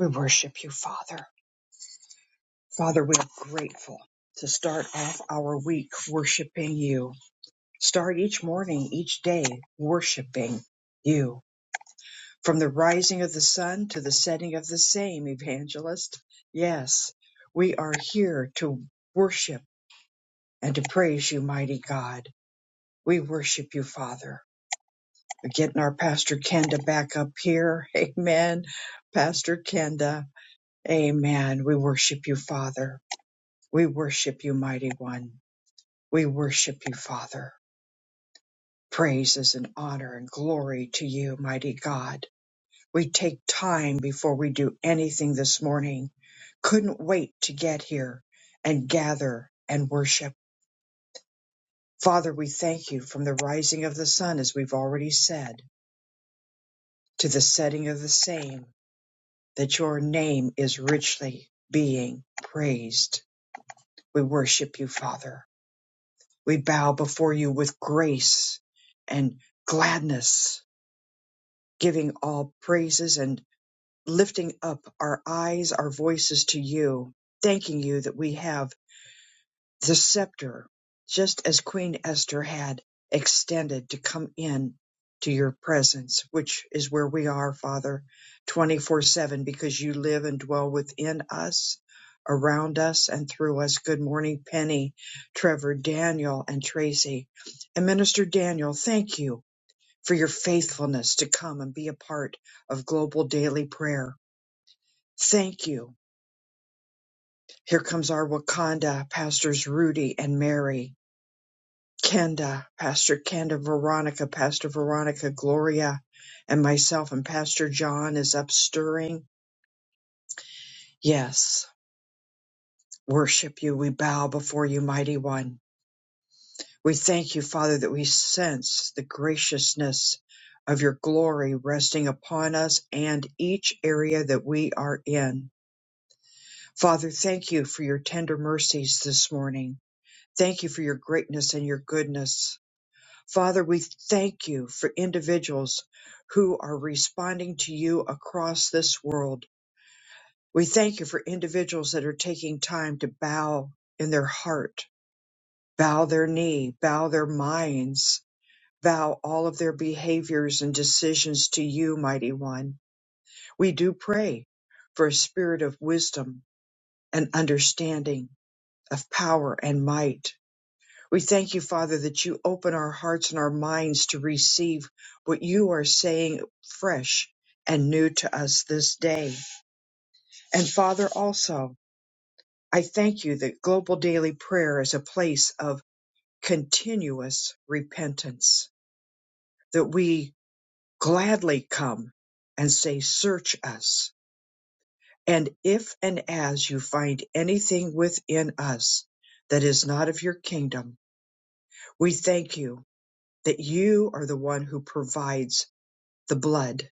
We worship you, Father. Father, we are grateful to start off our week worshiping you. Start each morning, each day worshiping you. From the rising of the sun to the setting of the same, evangelist. Yes, we are here to worship and to praise you, mighty God. We worship you, Father. We're getting our Pastor Kenda back up here. Amen. Pastor Kenda. Amen. We worship you, Father. We worship you, mighty one. We worship you, Father. Praises and honor and glory to you, mighty God. We take time before we do anything this morning. Couldn't wait to get here and gather and worship. Father, we thank you from the rising of the sun, as we've already said, to the setting of the same, that your name is richly being praised. We worship you, Father. We bow before you with grace and gladness, giving all praises and lifting up our eyes, our voices to you, thanking you that we have the scepter, just as Queen Esther had, extended to come in to your presence, which is where we are, Father, 24 7, because you live and dwell within us, around us, and through us. Good morning, Penny, Trevor, Daniel, and Tracy. And Minister Daniel, thank you for your faithfulness to come and be a part of global daily prayer. Thank you. Here comes our Wakanda pastors Rudy and Mary. Kenda, Pastor Kenda, Veronica, Pastor Veronica, Gloria, and myself and Pastor John is up stirring. Yes, worship you. We bow before you, mighty one. We thank you, Father, that we sense the graciousness of your glory resting upon us and each area that we are in. Father, thank you for your tender mercies this morning. Thank you for your greatness and your goodness. Father, we thank you for individuals who are responding to you across this world. We thank you for individuals that are taking time to bow in their heart, bow their knee, bow their minds, bow all of their behaviors and decisions to you, mighty one. We do pray for a spirit of wisdom and understanding, of power and might We thank you, Father, that you open our hearts and our minds to receive what you are saying fresh and new to us this day. And Father, also, I thank you that global daily prayer is a place of continuous repentance, that we gladly come and say, Search us. And if and as you find anything within us that is not of your kingdom, we thank you that you are the one who provides the blood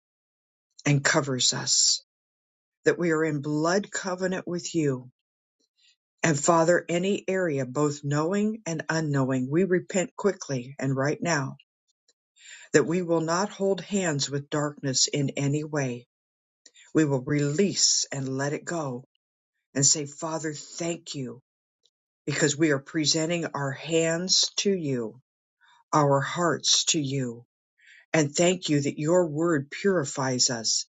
and covers us, that we are in blood covenant with you. And Father, any area, both knowing and unknowing, we repent quickly and right now that we will not hold hands with darkness in any way. We will release and let it go and say, Father, thank you because we are presenting our hands to you, our hearts to you. And thank you that your word purifies us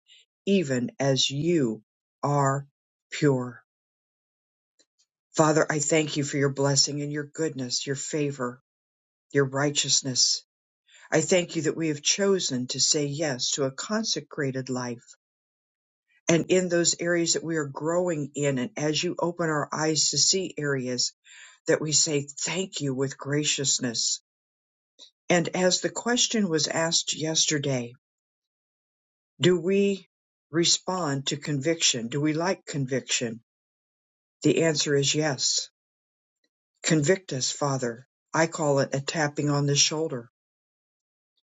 even as you are pure. Father, I thank you for your blessing and your goodness, your favor, your righteousness. I thank you that we have chosen to say yes to a consecrated life. And in those areas that we are growing in, and as you open our eyes to see areas, that we say thank you with graciousness. And as the question was asked yesterday, do we respond to conviction? Do we like conviction? The answer is yes. Convict us, Father. I call it a tapping on the shoulder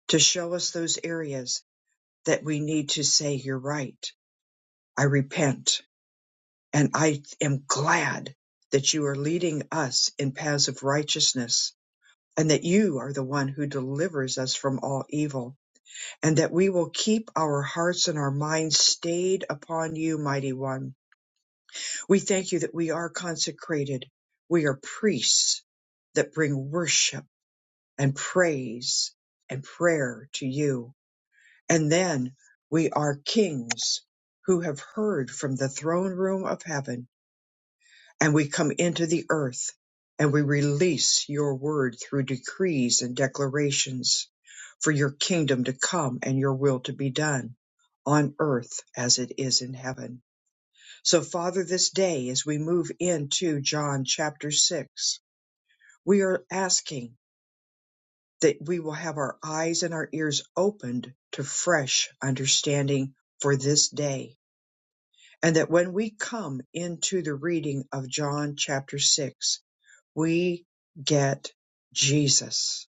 to show us those areas that we need to say, You're right. I repent. And I am glad that you are leading us in paths of righteousness and that you are the one who delivers us from all evil and that we will keep our hearts and our minds stayed upon you, mighty one. We thank you that we are consecrated. We are priests that bring worship and praise and prayer to you. And then we are kings who have heard from the throne room of heaven, and we come into the earth and we release your word through decrees and declarations for your kingdom to come and your will to be done on earth as it is in heaven. So, Father, this day as we move into John chapter 6, we are asking that we will have our eyes and our ears opened to fresh understanding for this day and that when we come into the reading of John chapter 6, we get Jesus.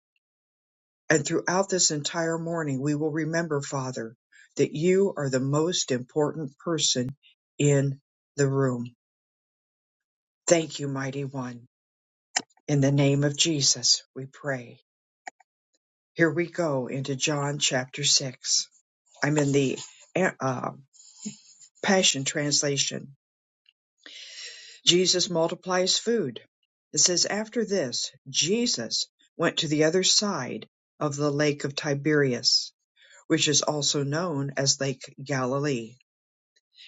And throughout this entire morning, we will remember, Father, that you are the most important person in the room. Thank you, Mighty One. In the name of Jesus, we pray. Here we go into John chapter 6. I'm in the uh, Passion Translation. Jesus multiplies food. It says, After this, Jesus went to the other side of the lake of Tiberias, which is also known as Lake Galilee,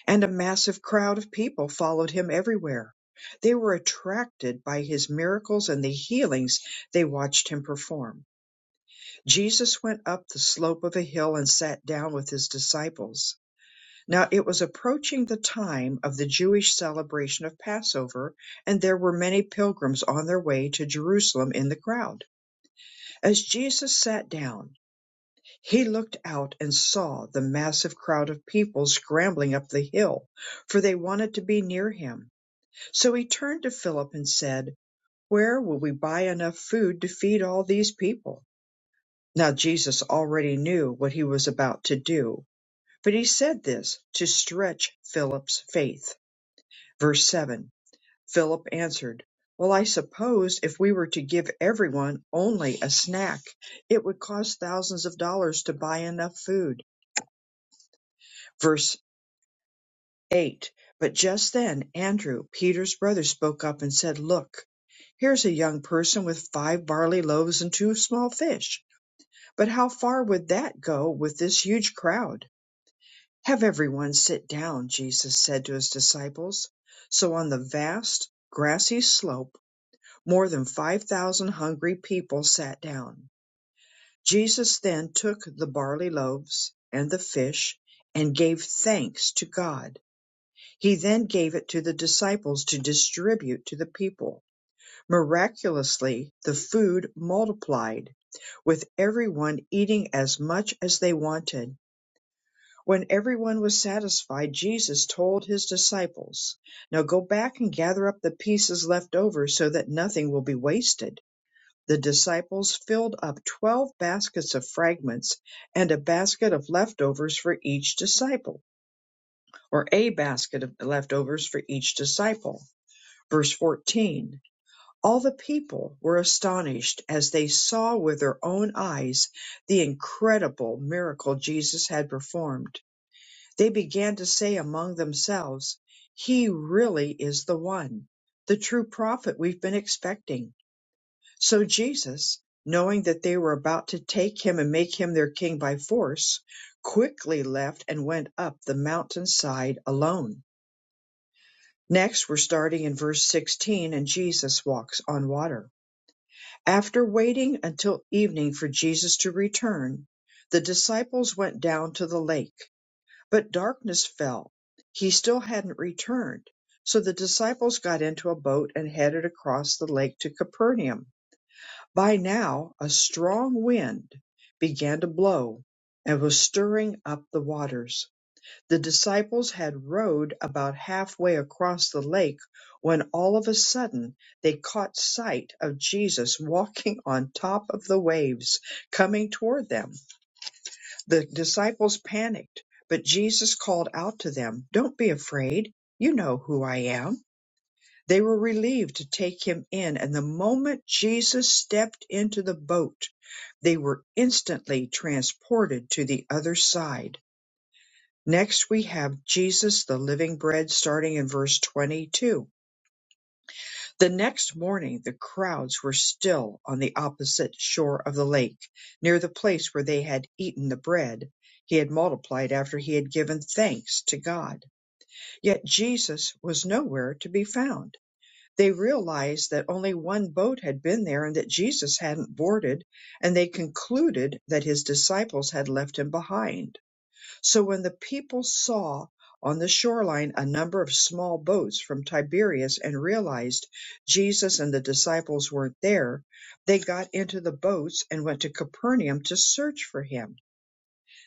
and a massive crowd of people followed him everywhere. They were attracted by his miracles and the healings they watched him perform. Jesus went up the slope of a hill and sat down with his disciples now it was approaching the time of the Jewish celebration of Passover, and there were many pilgrims on their way to Jerusalem in the crowd. As Jesus sat down, he looked out and saw the massive crowd of people scrambling up the hill, for they wanted to be near him. So he turned to Philip and said, Where will we buy enough food to feed all these people? Now Jesus already knew what he was about to do, but he said this to stretch Philip's faith. Verse 7 Philip answered, Well, I suppose if we were to give everyone only a snack, it would cost thousands of dollars to buy enough food. Verse 8 But just then Andrew, Peter's brother, spoke up and said, Look, here's a young person with five barley loaves and two small fish. But how far would that go with this huge crowd? Have everyone sit down, Jesus said to his disciples. So on the vast, grassy slope, More than 5,000 hungry people sat down. Jesus then took the barley loaves and the fish and gave thanks to God. He then gave it to the disciples to distribute to the people. Miraculously, the food multiplied, with everyone eating as much as they wanted. When everyone was satisfied, Jesus told his disciples, Now go back and gather up the pieces left over so that nothing will be wasted the disciples filled up twelve baskets of fragments and a basket of leftovers for each disciple, or a basket of leftovers for each disciple. Verse 14 All the people were astonished as they saw with their own eyes the incredible miracle Jesus had performed. They began to say among themselves, He really is the one, the true prophet we've been expecting. So Jesus, knowing that they were about to take him and make him their king by force, quickly left and went up the mountainside alone. Next, we're starting in verse 16, and Jesus walks on water. After waiting until evening for Jesus to return, the disciples went down to the lake, but darkness fell. He still hadn't returned. So the disciples got into a boat and headed across the lake to Capernaum. By now a strong wind began to blow and was stirring up the waters. The disciples had rowed about halfway across the lake when all of a sudden they caught sight of Jesus walking on top of the waves coming toward them. The disciples panicked, but Jesus called out to them, Don't be afraid. You know who I am. They were relieved to take him in, and the moment Jesus stepped into the boat, they were instantly transported to the other side. Next, we have Jesus, the living bread, starting in verse 22. The next morning, the crowds were still on the opposite shore of the lake, near the place where they had eaten the bread he had multiplied after he had given thanks to God. Yet Jesus was nowhere to be found. They realized that only one boat had been there and that Jesus hadn't boarded, and they concluded that his disciples had left him behind. So when the people saw on the shoreline a number of small boats from Tiberias and realized Jesus and the disciples weren't there, they got into the boats and went to Capernaum to search for him.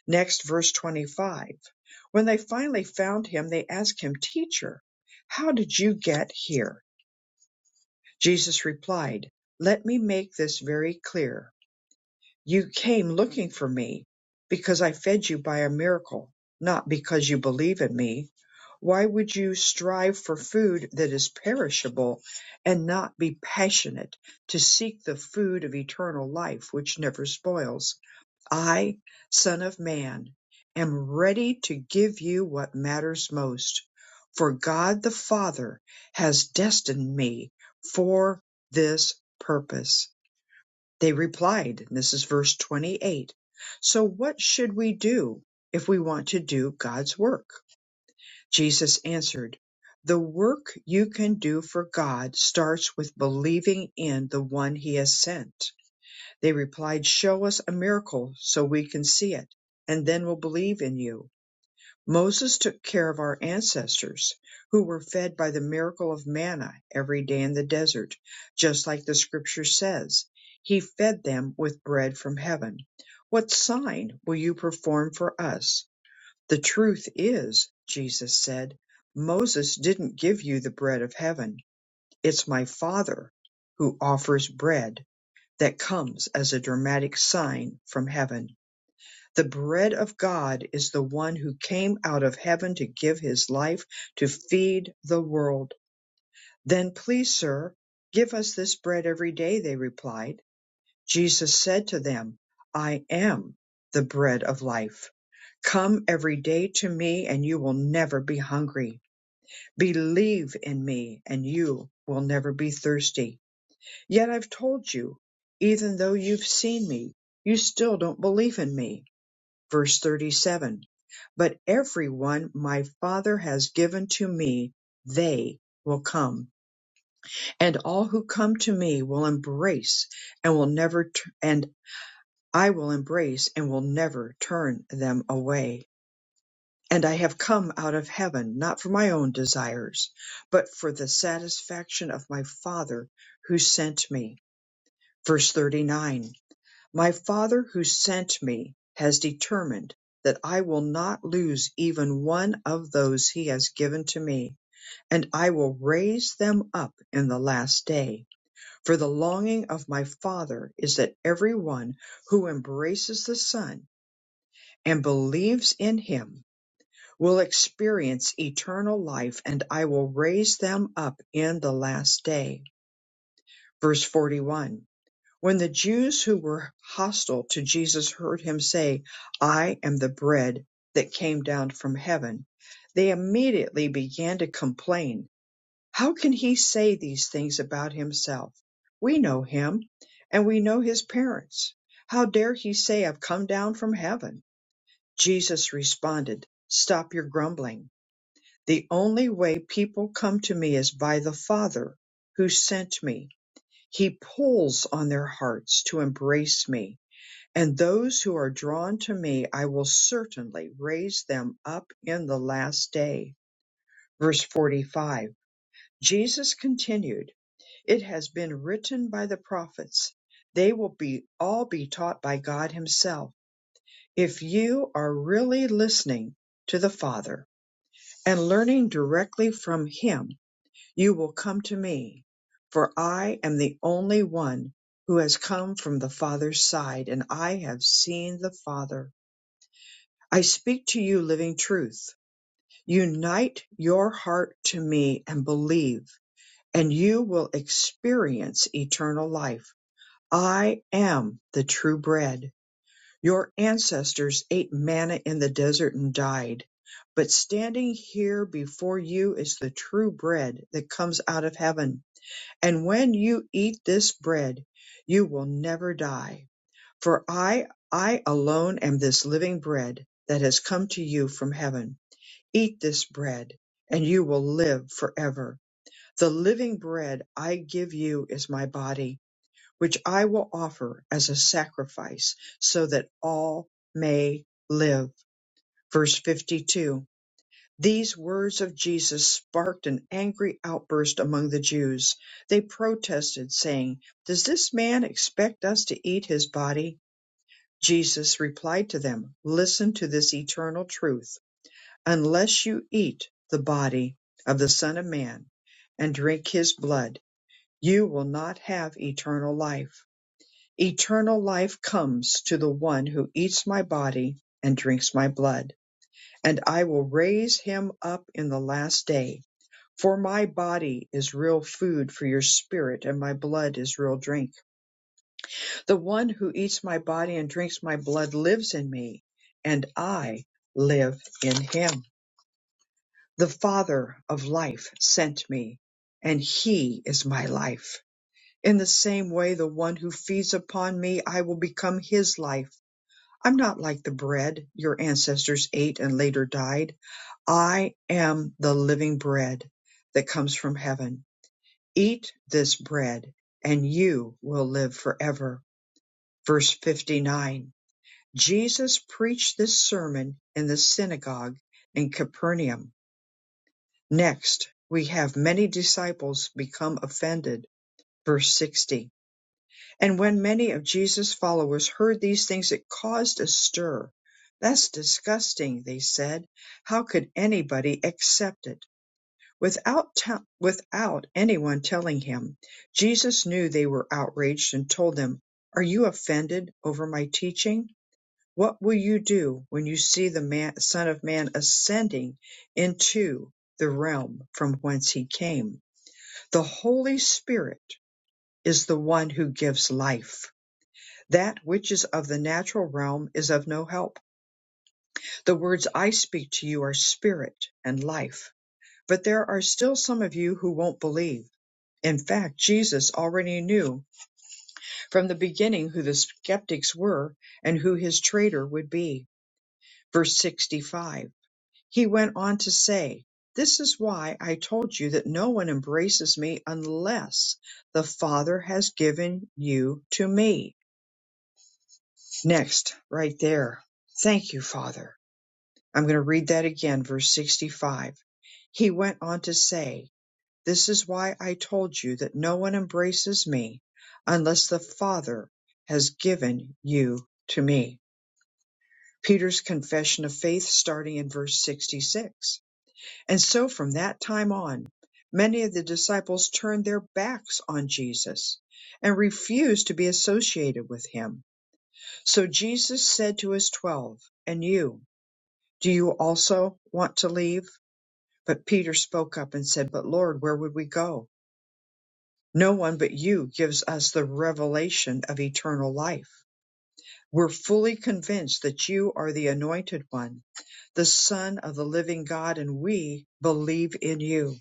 Next, verse 25. When they finally found him, they asked him, Teacher, how did you get here? Jesus replied, Let me make this very clear. You came looking for me because I fed you by a miracle, not because you believe in me. Why would you strive for food that is perishable and not be passionate to seek the food of eternal life which never spoils? I, Son of Man, am ready to give you what matters most, for God the Father has destined me for this purpose. They replied, and this is verse 28. So what should we do if we want to do God's work? Jesus answered, the work you can do for God starts with believing in the one he has sent they replied, Show us a miracle so we can see it, and then we'll believe in you. Moses took care of our ancestors who were fed by the miracle of manna every day in the desert, just like the scripture says. He fed them with bread from heaven. What sign will you perform for us? The truth is, Jesus said, Moses didn't give you the bread of heaven. It's my Father who offers bread that comes as a dramatic sign from heaven. The bread of God is the one who came out of heaven to give his life to feed the world. Then please, sir, give us this bread every day, they replied. Jesus said to them, I am the bread of life. Come every day to me and you will never be hungry. Believe in me and you will never be thirsty. Yet I've told you, even though you've seen me, you still don't believe in me. Verse 37 But everyone my Father has given to me, they will come, and all who come to me will embrace and will never, t- and I will embrace and will never turn them away. And I have come out of heaven, not for my own desires, but for the satisfaction of my Father who sent me. Verse 39 My Father who sent me has determined that I will not lose even one of those he has given to me, and I will raise them up in the last day. For the longing of my Father is that every one who embraces the Son and believes in him will experience eternal life, and I will raise them up in the last day. Verse 41 When the Jews who were hostile to Jesus heard him say, I am the bread that came down from heaven, they immediately began to complain. How can he say these things about himself? We know him and we know his parents. How dare he say, I've come down from heaven? Jesus responded, Stop your grumbling. The only way people come to me is by the Father who sent me he pulls on their hearts to embrace me, and those who are drawn to me I will certainly raise them up in the last day. Verse 45. Jesus continued, It has been written by the prophets, they will be all be taught by God Himself. If you are really listening to the Father and learning directly from Him, you will come to me, for I am the only one who has come from the Father's side, and I have seen the Father. I speak to you living truth. Unite your heart to me and believe, and you will experience eternal life. I am the true bread. Your ancestors ate manna in the desert and died. But standing here before you is the true bread that comes out of heaven and when you eat this bread, you will never die. For I, I alone am this living bread that has come to you from heaven. Eat this bread, and you will live forever. The living bread I give you is my body, which I will offer as a sacrifice so that all may live. Verse 52. These words of Jesus sparked an angry outburst among the Jews. They protested, saying, Does this man expect us to eat his body? Jesus replied to them, Listen to this eternal truth. Unless you eat the body of the Son of Man and drink his blood, you will not have eternal life. Eternal life comes to the one who eats my body and drinks my blood, and I will raise him up in the last day. For my body is real food for your spirit, and my blood is real drink. The one who eats my body and drinks my blood lives in me, and I live in him. The Father of life sent me, and he is my life. In the same way, the one who feeds upon me, I will become his life. I'm not like the bread your ancestors ate and later died. I am the living bread that comes from heaven. Eat this bread and you will live forever. Verse 59. Jesus preached this sermon in the synagogue in Capernaum. Next, we have many disciples become offended. Verse 60. And when many of Jesus' followers heard these things, it caused a stir. That's disgusting, they said. How could anybody accept it? Without tell without anyone telling him, Jesus knew they were outraged and told them, Are you offended over my teaching? What will you do when you see the man, Son of Man ascending into the realm from whence he came? The Holy Spirit is the one who gives life. That which is of the natural realm is of no help. The words I speak to you are spirit and life. But there are still some of you who won't believe In fact, Jesus already knew from the beginning who the skeptics were and who his traitor would be. Verse 65. He went on to say, This is why I told you that no one embraces me unless the Father has given you to me. Next, right there. Thank you, Father. I'm going to read that again, verse 65. He went on to say, This is why I told you that no one embraces me unless the Father has given you to me. Peter's confession of faith starting in verse 66. And so from that time on, many of the disciples turned their backs on Jesus and refused to be associated with him. So Jesus said to his twelve, And you, do you also want to leave? But Peter spoke up and said, But Lord, where would we go? No one but you gives us the revelation of eternal life. We're fully convinced that you are the anointed one, the son of the living God, and we believe in you.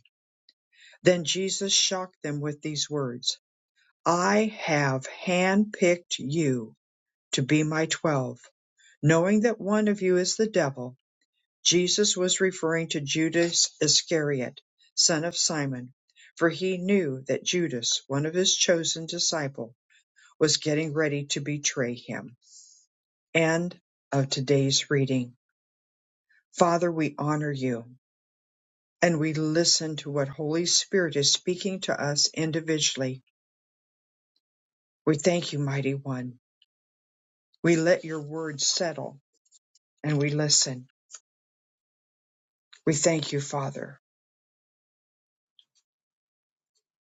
Then Jesus shocked them with these words, I have handpicked you to be my twelve, knowing that one of you is the devil. Jesus was referring to Judas Iscariot, son of Simon, for he knew that Judas, one of his chosen disciples, was getting ready to betray him. End of today's reading. Father, we honor you and we listen to what Holy Spirit is speaking to us individually. We thank you, Mighty One. We let your word settle and we listen. We thank you, Father.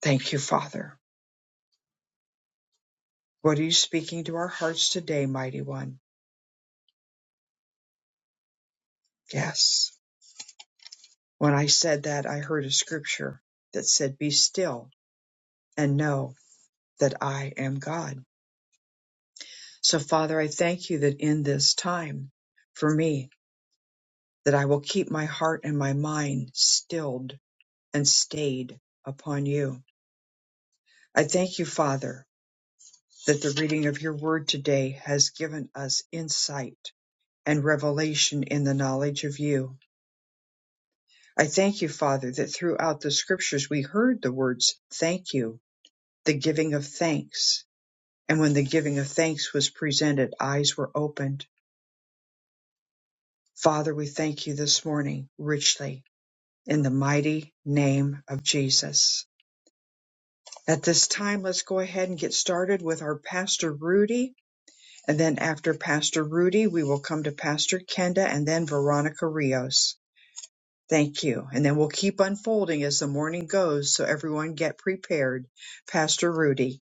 Thank you, Father. What are you speaking to our hearts today, Mighty One? Yes. When I said that, I heard a scripture that said, Be still and know that I am God. So, Father, I thank you that in this time for me, that I will keep my heart and my mind stilled and stayed upon you. I thank you, Father, that the reading of your word today has given us insight and revelation in the knowledge of you. I thank you, Father, that throughout the scriptures we heard the words thank you, the giving of thanks. And when the giving of thanks was presented, eyes were opened. Father, we thank you this morning richly in the mighty name of Jesus. At this time, let's go ahead and get started with our Pastor Rudy. And then after Pastor Rudy, we will come to Pastor Kenda and then Veronica Rios. Thank you. And then we'll keep unfolding as the morning goes so everyone get prepared. Pastor Rudy.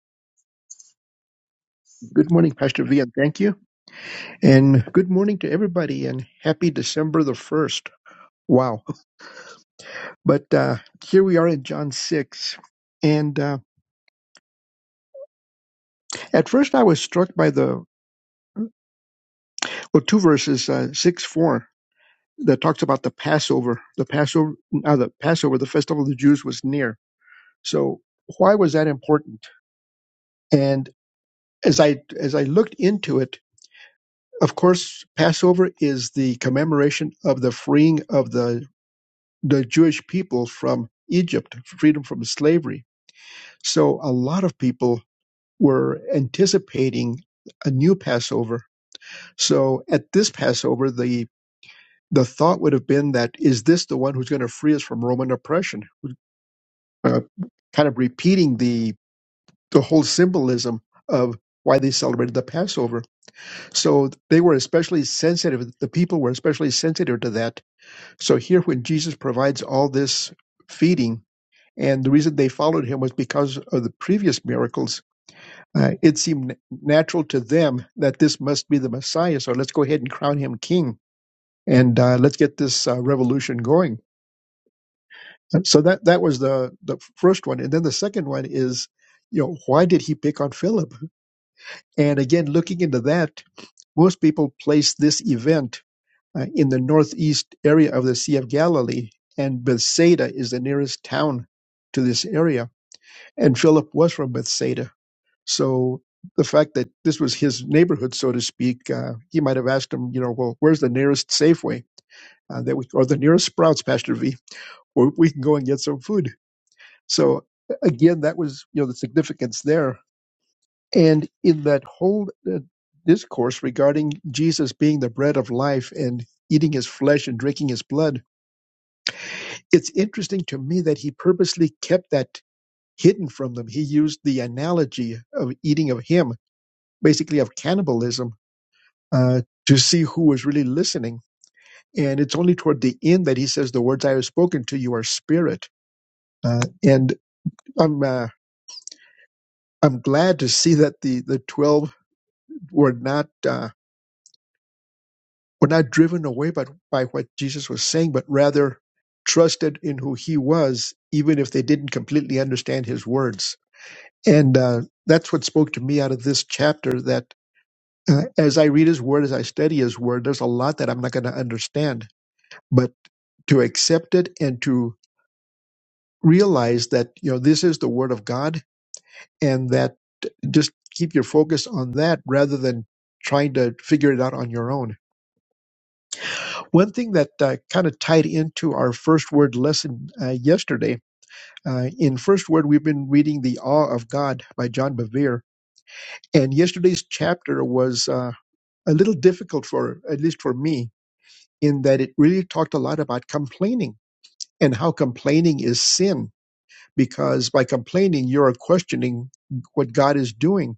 Good morning, Pastor V, and thank you. And good morning to everybody, and happy December the 1st. Wow. But uh, here we are in John 6. And uh, at first, I was struck by the, well, two verses, uh, 6 4, that talks about the Passover. The Passover, uh, the Passover, the festival of the Jews was near. So why was that important? And as I as I looked into it, of course, Passover is the commemoration of the freeing of the the Jewish people from Egypt, freedom from slavery. So a lot of people were anticipating a new Passover. So at this Passover, the the thought would have been that is this the one who's going to free us from Roman oppression? Uh, kind of repeating the the whole symbolism of why they celebrated the Passover. So they were especially sensitive. The people were especially sensitive to that. So here, when Jesus provides all this feeding, And the reason they followed him was because of the previous miracles. Uh, it seemed natural to them that this must be the Messiah. So let's go ahead and crown him king and uh, let's get this uh, revolution going. So that, that was the, the first one. And then the second one is, you know, why did he pick on Philip? And again, looking into that, most people place this event uh, in the northeast area of the Sea of Galilee, and Bethsaida is the nearest town to this area. And Philip was from Bethsaida. So the fact that this was his neighborhood, so to speak, uh, he might have asked him, you know, well, where's the nearest Safeway uh, that we, or the nearest Sprouts, Pastor V, or we can go and get some food. So again, that was you know the significance there, and in that whole uh, discourse regarding Jesus being the bread of life and eating his flesh and drinking his blood, it's interesting to me that he purposely kept that hidden from them. He used the analogy of eating of him, basically of cannibalism uh, to see who was really listening. And it's only toward the end that he says, "The words I have spoken to you are spirit." Uh, and I'm uh, I'm glad to see that the the twelve were not uh, were not driven away by by what Jesus was saying, but rather trusted in who He was, even if they didn't completely understand His words. And uh, that's what spoke to me out of this chapter. That uh, as I read His Word, as I study His Word, there's a lot that I'm not going to understand, but to accept it and to realize that you know this is the word of God, and that just keep your focus on that rather than trying to figure it out on your own. One thing that uh, kind of tied into our first word lesson uh, yesterday. Uh, in first word, we've been reading the awe of God by John Bevere, and yesterday's chapter was uh, a little difficult for at least for me in that it really talked a lot about complaining and how complaining is sin because by complaining, you're questioning what God is doing.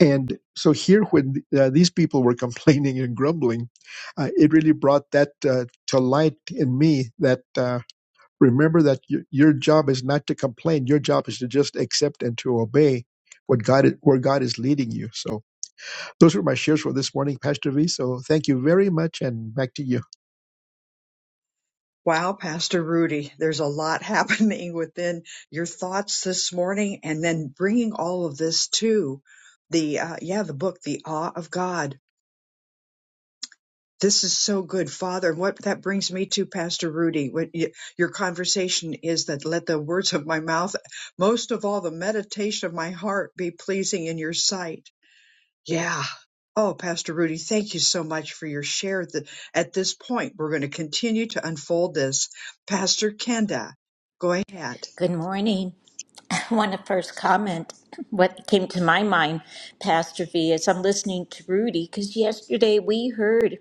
And so here, when uh, these people were complaining and grumbling, uh, it really brought that uh, to light in me that uh, remember that your, your job is not to complain. Your job is to just accept and to obey what God is, where God is leading you. So those were my shares for this morning, Pastor V. So thank you very much, and back to you. Wow, Pastor Rudy, there's a lot happening within your thoughts this morning and then bringing all of this to the, uh, yeah, the book, The Awe of God This is so good, Father. What that brings me to, Pastor Rudy, what y- your conversation is that let the words of my mouth, most of all, the meditation of my heart be pleasing in your sight. Yeah. Oh, Pastor Rudy, thank you so much for your share. That at this point, we're going to continue to unfold this. Pastor Kenda, go ahead. Good morning. I want to first comment what came to my mind, Pastor V, as I'm listening to Rudy, because yesterday we heard,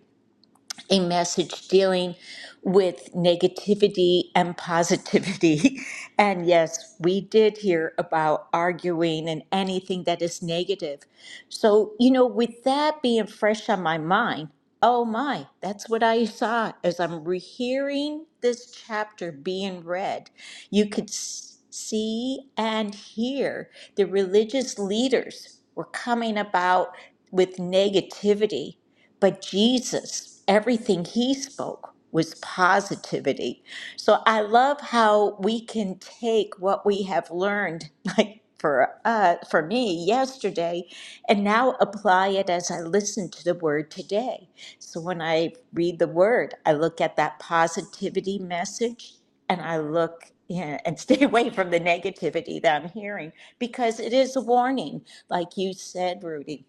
a message dealing with negativity and positivity. And yes, we did hear about arguing and anything that is negative. So, you know, with that being fresh on my mind, oh my, that's what I saw as I'm rehearing this chapter being read. You could s- see and hear the religious leaders were coming about with negativity but Jesus, everything he spoke was positivity. So I love how we can take what we have learned, like for uh, for me yesterday, and now apply it as I listen to the word today. So when I read the word, I look at that positivity message, and I look yeah, and stay away from the negativity that I'm hearing because it is a warning, like you said, Rudy.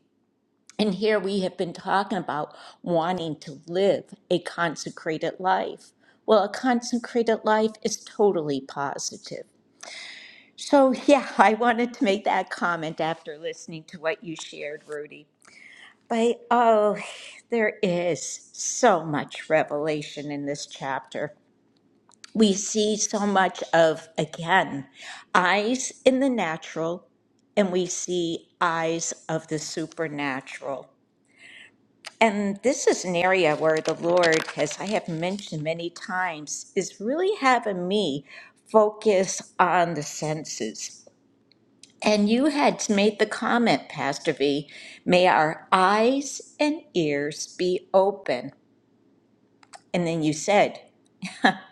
And here we have been talking about wanting to live a consecrated life. Well, a consecrated life is totally positive. So, yeah, I wanted to make that comment after listening to what you shared, Rudy. But oh, there is so much revelation in this chapter. We see so much of, again, eyes in the natural, and we see eyes of the supernatural. And this is an area where the Lord, as I have mentioned many times, is really having me focus on the senses. And you had made the comment, Pastor V, may our eyes and ears be open. And then you said,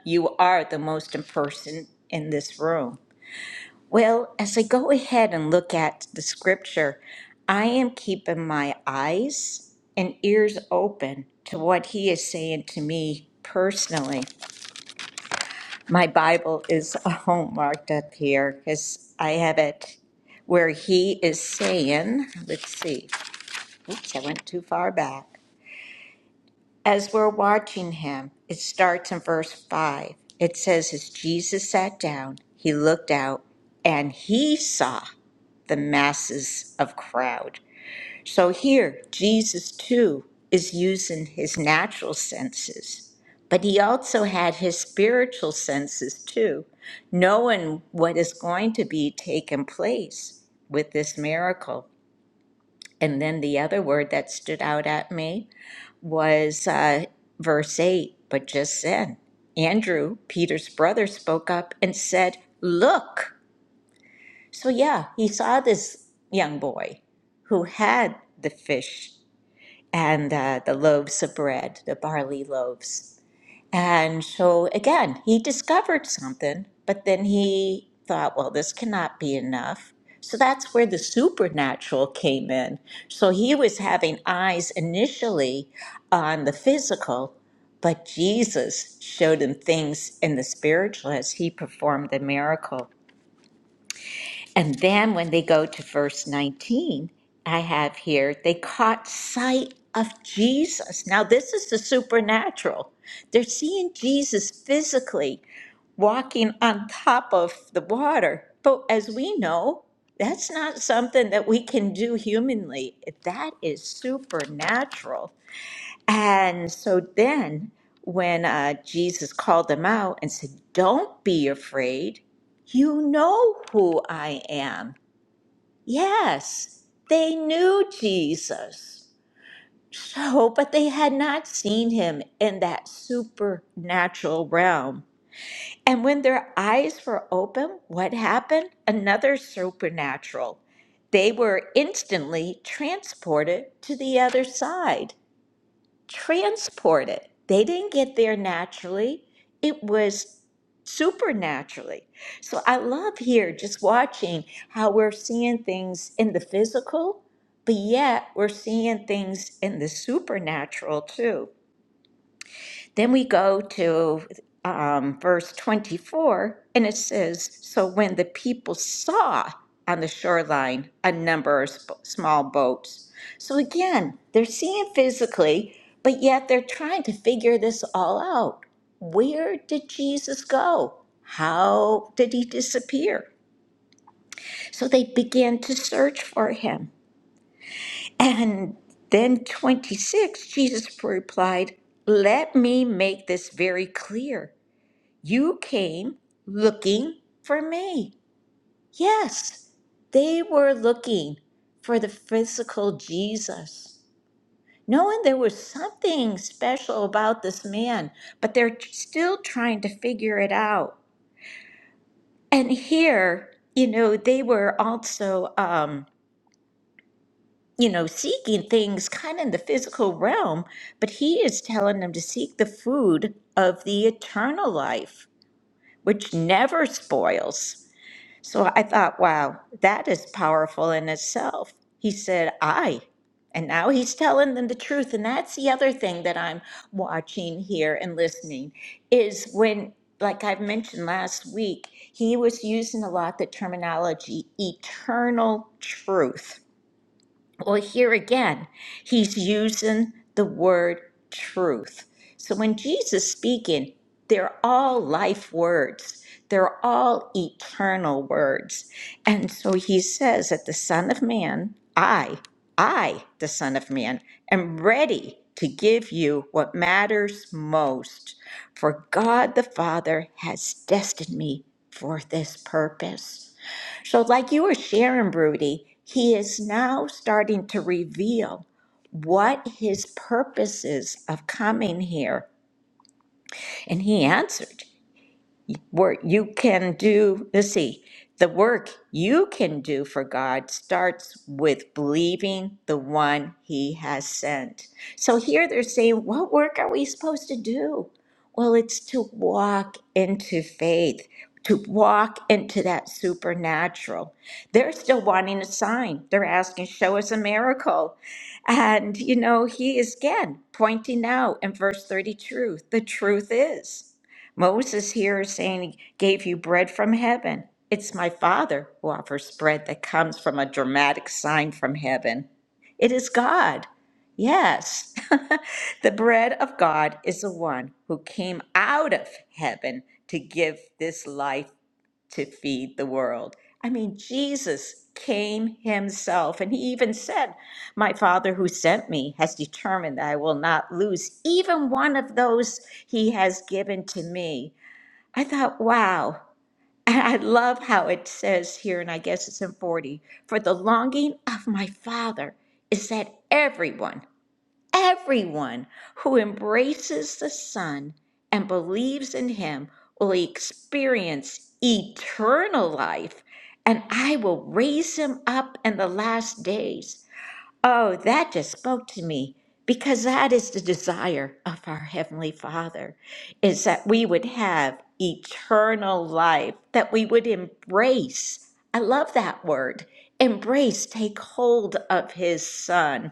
you are the most important person in this room. Well, as I go ahead and look at the scripture, I am keeping my eyes and ears open to what he is saying to me personally. My Bible is all marked up here because I have it where he is saying, let's see, oops, I went too far back. As we're watching him, it starts in verse 5. It says, As Jesus sat down, he looked out and he saw the masses of crowd. So here, Jesus too is using his natural senses, but he also had his spiritual senses too, knowing what is going to be taking place with this miracle. And then the other word that stood out at me was uh, verse 8. But just then, Andrew, Peter's brother, spoke up and said, Look. So, yeah, he saw this young boy who had the fish and uh, the loaves of bread, the barley loaves. And so again, he discovered something, but then he thought, well, this cannot be enough. So that's where the supernatural came in. So he was having eyes initially on the physical, but Jesus showed him things in the spiritual as he performed the miracle. And then when they go to verse 19, I have here, they caught sight of Jesus. Now, this is the supernatural. They're seeing Jesus physically walking on top of the water. But as we know, that's not something that we can do humanly. That is supernatural. And so then, when uh, Jesus called them out and said, Don't be afraid, you know who I am. Yes, they knew Jesus. So, but they had not seen him in that supernatural realm. And when their eyes were open, what happened? Another supernatural. They were instantly transported to the other side transported. They didn't get there naturally, it was supernaturally. So I love here just watching how we're seeing things in the physical, but yet we're seeing things in the supernatural too. Then we go to um, verse 24, and it says So when the people saw on the shoreline a number of sp- small boats. So again, they're seeing physically, but yet they're trying to figure this all out. Where did Jesus go? How did he disappear? So they began to search for him. And then 26, Jesus replied, Let me make this very clear. You came looking for me. Yes, they were looking for the physical Jesus. Knowing there was something special about this man, but they're still trying to figure it out. And here, you know, they were also, um, you know, seeking things kind of in the physical realm, but he is telling them to seek the food of the eternal life, which never spoils. So I thought, wow, that is powerful in itself. He said, I. And now he's telling them the truth. And that's the other thing that I'm watching here and listening is when, like I've mentioned last week, he was using a lot the terminology eternal truth well, here again, he's using the word truth. So when Jesus speaking, they're all life words. They're all eternal words. And so he says that the Son of Man, I, I, the Son of Man, am ready to give you what matters most. For God the Father has destined me for this purpose. So, like you were sharing, Rudy, he is now starting to reveal what his purpose is of coming here. And he answered work you can do. Let's see, the work you can do for God starts with believing the one He has sent. So here they're saying, what work are we supposed to do? Well, it's to walk into faith, to walk into that supernatural. They're still wanting a sign. They're asking, show us a miracle. And, you know, he is again pointing out in verse 32 the truth is. Moses here is saying he gave you bread from heaven. It's my Father who offers bread that comes from a dramatic sign from heaven. It is God. Yes, the bread of God is the one who came out of heaven to give this life to feed the world. I mean, Jesus came himself, and he even said, My Father who sent me has determined that I will not lose even one of those he has given to me. I thought, wow. And I love how it says here, and I guess it's in 40 for the longing of my Father is that everyone, everyone who embraces the Son and believes in him will experience eternal life, and I will raise him up in the last days. Oh, that just spoke to me because that is the desire of our Heavenly Father is that we would have eternal life, that we would embrace. I love that word embrace, take hold of His Son.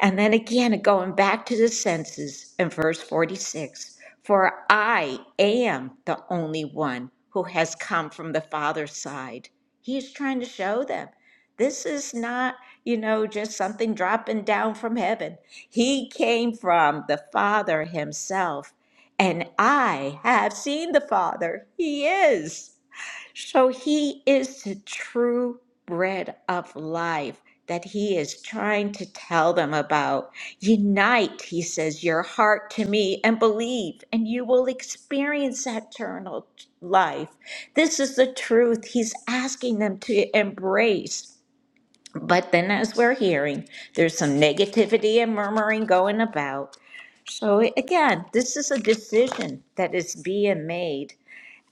And then again, going back to the senses in verse 46 For I am the only one who has come from the Father's side. He's trying to show them this is not, you know, just something dropping down from heaven. He came from the Father Himself. And I have seen the Father. He is. So he is the true bread of life that he is trying to tell them about. Unite, he says, your heart to me and believe, and you will experience eternal life. This is the truth he's asking them to embrace. But then, as we're hearing, there's some negativity and murmuring going about. So, again, this is a decision that is being made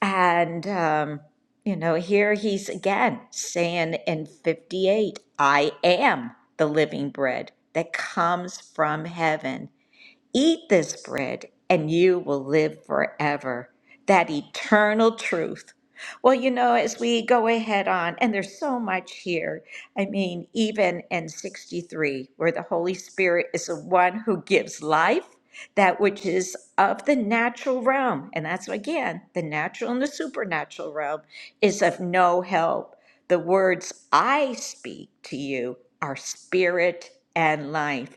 and, um, you know, here he's again saying in 58, I am the living bread that comes from heaven. Eat this bread, and you will live forever. That eternal truth. Well, you know, as we go ahead on, and there's so much here. I mean, even in 63, where the Holy Spirit is the one who gives life, that which is of the natural realm. And that's again, the natural and the supernatural realm is of no help. The words I speak to you are spirit and life.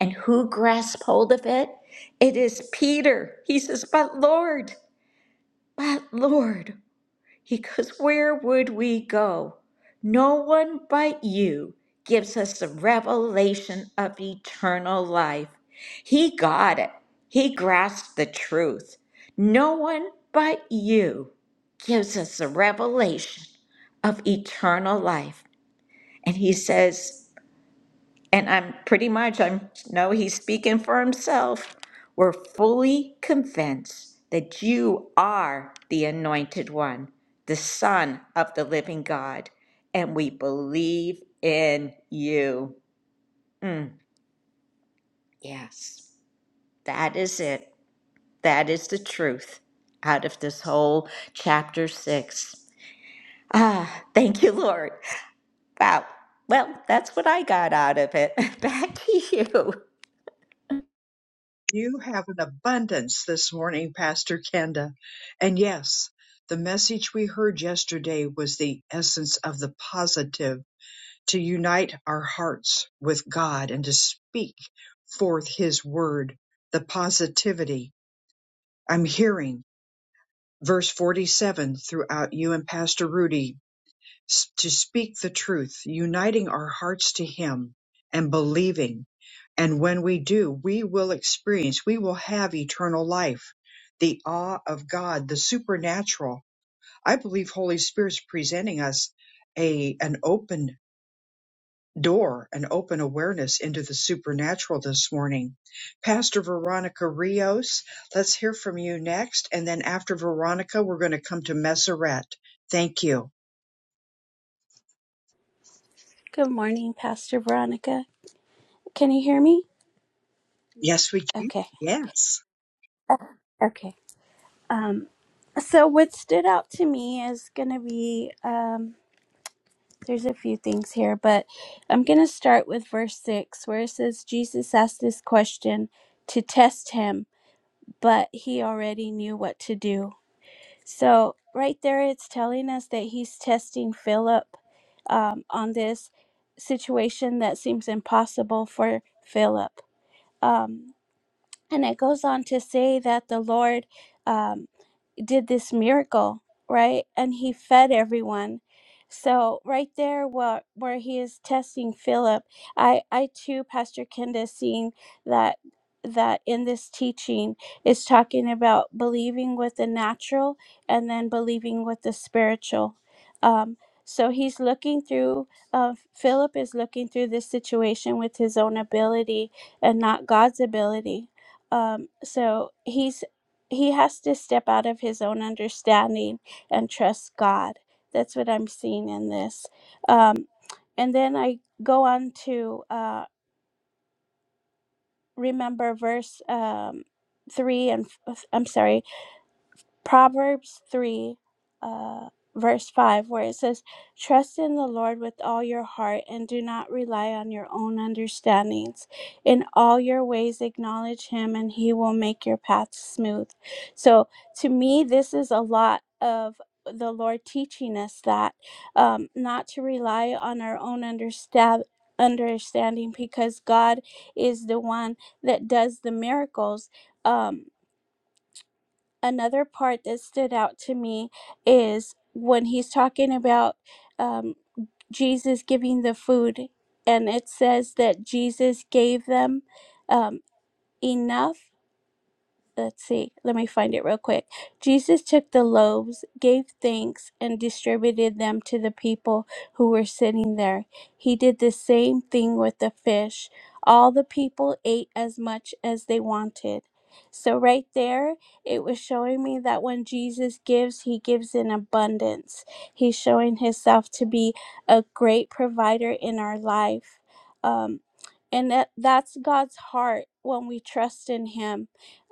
And who grasped hold of it? It is Peter. He says, But Lord, but Lord. He goes, Where would we go? No one but you gives us the revelation of eternal life. He got it. He grasped the truth. No one but you gives us the revelation of eternal life. And he says, and I'm pretty much, I'm, no, he's speaking for himself. We're fully convinced that you are the anointed one, the Son of the living God, and we believe in you. Mm, yes, that is it. That is the truth out of this whole chapter six. Ah, thank you, Lord. Wow. Well, that's what I got out of it. Back to you. You have an abundance this morning, Pastor Kenda. And yes, the message we heard yesterday was the essence of the positive to unite our hearts with God and to speak forth His word, the positivity. I'm hearing verse 47 throughout you and Pastor Rudy to speak the truth, uniting our hearts to Him and believing. And when we do, we will experience, we will have eternal life, the awe of God, the supernatural. I believe Holy Spirit's presenting us a, an open door an open awareness into the supernatural this morning. Pastor Veronica Rios, let's hear from you next. And then after Veronica, we're going to come to Messeret. Thank you. Good morning, Pastor Veronica. Can you hear me? Yes, we can. Okay. Yes, Uh, Okay. Um, so, what stood out to me is going to be um, there's a few things here, but I'm going to start with verse 6, where it says, Jesus asked this question to test him, but he already knew what to do. So, right there, it's telling us that he's testing Philip um, on this situation that seems impossible for Philip. Um, And it goes on to say that the Lord, um, did this miracle, right? And he fed everyone. So right there where where he is testing Philip, I I too Pastor Kenda seeing that that in this teaching is talking about believing with the natural and then believing with the spiritual. Um so he's looking through uh, philip is looking through this situation with his own ability and not god's ability um, so he's he has to step out of his own understanding and trust God. That's what I'm seeing in this. Um, and then I go on to uh, remember verse um, three and f- I'm sorry, Proverbs 3, uh, verse 5, where it says, Trust in the Lord with all your heart and do not rely on your own understandings. In all your ways, acknowledge Him, and He will make your path smooth. So, to me, this is a lot of the Lord teaching us that um, not to rely on our own understand Understanding because God is the one that does the miracles. Um, another part that stood out to me is when he's talking about um, Jesus giving the food, and it says that Jesus gave them um, enough let's see, let me find it real quick. Jesus took the loaves, gave thanks, and distributed them to the people who were sitting there. He did the same thing with the fish. All the people ate as much as they wanted. So, right there, it was showing me that when Jesus gives, he gives in abundance. He's showing himself to be a great provider in our life. Um, and that, that's God's heart when we trust in him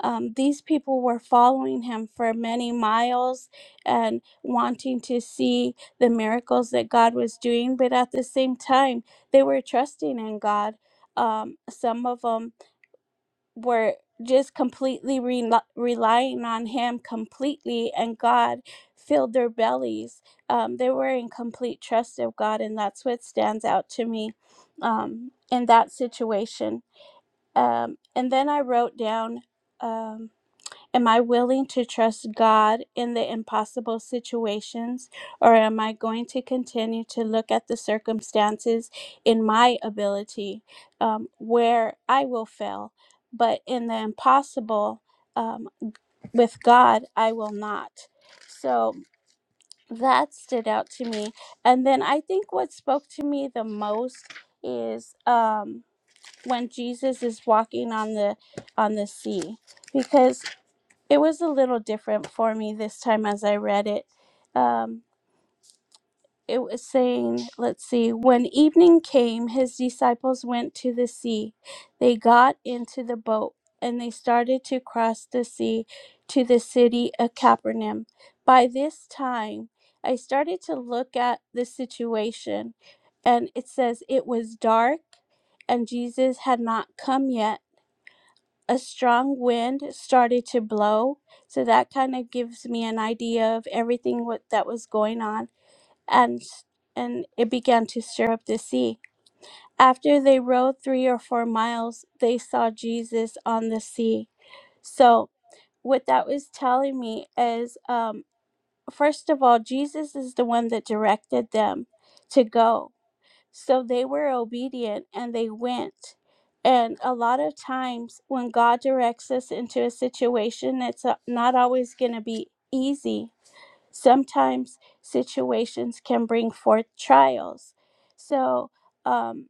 um, these people were following him for many miles and wanting to see the miracles that God was doing, but at the same time, they were trusting in God. Um, some of them were just completely rel relying on Him completely, and God filled their bellies. Um, they were in complete trust of God, and that's what stands out to me um, in that situation. Um, and then I wrote down. Um, Am I willing to trust God in the impossible situations, or am I going to continue to look at the circumstances in my ability um, where I will fail? But in the impossible um, with God, I will not. So that stood out to me. And then I think what spoke to me the most is um, when Jesus is walking on the on the sea, because it was a little different for me this time as I read it. Um, it was saying, let's see, when evening came, his disciples went to the sea. They got into the boat and they started to cross the sea to the city of Capernaum. By this time, I started to look at the situation, and it says it was dark and Jesus had not come yet a strong wind started to blow. So that kind of gives me an idea of everything what, that was going on, and s- and it began to stir up the sea. After they rowed three or four miles, they saw Jesus on the sea. So what that was telling me is, um, first of all, Jesus is the one that directed them to go so they were obedient and they went. And a lot of times when God directs us into a situation, it's uh, not always going to be easy. Sometimes situations can bring forth trials. So, um,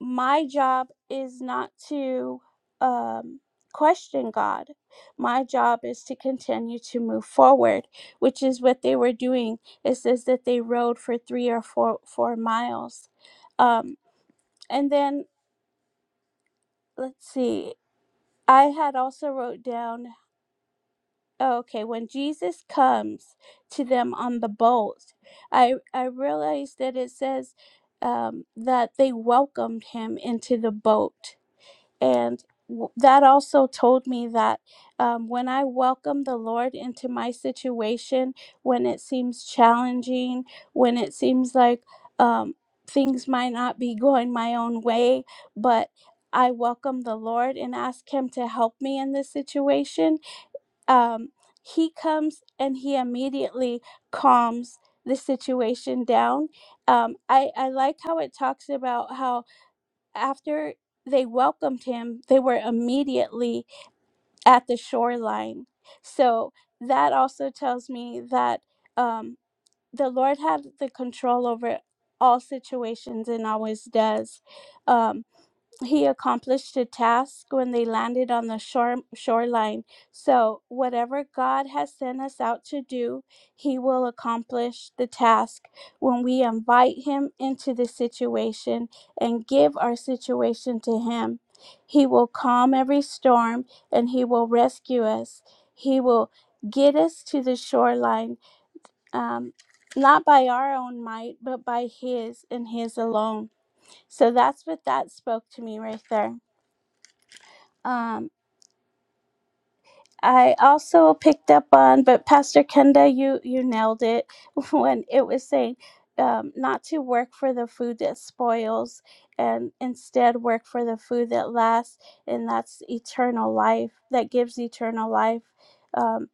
my job is not to um, question God. My job is to continue to move forward, which is what they were doing. It says that they rode for three or four four miles. um. And then let's see. I had also wrote down oh, okay, when Jesus comes to them on the boat, I I realized that it says um, that they welcomed him into the boat And w- that also told me that um, when I welcome the Lord into my situation, when it seems challenging, when it seems like um, things might not be going my own way, but I welcome the Lord and ask Him to help me in this situation, um, He comes and He immediately calms the situation down. Um, I, I like how it talks about how after they welcomed him, they were immediately at the shoreline. So that also tells me that um, the Lord had the control over all situations and always does. Um, he accomplished a task when they landed on the shore, shoreline. So, whatever God has sent us out to do, he will accomplish the task when we invite him into the situation and give our situation to him. He will calm every storm and he will rescue us. He will get us to the shoreline, um, not by our own might, but by his and his alone. So, that's what that spoke to me right there. Um, I also picked up on, but Pastor Kenda, you you nailed it when it was saying um, not to work for the food that spoils, and instead work for the food that lasts, and that's eternal life. That gives eternal life. Um,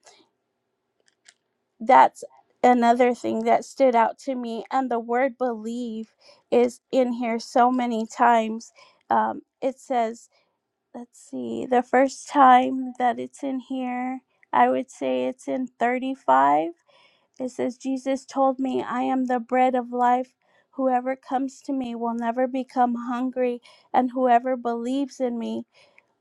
that's another thing that stood out to me, and the word believe is in here so many times. Um, it says let's see, the first time that it's in here, I would say it's in 35. It says, Jesus told me, I am the bread of life. Whoever comes to me will never become hungry, and whoever believes in me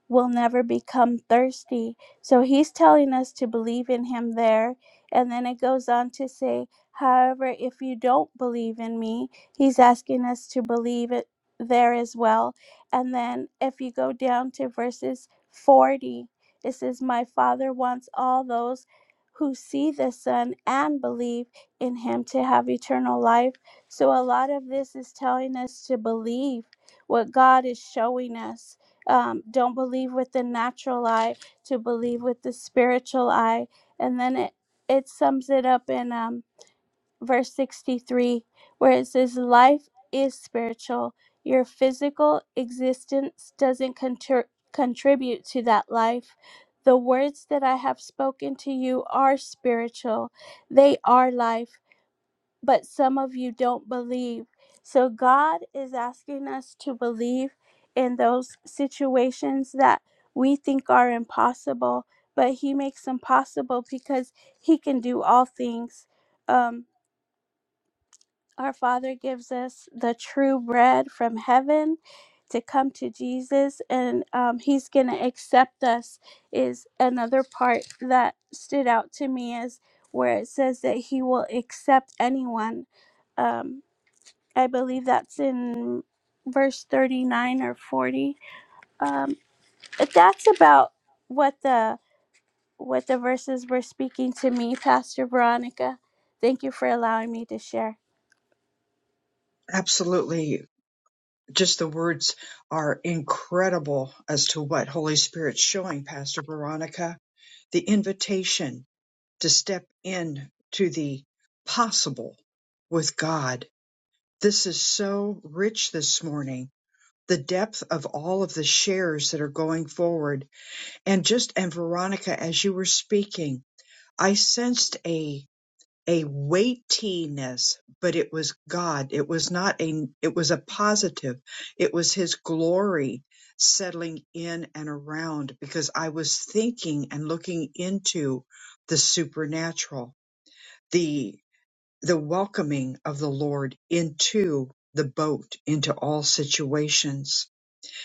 will never become thirsty. So he's telling us to believe in him there. And then it goes on to say, however, if you don't believe in me, he's asking us to believe it there as well. And then if you go down to verses 40, it says, My Father wants all those who see the Son and believe in him to have eternal life. So a lot of this is telling us to believe what God is showing us um, don't believe with the natural eye to believe with the spiritual eye and then it, it sums it up in um, verse 63 where it says life is spiritual your physical existence doesn't contr- contribute to that life the words that i have spoken to you are spiritual they are life but some of you don't believe. So God is asking us to believe in those situations that we think are impossible, but He makes them possible because He can do all things. Um, our Father gives us the true bread from heaven to come to Jesus, and um, He's going to accept us. Is another part that stood out to me is where it says that He will accept anyone. Um, I believe that's in verse 39 or 40. Um, that's about what the what the verses were speaking to me, Pastor Veronica. Thank you for allowing me to share. absolutely. Just the words are incredible as to what Holy Spirit's showing, Pastor Veronica. The invitation to step in to the possible with God. This is so rich this morning the depth of all of the shares that are going forward and just and veronica as you were speaking i sensed a a weightiness but it was god it was not a it was a positive it was his glory settling in and around because i was thinking and looking into the supernatural the the welcoming of the lord into the boat into all situations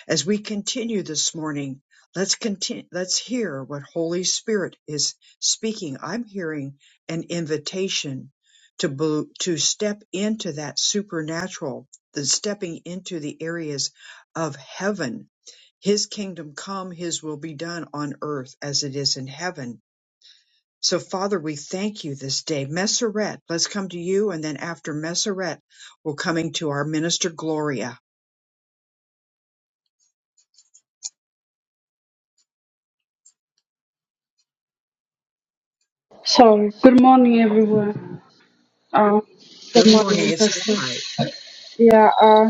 as we continue this morning, let's continue, let's hear what Holy Spirit is speaking. I'm hearing an invitation to bel- to step into that supernatural, the stepping into the areas of heaven. His kingdom come, his will be done on earth as it is in heaven. So Father, we thank you this day. Messeret, let's come to you and then after Messeret, we're coming to our minister Gloria. So, good morning, everyone. Uh, Good Good morning. morning, It's Pastor. Eli. yeah, uh,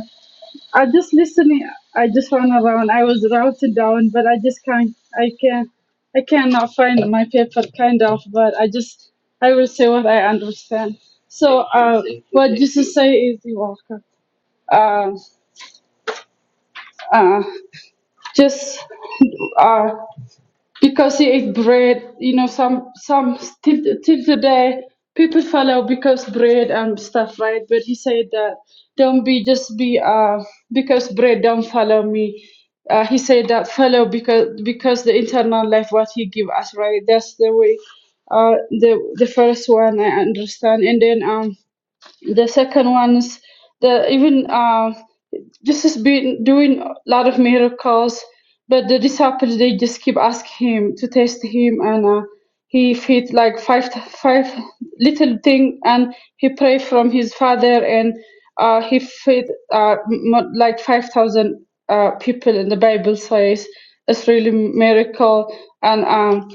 I just listening. I just ran around. I was routed down, but I just can't. I can I cannot find my paper, kind of. But I just. I will say what I understand. So, uh, what Jesus say is the welcome. Uh, uh, just. uh. because he ate bread. You know, some some till till today people follow because bread and stuff, right? But he said that don't be just be uh because bread don't follow me. Uh, he said that follow because because the internal life what he give us, right? That's the way. Uh, the the first one I understand, and then um the second one is the even uh, this has been doing a lot of miracles but the disciples they just keep asking him to test him and uh, he feed like five five little thing and he pray from his father and uh, he feed uh, m- like 5000 uh, people in the bible says it's really miracle and um,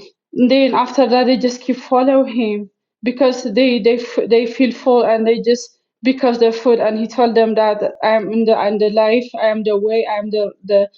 then after that they just keep follow him because they they f- they feel full and they just because they're full and he told them that I am in the and the life I am the way I am the the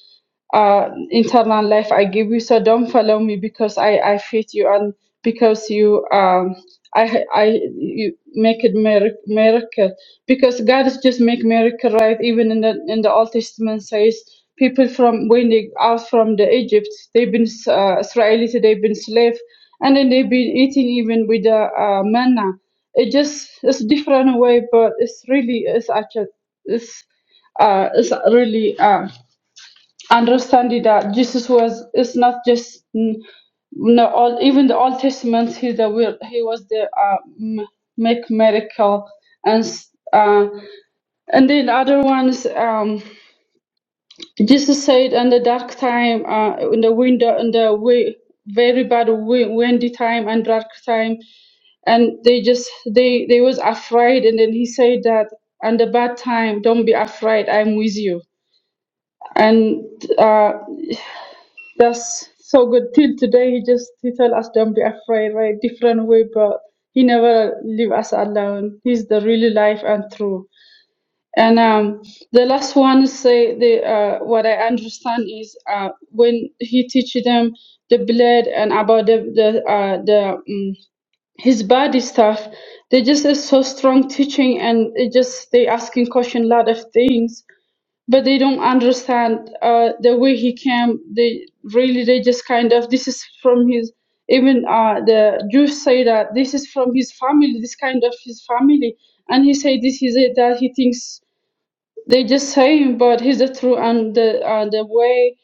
uh, internal life I give you. So don't follow me because I, I feed you and because you um I I you make it mirac- miracle because God is just make miracle right even in the in the Old Testament says people from when they out from the Egypt they've been uh, Israelites they've been slave and then they've been eating even with the uh, manna it just it's different way but it's really it's actually it's uh it's really um understanding that Jesus was its not just mm, no all even the Old Testament he the will he was the uh, m- make miracle and s- uh, and then other ones um, Jesus said in the dark time uh, in the window in the way very bad wi- windy time and dark time and they just they they was afraid and then he said that and the bad time don't be afraid I'm with you and uh. that's so good. Till today, he just he tell us don't be afraid, right? Different way, but he never leave us alone. He's the really life and true. And um, the last one say the uh, what I understand is uh, when he teach them the blood and about the the uh, the um, his body stuff, they just is so strong teaching and it just they asking question lot of things but they don't understand uh, the way he came. They really they just kind of this is from his even uh, the Jews say that this is from his family, this kind of his family, and he say this is it that he thinks they just saying, but he's the truth and the uh, the way,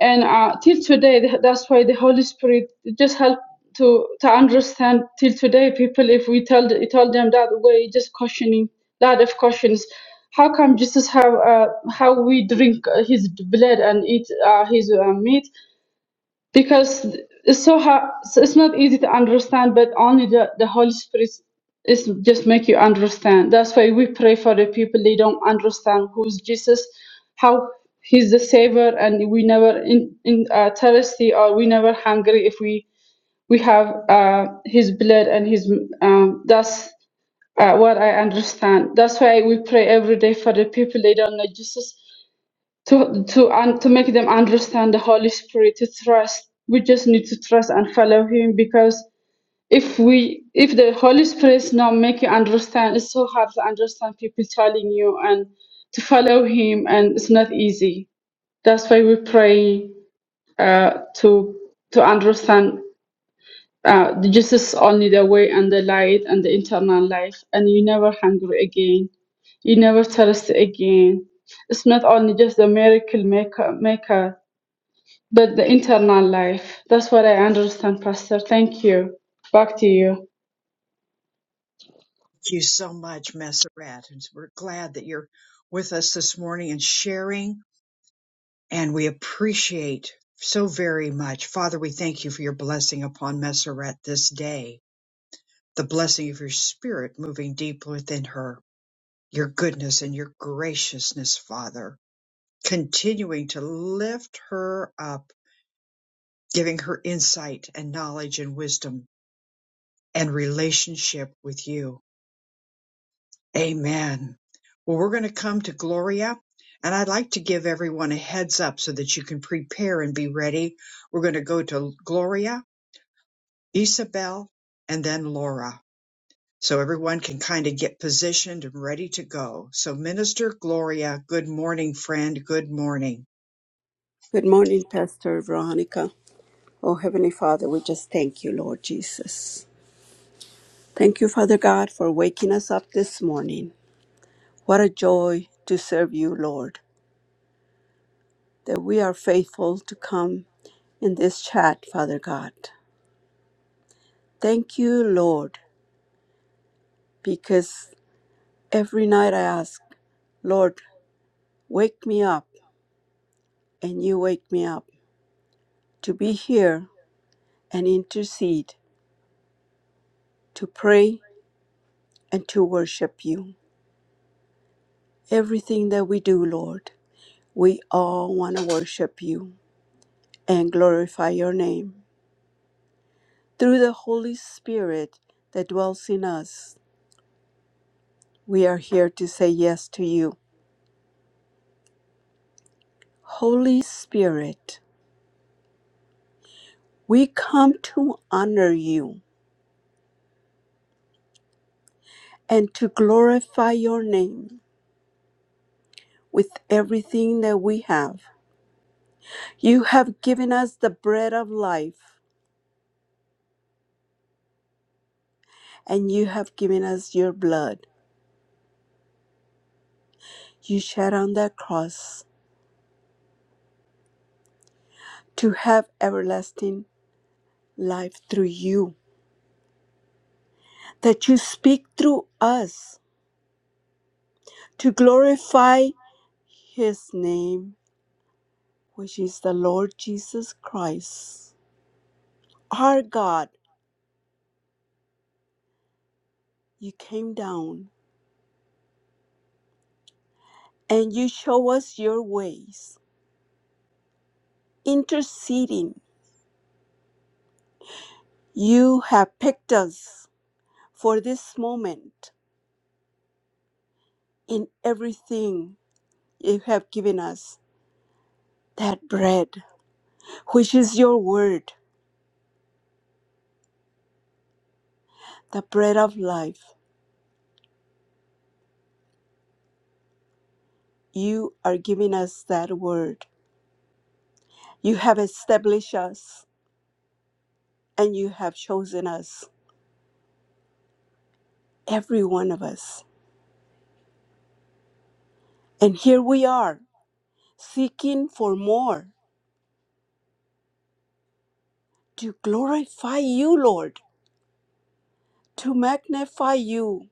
and uh, till today th- that's why the Holy Spirit just help to to understand till today people if we tell the, tell them that way just questioning lot of questions. How come Jesus have uh, how we drink uh, his blood and eat uh, his uh, meat? because it's so hard so it's not easy to understand but only the, the holy spirit is just make you understand that's why we pray for the people they don't understand who's jesus how he's the savior and we never in, in uh, thirsty or we never hungry if we we have uh, his blood and his um, that's uh, what i understand that's why we pray every day for the people they don't know jesus to to and to make them understand the Holy Spirit to trust. We just need to trust and follow Him because if we if the Holy Spirit is not make you understand, it's so hard to understand people telling you and to follow Him, and it's not easy. That's why we pray uh, to to understand. Uh, Jesus is only the way and the light and the eternal life, and you never hungry again you never thirst again. It's not only just the miracle maker, maker but the internal life. That's what I understand, Pastor. Thank you. Back to you. Thank you so much, Messeret. And we're glad that you're with us this morning and sharing, and we appreciate so very much. Father, we thank you for your blessing upon Messeret this day, the blessing of your spirit moving deep within her, your goodness and your graciousness, Father, continuing to lift her up, giving her insight and knowledge and wisdom and relationship with you. Amen. Well, we're going to come to Gloria, and I'd like to give everyone a heads up so that you can prepare and be ready. We're going to go to Gloria, Isabel, and then Laura. So everyone can kind of get positioned and ready to go. So, Minister Gloria, good morning, friend. Good morning. Good morning, Pastor Veronica. Oh, Heavenly Father, we just thank you, Lord Jesus. Thank you, Father God, for waking us up this morning. What a joy to serve you, Lord, that we are faithful to come in this chat, Father God. Thank you, Lord, because Every night I ask, Lord, wake me up, and you wake me up to be here and intercede, to pray and to worship you. Everything that we do, Lord, we all want to worship you and glorify your name. Through the Holy Spirit that dwells in us, we are here to say yes to you. Holy Spirit, we come to honor you and to glorify your name. with everything that we have. You have given us the bread of life, and you have given us your blood. You shed on that cross to have everlasting life through you, that you speak through us to glorify his name, which is the Lord Jesus Christ. Our God, you came down and you show us your ways, interceding. You have picked us for this moment in everything you have given us. That bread, which is your word, the bread of life, you are giving us that word. You have established us and you have chosen us, every one of us. And here we are, seeking for more to glorify you, Lord, to magnify you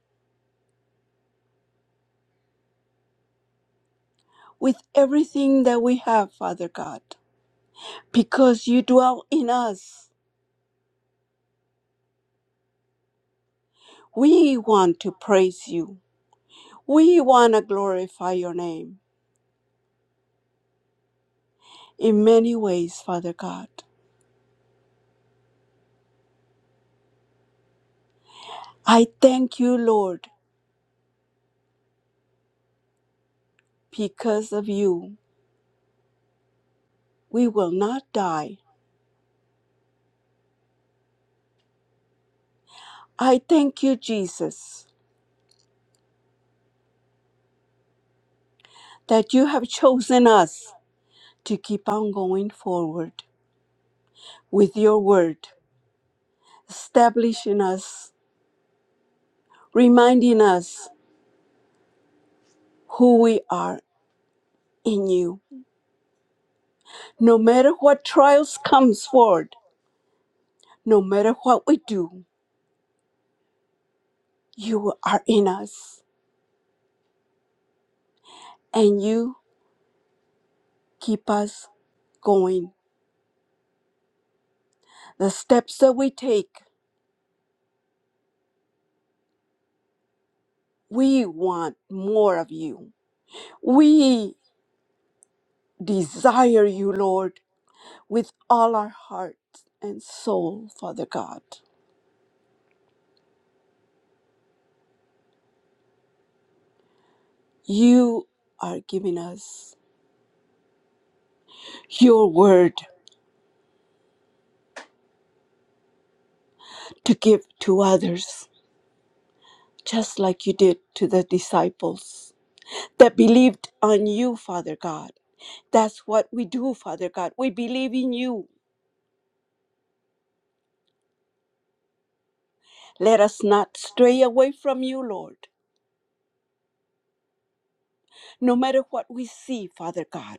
with everything that we have, Father God, because you dwell in us We want to praise you. We want to glorify your name in many ways, Father God. I thank you, Lord, because of you, we will not die. I thank you, Jesus, that you have chosen us to keep on going forward with your word, establishing us, reminding us who we are in you. No matter what trials comes forward, no matter what we do, You are in us and you keep us going. The steps that we take, we want more of you. We desire you, Lord, with all our heart and soul, Father God. You are giving us your word to give to others, just like you did to the disciples that believed on you, Father God. That's what we do, Father God. We believe in you. Let us not stray away from you, Lord, no matter what we see, Father God.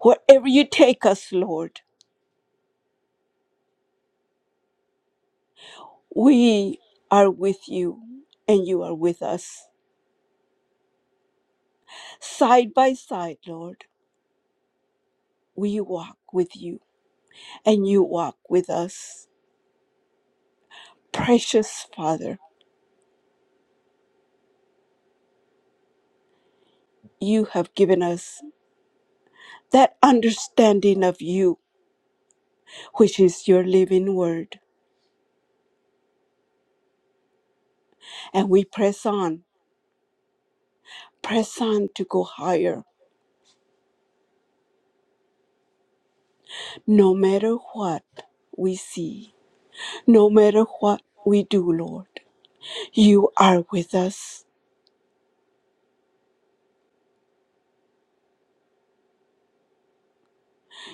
Wherever you take us, Lord, we are with you and you are with us. Side by side, Lord, we walk with you and you walk with us. Precious Father, you have given us that understanding of you, which is your living word. And we press on, press on to go higher, no matter what we see No matter what we do, Lord, you are with us.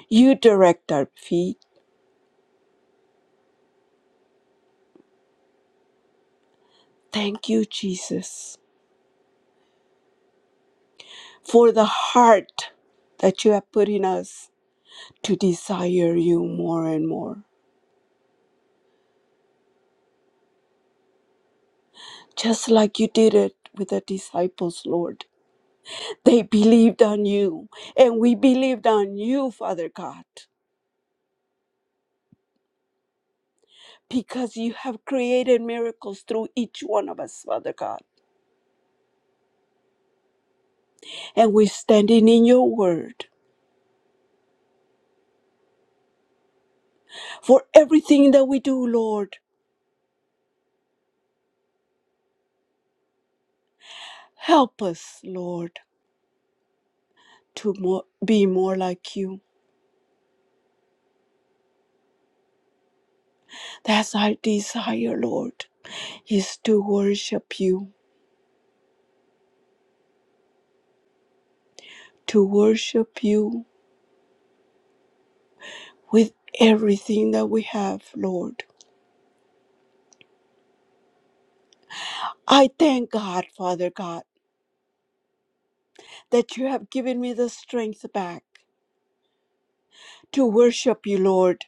You direct our feet. Thank you, Jesus, for the heart that you have put in us to desire you more and more. Just like you did it with the disciples, Lord. They believed on you, and we believed on you, Father God. Because you have created miracles through each one of us, Father God. And we're standing in your word for everything that we do, Lord. Help us, Lord, to more, be more like you. That's our desire, Lord, is to worship you, to worship you with everything that we have, Lord. I thank God, Father God, that you have given me the strength back to worship you, Lord,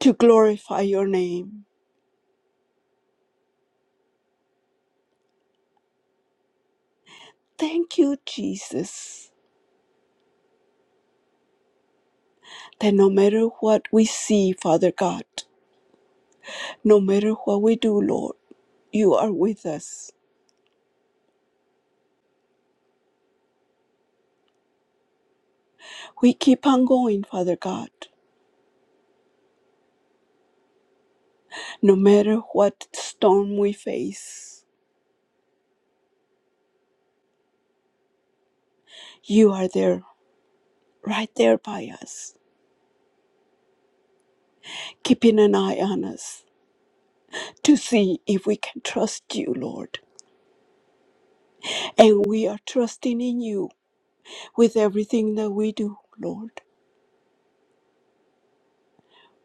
to glorify your name. Thank you, Jesus, that no matter what we see, Father God, no matter what we do, Lord, you are with us We keep on going, Father God. No matter what storm we face, you are there, right there by us, keeping an eye on us to see if we can trust you, Lord. And we are trusting in you with everything that we do, Lord.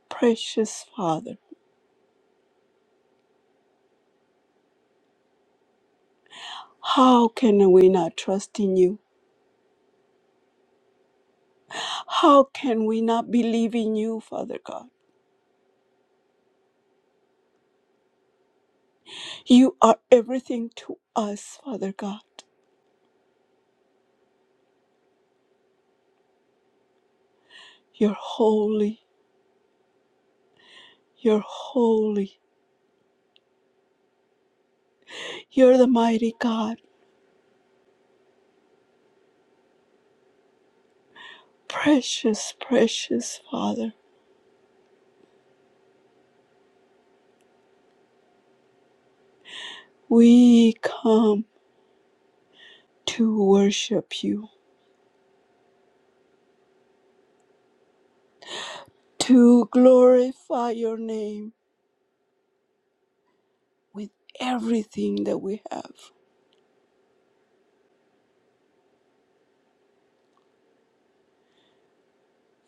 Precious Father, how can we not trust in you? How can we not believe in you, Father God? You are everything to us, Father God. You're holy. You're holy. You're the mighty God. Precious, precious Father, we come to worship you, to glorify your name with everything that we have.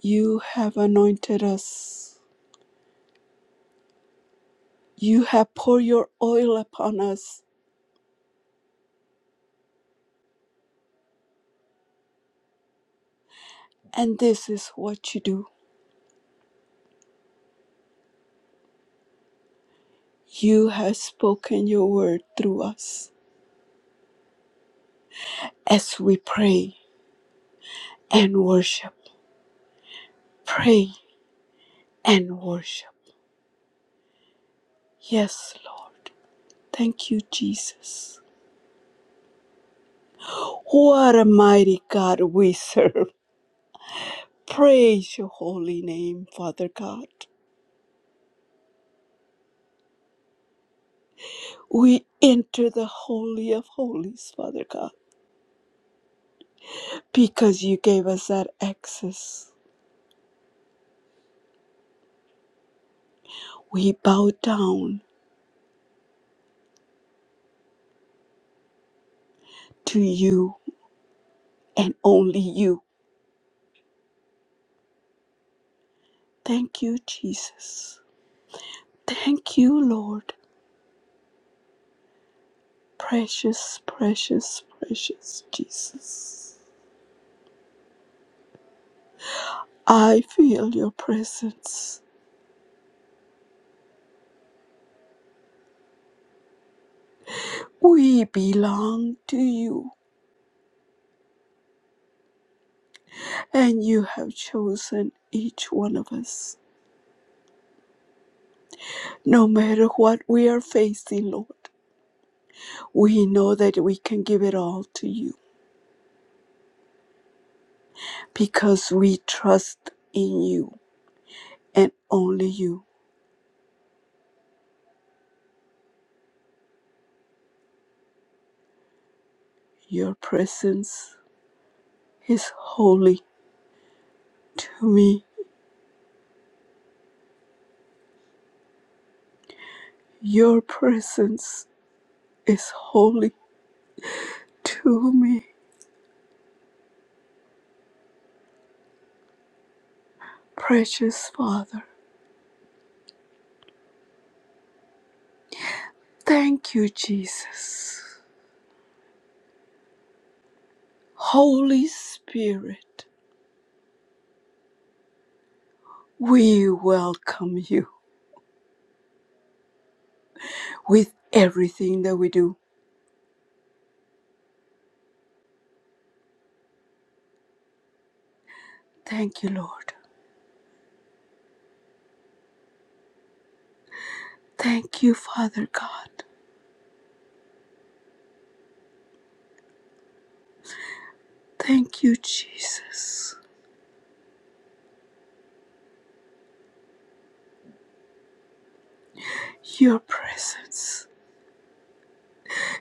You have anointed us. You have poured your oil upon us, and this is what you do. You have spoken your word through us as we pray and worship. Pray and worship. Yes, Lord. Thank you, Jesus. What a mighty God we serve. Praise your holy name, Father God. We enter the Holy of Holies, Father God, because you gave us that access. We bow down to you and only you. Thank you, Jesus. Thank you, Lord. Precious, precious, precious Jesus. I feel your presence. We belong to you. and you have chosen each one of us. No matter what we are facing, Lord, we know that we can give it all to you because we trust in you and only you. Your presence is holy to me. Your presence is holy to me, precious Father. Thank you, Jesus. Holy Spirit, we welcome you. with everything that we do. Thank you, Lord. Thank you, Father God. Thank you, Jesus. Your presence,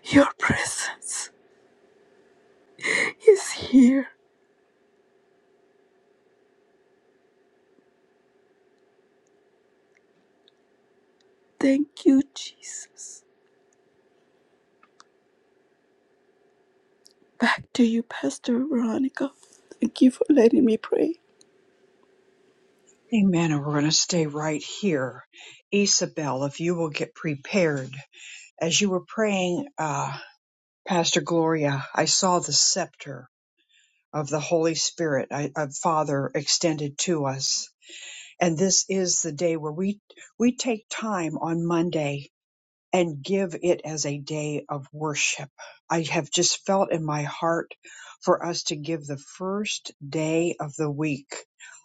your presence is here. Thank you, Jesus. Back to you, Pastor Veronica. Thank you for letting me pray. Amen. And we're going to stay right here. Isabel, if you will get prepared. As you were praying, uh, Pastor Gloria, I saw the scepter of the Holy Spirit, I- of Father extended to us. And this is the day where we, we take time on Monday and give it as a day of worship. I have just felt in my heart for us to give the first day of the week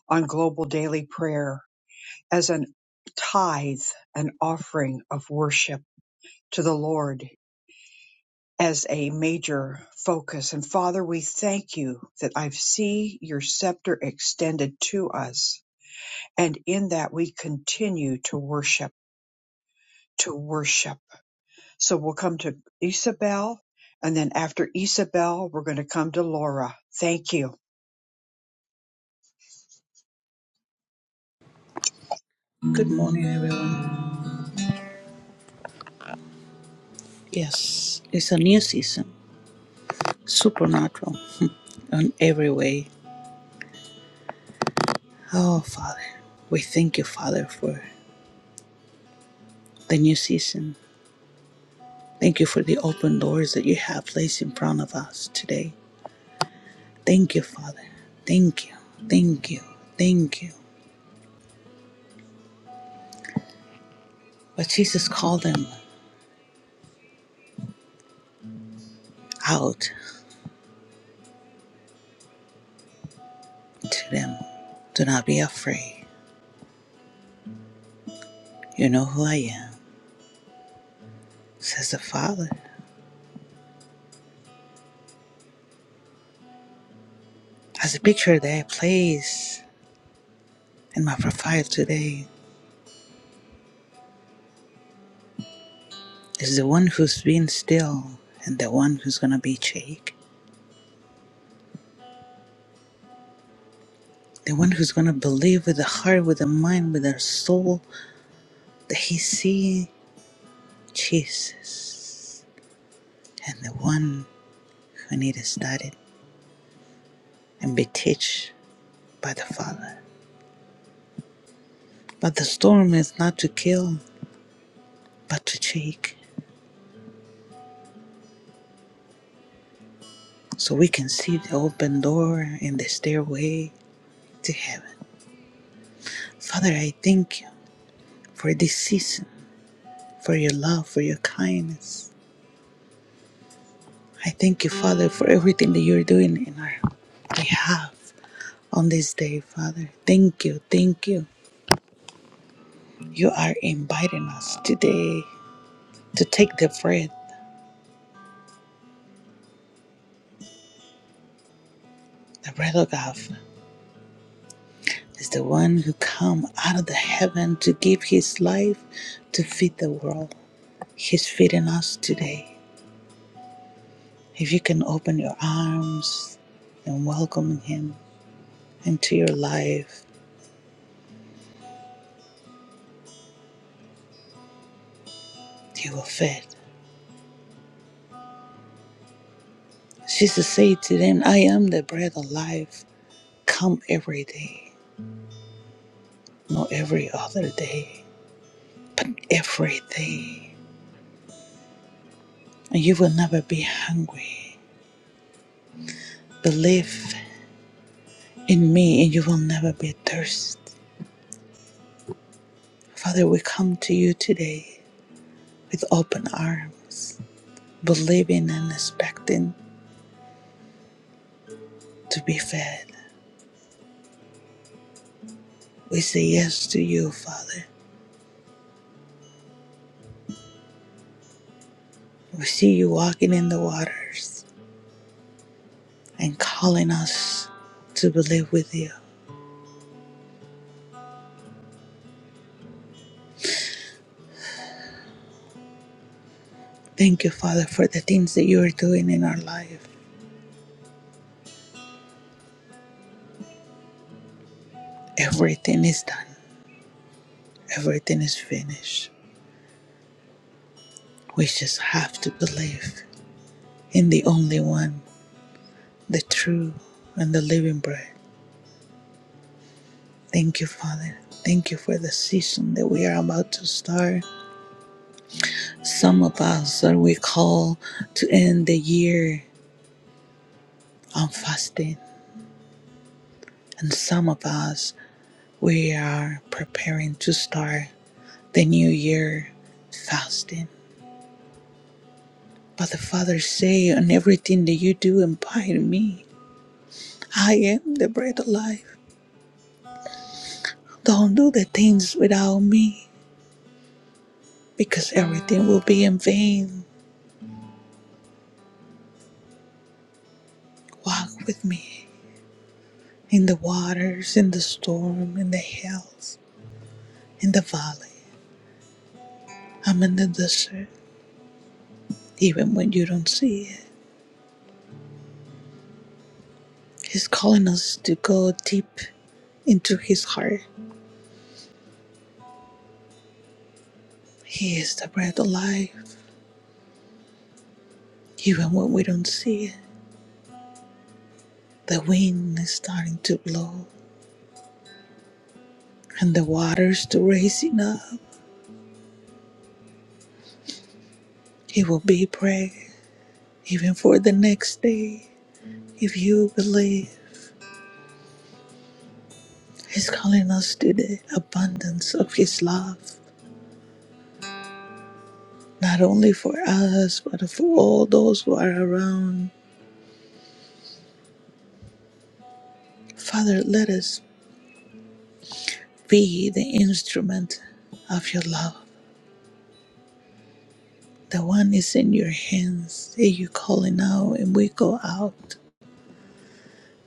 on global daily prayer as an tithe, an offering of worship to the Lord as a major focus. And Father, we thank you that I see your scepter extended to us. And in that we continue to worship, to worship. So we'll come to Isabel. And then after Isabel, we're going to come to Laura. Thank you. Good morning, everyone. Yes, it's a new season, supernatural in every way. Oh, Father, we thank you, Father, for the new season. Thank you for the open doors that you have placed in front of us today. Thank you, Father. Thank you. Thank you. Thank you. But Jesus called them out to them. Do not be afraid. You know who I am, says the Father. As a picture that I place in my profile today, is the one who's been still and the one who's gonna be shake. The one who's gonna believe with the heart, with the mind, with their soul that he see Jesus. And the one who need to study and be teach by the Father. But the storm is not to kill, but to shake. So we can see the open door and the stairway to heaven. Father, I thank you for this season, for your love, for your kindness I thank you, Father, for everything that you're doing in our behalf on this day, Father. Thank you, thank you. You are inviting us today to take the bread, the bread of God is the one who come out of the heaven to give his life to feed the world. He's feeding us today. If you can open your arms and welcome him into your life, he will feed. Jesus said to them, I am the bread of life. Come every day, not every other day, but every day. And you will never be hungry. Believe in me and you will never be thirsty. Father, we come to you today with open arms, believing and expecting to be fed. We say yes to you, Father. We see you walking in the waters and calling us to believe with you. Thank you, Father, for the things that you are doing in our life. Everything is done. Everything is finished. We just have to believe in the only one, the true and the living bread. Thank you, Father. Thank you for the season that we are about to start. Some of us are we call to end the year on fasting, and some of us we are preparing to start the new year fasting. But the Father say, "On everything that you do, abide in me. I am the bread of life." Don't do the things without me, because everything will be in vain. Walk with me in the waters, in the storm, in the hills, in the valley. I'm in the desert, even when you don't see it. He's calling us to go deep into his heart. He is the breath of life, even when we don't see it. The wind is starting to blow, and the waters to raising up. He will be prayer, even for the next day, if you believe. He's calling us to the abundance of His love, not only for us, but for all those who are around. Father, let us be the instrument of your love. The one is in your hands, and you call it now, and we go out.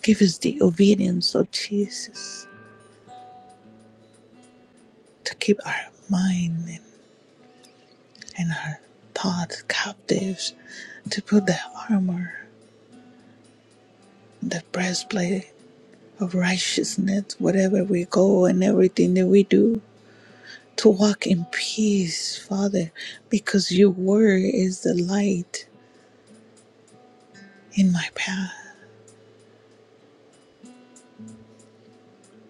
Give us the obedience of Jesus to keep our mind and and our thoughts captives, to put the armor, the breastplate of righteousness, wherever we go and everything that we do, to walk in peace, Father, because your word is the light in my path,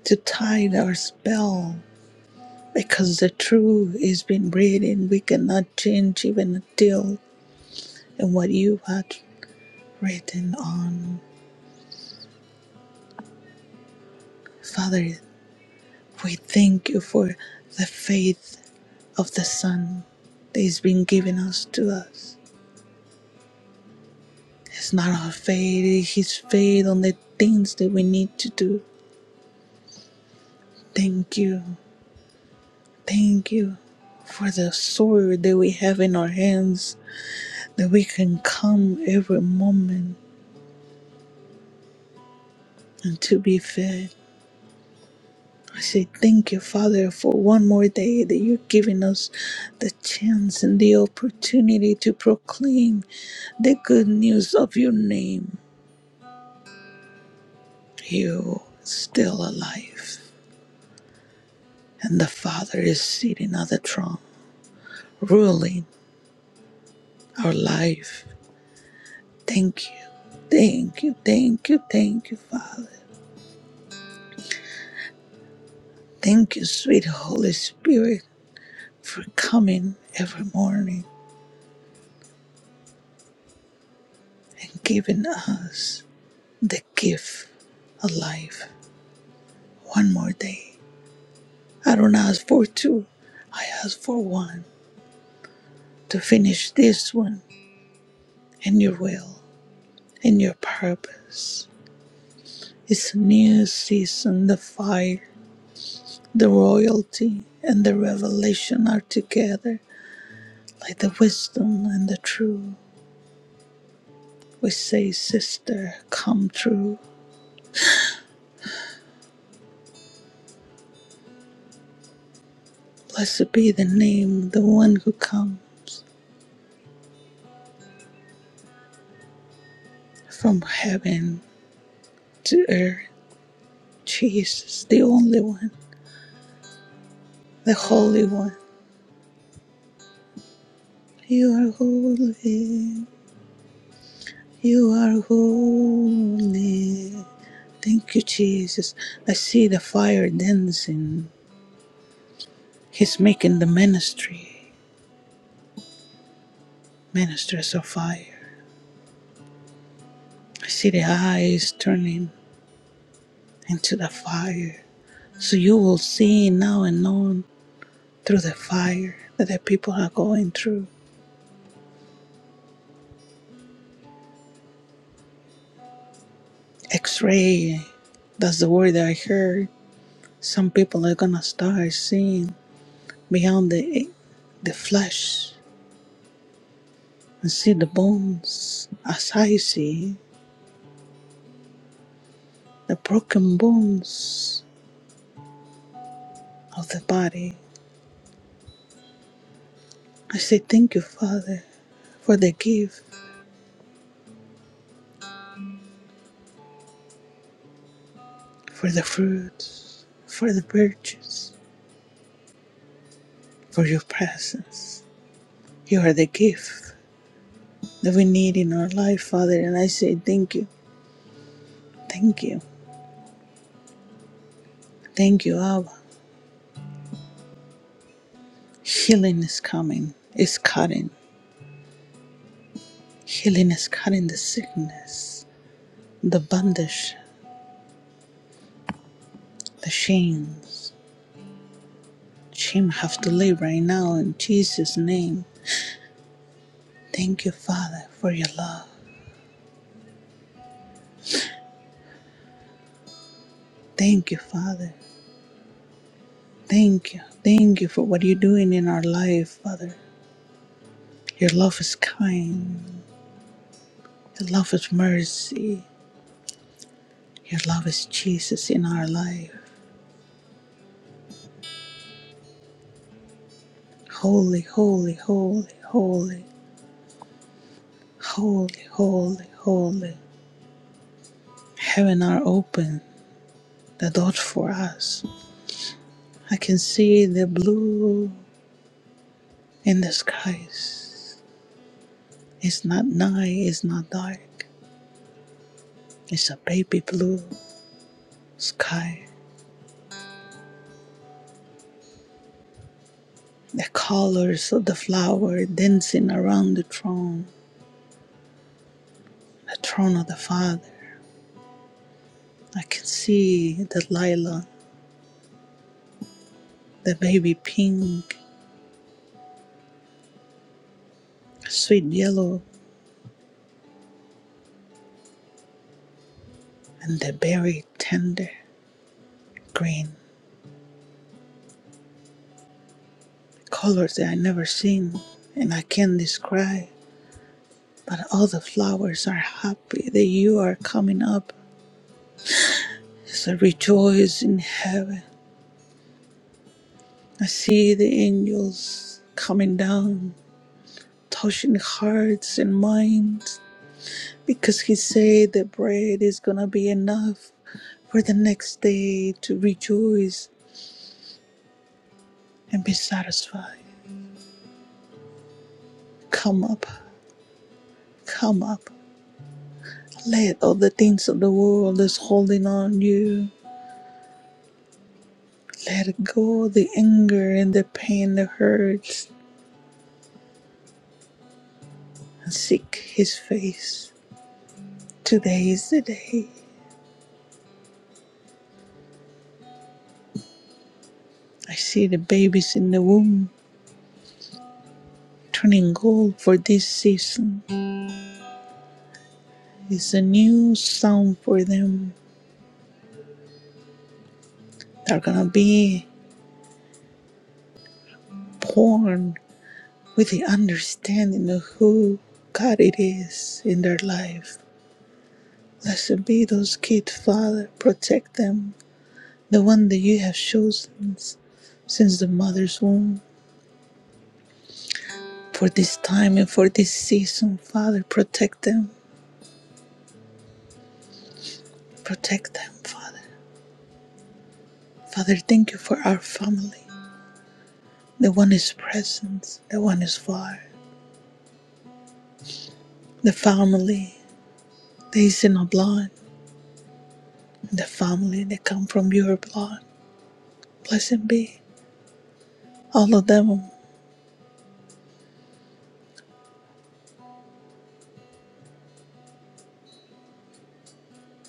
to tide our spell, because the truth is been written. We cannot change even a deal in what you have written on. Father, we thank you for the faith of the Son that has been given us to us It's not our fate, it's His fate on the things that we need to do. Thank you. Thank you for the sword that we have in our hands, that we can come every moment and to be fed. I say thank you, Father, for one more day that you're giving us the chance and the opportunity to proclaim the good news of your name. You still alive, and the Father is sitting on the throne, ruling our life. Thank you. Thank you. Thank you. Thank you, Father. Thank you, sweet Holy Spirit, for coming every morning and giving us the gift of life. One more day. I don't ask for two, I ask for one to finish this one and your will and your purpose. It's a new season, the fire, the royalty, and the revelation are together Like the wisdom and the true, we say, Sister, come true. Blessed be the name, the one who comes from heaven to earth. Jesus, the only one, the Holy One. You are holy. You are holy. Thank you, Jesus. I see the fire dancing. He's making the ministry, ministers of fire. I see the eyes turning into the fire. So you will see now and on through the fire that the people are going through. X ray, that's the word that I heard. Some people are gonna start seeing beyond the the flesh and see the bones as I see the broken bones of the body. I say thank you, Father, for the gift, for the fruits, for the virtues, for your presence. You are the gift. that we need in our life, Father. And I say, Thank you, thank you, thank you, Abba. Healing is coming, it's cutting. Healing is cutting the sickness, the bondage, the shames. Shame have to leave right now in Jesus' name. Thank you, Father, for your love. Thank you, Father. Thank you. Thank you for what you're doing in our life, Father. Your love is kind. Your love is mercy. Your love is Jesus in our life. Holy, holy, holy, holy, holy, holy, holy. Heaven are open, the door for us. I can see the blue in the skies. It's not night, it's not dark. It's a baby blue sky. The colors of the flower dancing around the throne, the throne of the Father. I can see the lilac, the baby pink, sweet yellow, and the berry tender green. colors that I never seen and I can't describe. But all the flowers are happy that you are coming up. As I rejoice in heaven, I see the angels coming down, touching hearts and minds, because He said the bread is gonna be enough for the next day to rejoice and be satisfied. Come up, come up. Let all the things of the world that's holding on you Let go the anger and the pain that hurts and seek his face. Today is the day. I see the babies in the womb turning gold for this season. It's a new song for them. They're gonna be born with the understanding of who God it is in their life. Blessed be those kids, Father. Protect them. The one that you have chosen since the mother's womb. for this time and for this season, Father. Protect them. Protect them, Father. Father, thank you for our family. The one is present, the one is far. The family that is in our blood, the family that come from your blood. Blessed be all of them.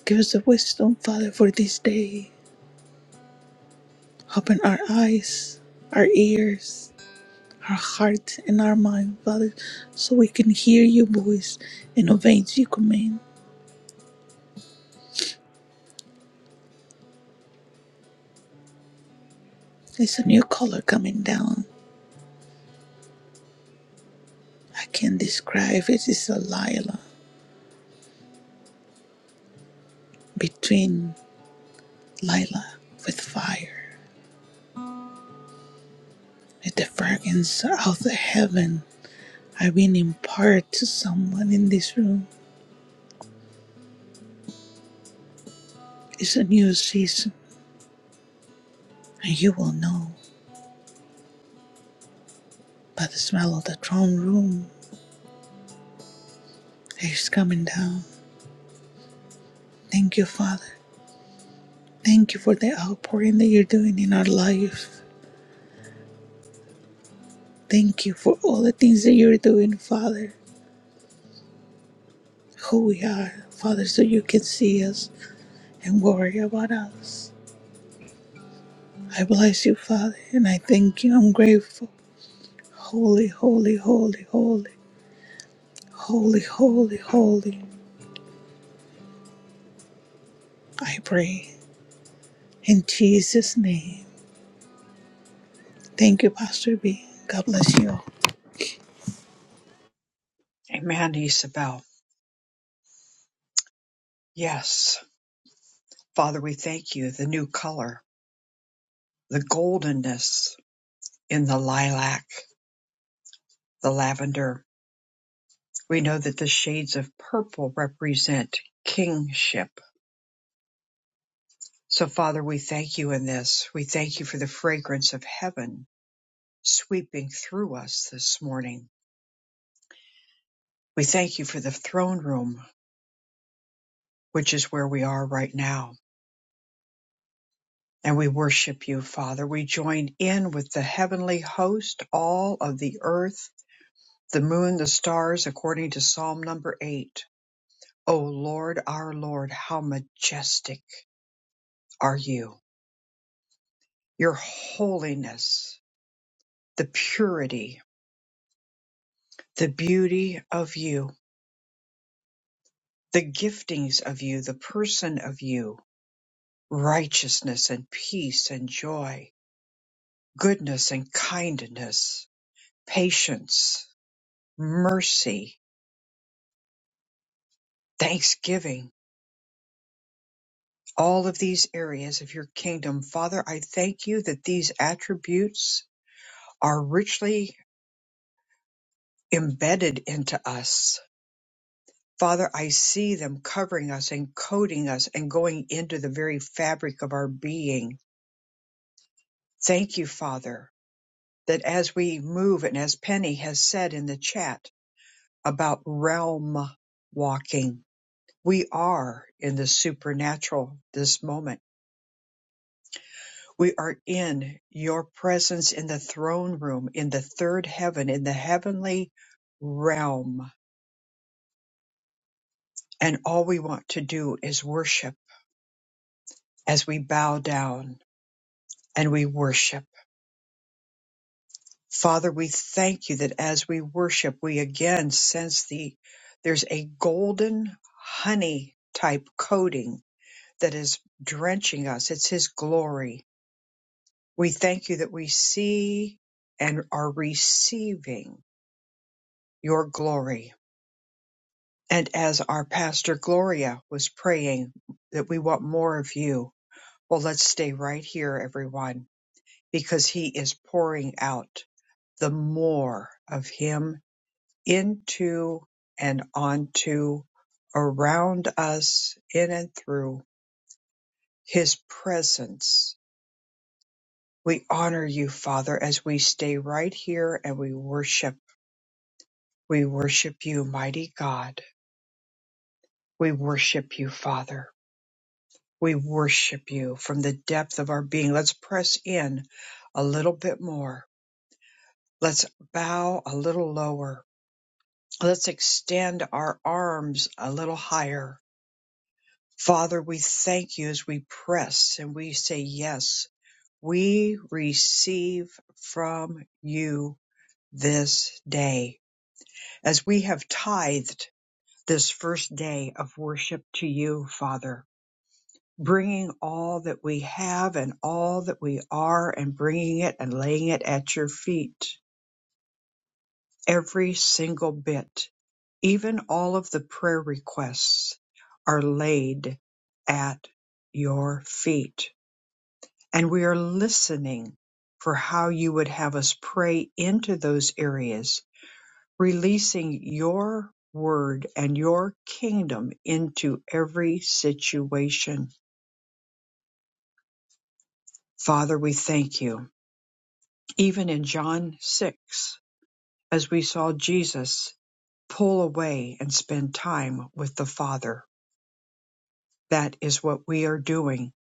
Give us the wisdom, Father, for this day. Open our eyes, our ears, our heart, and our mind, Father, so we can hear your voice and obey your command. It's a new color coming down. I can describe it. It's a lila between lila with fire. With the fragrance of the heaven I've been imparted to someone in this room. It's a new season, and you will know by the smell of the throne room it's coming down. Thank you, Father. Thank you for the outpouring that you're doing in our life. Thank you for all the things that you're doing, Father. Who we are, Father, so you can see us and worry about us. I bless you, Father, and I thank you. I'm grateful. Holy, holy, holy, holy, holy, holy, holy. I pray in Jesus' name. Thank you, Pastor B. God bless you. all. Amen, Isabel. Yes. Father, we thank you. The new color, the goldenness in the lilac, the lavender. We know that the shades of purple represent kingship So, Father, we thank you in this. We thank you for the fragrance of heaven sweeping through us this morning. We thank you for the throne room, which is where we are right now. And we worship you, Father. We join in with the heavenly host, all of the earth, the moon, the stars, according to Psalm number eight. O Lord, our Lord, how majestic are you! Your holiness, the purity, the beauty of you. the giftings of you, the person of you, righteousness and peace and joy, goodness and kindness, patience, mercy, thanksgiving, all of these areas of your kingdom. Father, I thank you that these attributes are richly embedded into us. Father, I see them covering us and coating us and going into the very fabric of our being. Thank you, Father, that as we move and as Penny has said in the chat about realm walking, we are in the supernatural this moment. We are in your presence in the throne room, in the third heaven, in the heavenly realm. And all we want to do is worship as we bow down and we worship. Father, we thank you that as we worship, we again sense the there's a golden honey type coating that is drenching us. It's his glory. We thank you that we see and are receiving your glory. And as our pastor Gloria was praying that we want more of you. Well, let's stay right here, everyone, because he is pouring out the more of him into and onto, around us, in and through His presence. We honor you, Father, as we stay right here and we worship. We worship you, mighty God. We worship you, Father. We worship you from the depth of our being. Let's press in a little bit more. Let's bow a little lower. Let's extend our arms a little higher Father, we thank you as we press and we say, Yes, we receive from you this day. As we have tithed this first day of worship to you, Father, bringing all that we have and all that we are and bringing it and laying it at your feet, every single bit, even all of the prayer requests are laid at your feet And we are listening for how you would have us pray into those areas, releasing your word and your kingdom into every situation. Father, we thank you. Even in John 6, as we saw Jesus pull away and spend time with the Father, that is what we are doing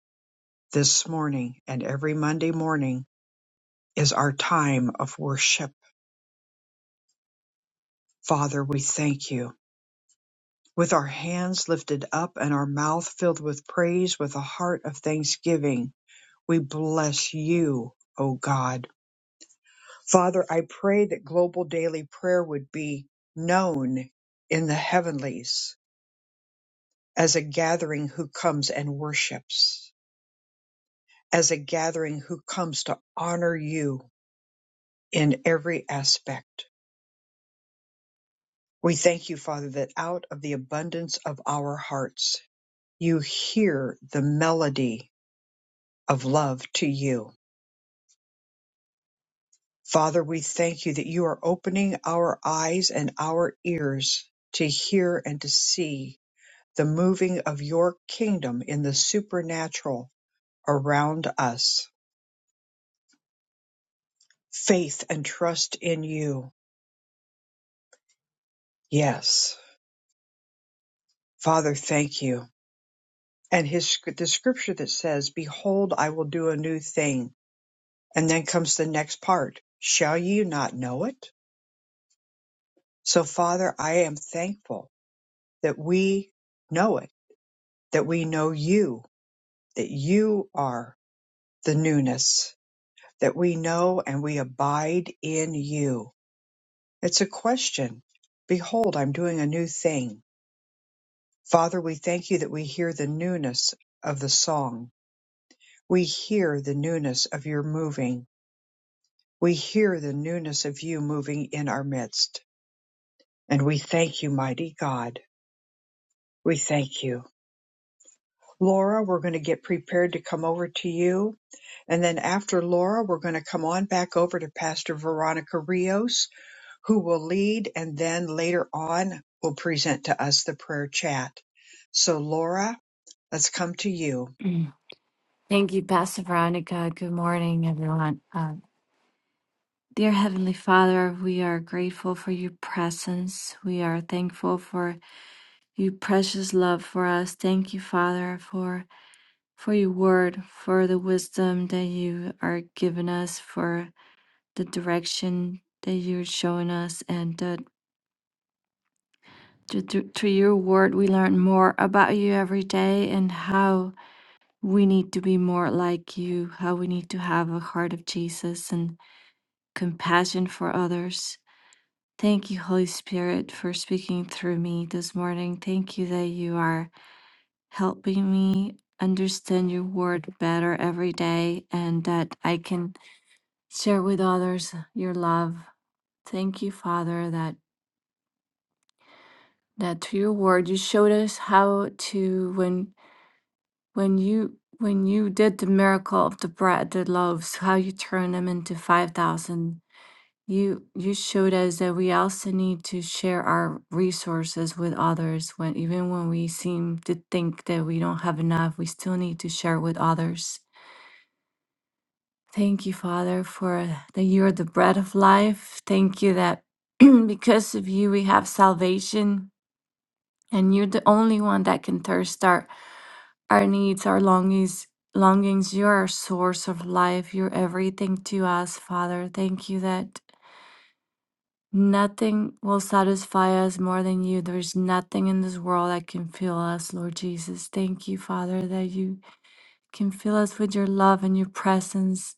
this morning and every Monday morning is our time of worship. Father, we thank you. with our hands lifted up and our mouth filled with praise, with a heart of thanksgiving. We bless you, O God. Father, I pray that global daily prayer would be known in the heavenlies as a gathering who comes and worships, as a gathering who comes to honor you in every aspect. We thank you, Father, that out of the abundance of our hearts, you hear the melody of love to you Father, we thank you that you are opening our eyes and our ears to hear and to see the moving of your kingdom in the supernatural around us. Faith and trust in you. Yes. Father, thank you. And his the scripture that says, "Behold, I will do a new thing." And then comes the next part, "Shall you not know it?" So Father, I am thankful that we know it, that we know you, that you are the newness, that we know and we abide in you. It's a question. Behold, I'm doing a new thing. Father, we thank you that we hear the newness of the song. We hear the newness of your moving. We hear the newness of you moving in our midst. And we thank you, mighty God. We thank you. Laura, we're going to get prepared to come over to you. And then after Laura, we're going to come on back over to Pastor Veronica Rios who will lead and then later on will present to us the prayer chat. So, Laura, let's come to you. Thank you, Pastor Veronica. Good morning, everyone. Uh, dear Heavenly Father, we are grateful for your presence. We are thankful for your precious love for us. Thank you, Father, for for your word, for the wisdom that you are giving us, for the direction that you're showing us, and that through, through through your word we learn more about you every day and how we need to be more like you, how we need to have a heart of Jesus and compassion for others. Thank you, Holy Spirit, for speaking through me this morning. Thank you that you are helping me understand your word better every day and that I can share with others your love. Thank you, Father, that that through your word you showed us how to when when you when you did the miracle of the bread, the loaves, how you turned them into five thousand You you showed us that we also need to share our resources with others when even when we seem to think that we don't have enough, we still need to share with others. Thank you, Father, for that you're the bread of life. Thank you that because of you we have salvation and you're the only one that can thirst our, our needs, our longings longings. You're our source of life. You're everything to us, Father. Thank you that Nothing will satisfy us more than you. There's nothing in this world that can fill us, Lord Jesus. Thank you, Father, that you can fill us with your love and your presence.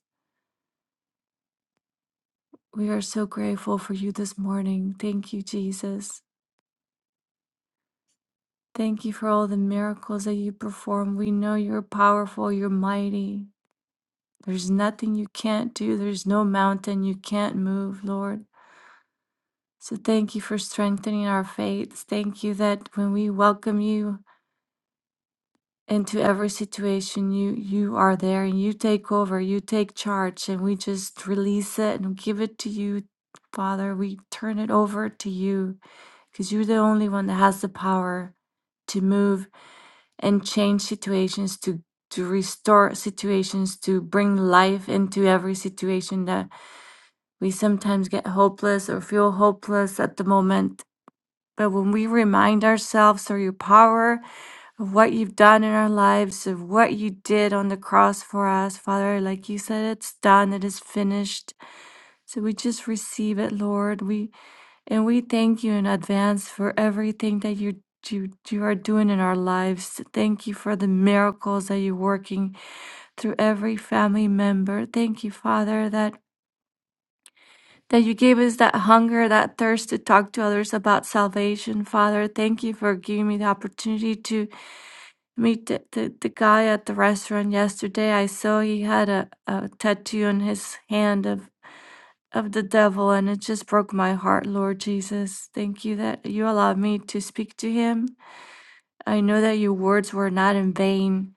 We are so grateful for you this morning. Thank you, Jesus. Thank you for all the miracles that you perform. We know you're powerful, you're mighty. There's nothing you can't do, there's no mountain you can't move, Lord. So thank you for strengthening our faiths. Thank you that when we welcome you, into every situation you you are there and you take over you take charge and we just release it and give it to you father we turn it over to you because you're the only one that has the power to move and change situations to to restore situations to bring life into every situation that we sometimes get hopeless or feel hopeless at the moment but when we remind ourselves through your power of what you've done in our lives, of what you did on the cross for us, Father, like you said, it's done, it is finished. So we just receive it, Lord. We and we thank you in advance for everything that you you, you are doing in our lives. Thank you for the miracles that you're working through every family member. Thank you, Father, that that you gave us that hunger, that thirst to talk to others about salvation. Father, thank you for giving me the opportunity to meet the, the, the guy at the restaurant yesterday. I saw he had a, a tattoo on his hand of, of the devil, and it just broke my heart, Lord Jesus. Thank you that you allowed me to speak to him. I know that your words were not in vain,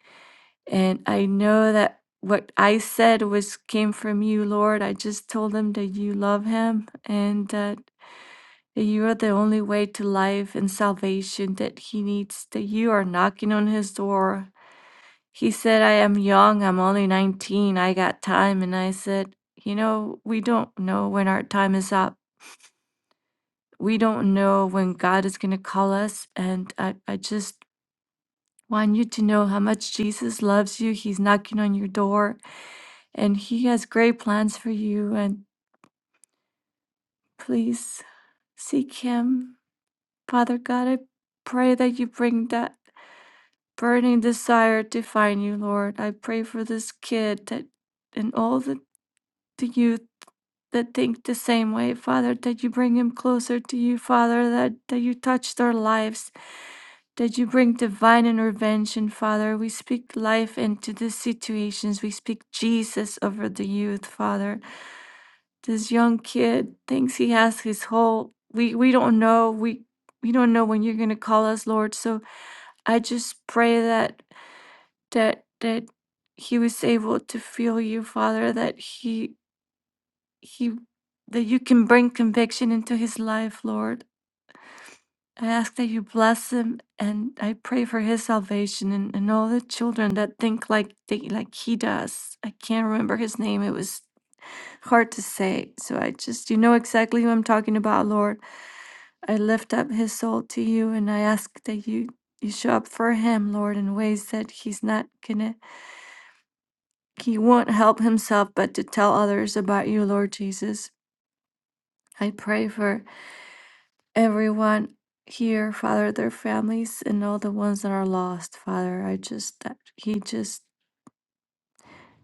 and I know that what I said was came from you, Lord. I just told him that you love him and that that you are the only way to life and salvation that he needs, that you are knocking on his door. He said, I am young, I'm only 19, I got time. And I said, You know, we don't know when our time is up. We don't know when God is going to call us. And I, I just want you to know how much Jesus loves you. He's knocking on your door and he has great plans for you. And please seek him. Father God, I pray that you bring that burning desire to find you, Lord. I pray for this kid that and all the, the youth that think the same way, Father, that you bring him closer to you, Father, that, that you touch their lives, that you bring divine intervention, Father. We speak life into these situations. We speak Jesus over the youth, Father. This young kid thinks he has his whole we we don't know. We we don't know when you're gonna call us, Lord. So I just pray that that that he was able to feel you, Father, that he he that you can bring conviction into his life, Lord. I ask that you bless him and I pray for his salvation and, and all the children that think like they, like he does. I can't remember his name. It was hard to say. So I just you know exactly who I'm talking about, Lord. I lift up his soul to you and I ask that you you show up for him, Lord, in ways that he's not gonna He won't help himself but to tell others about you, Lord Jesus. I pray for everyone here, Father, their families, and all the ones that are lost, Father. I just, that He just,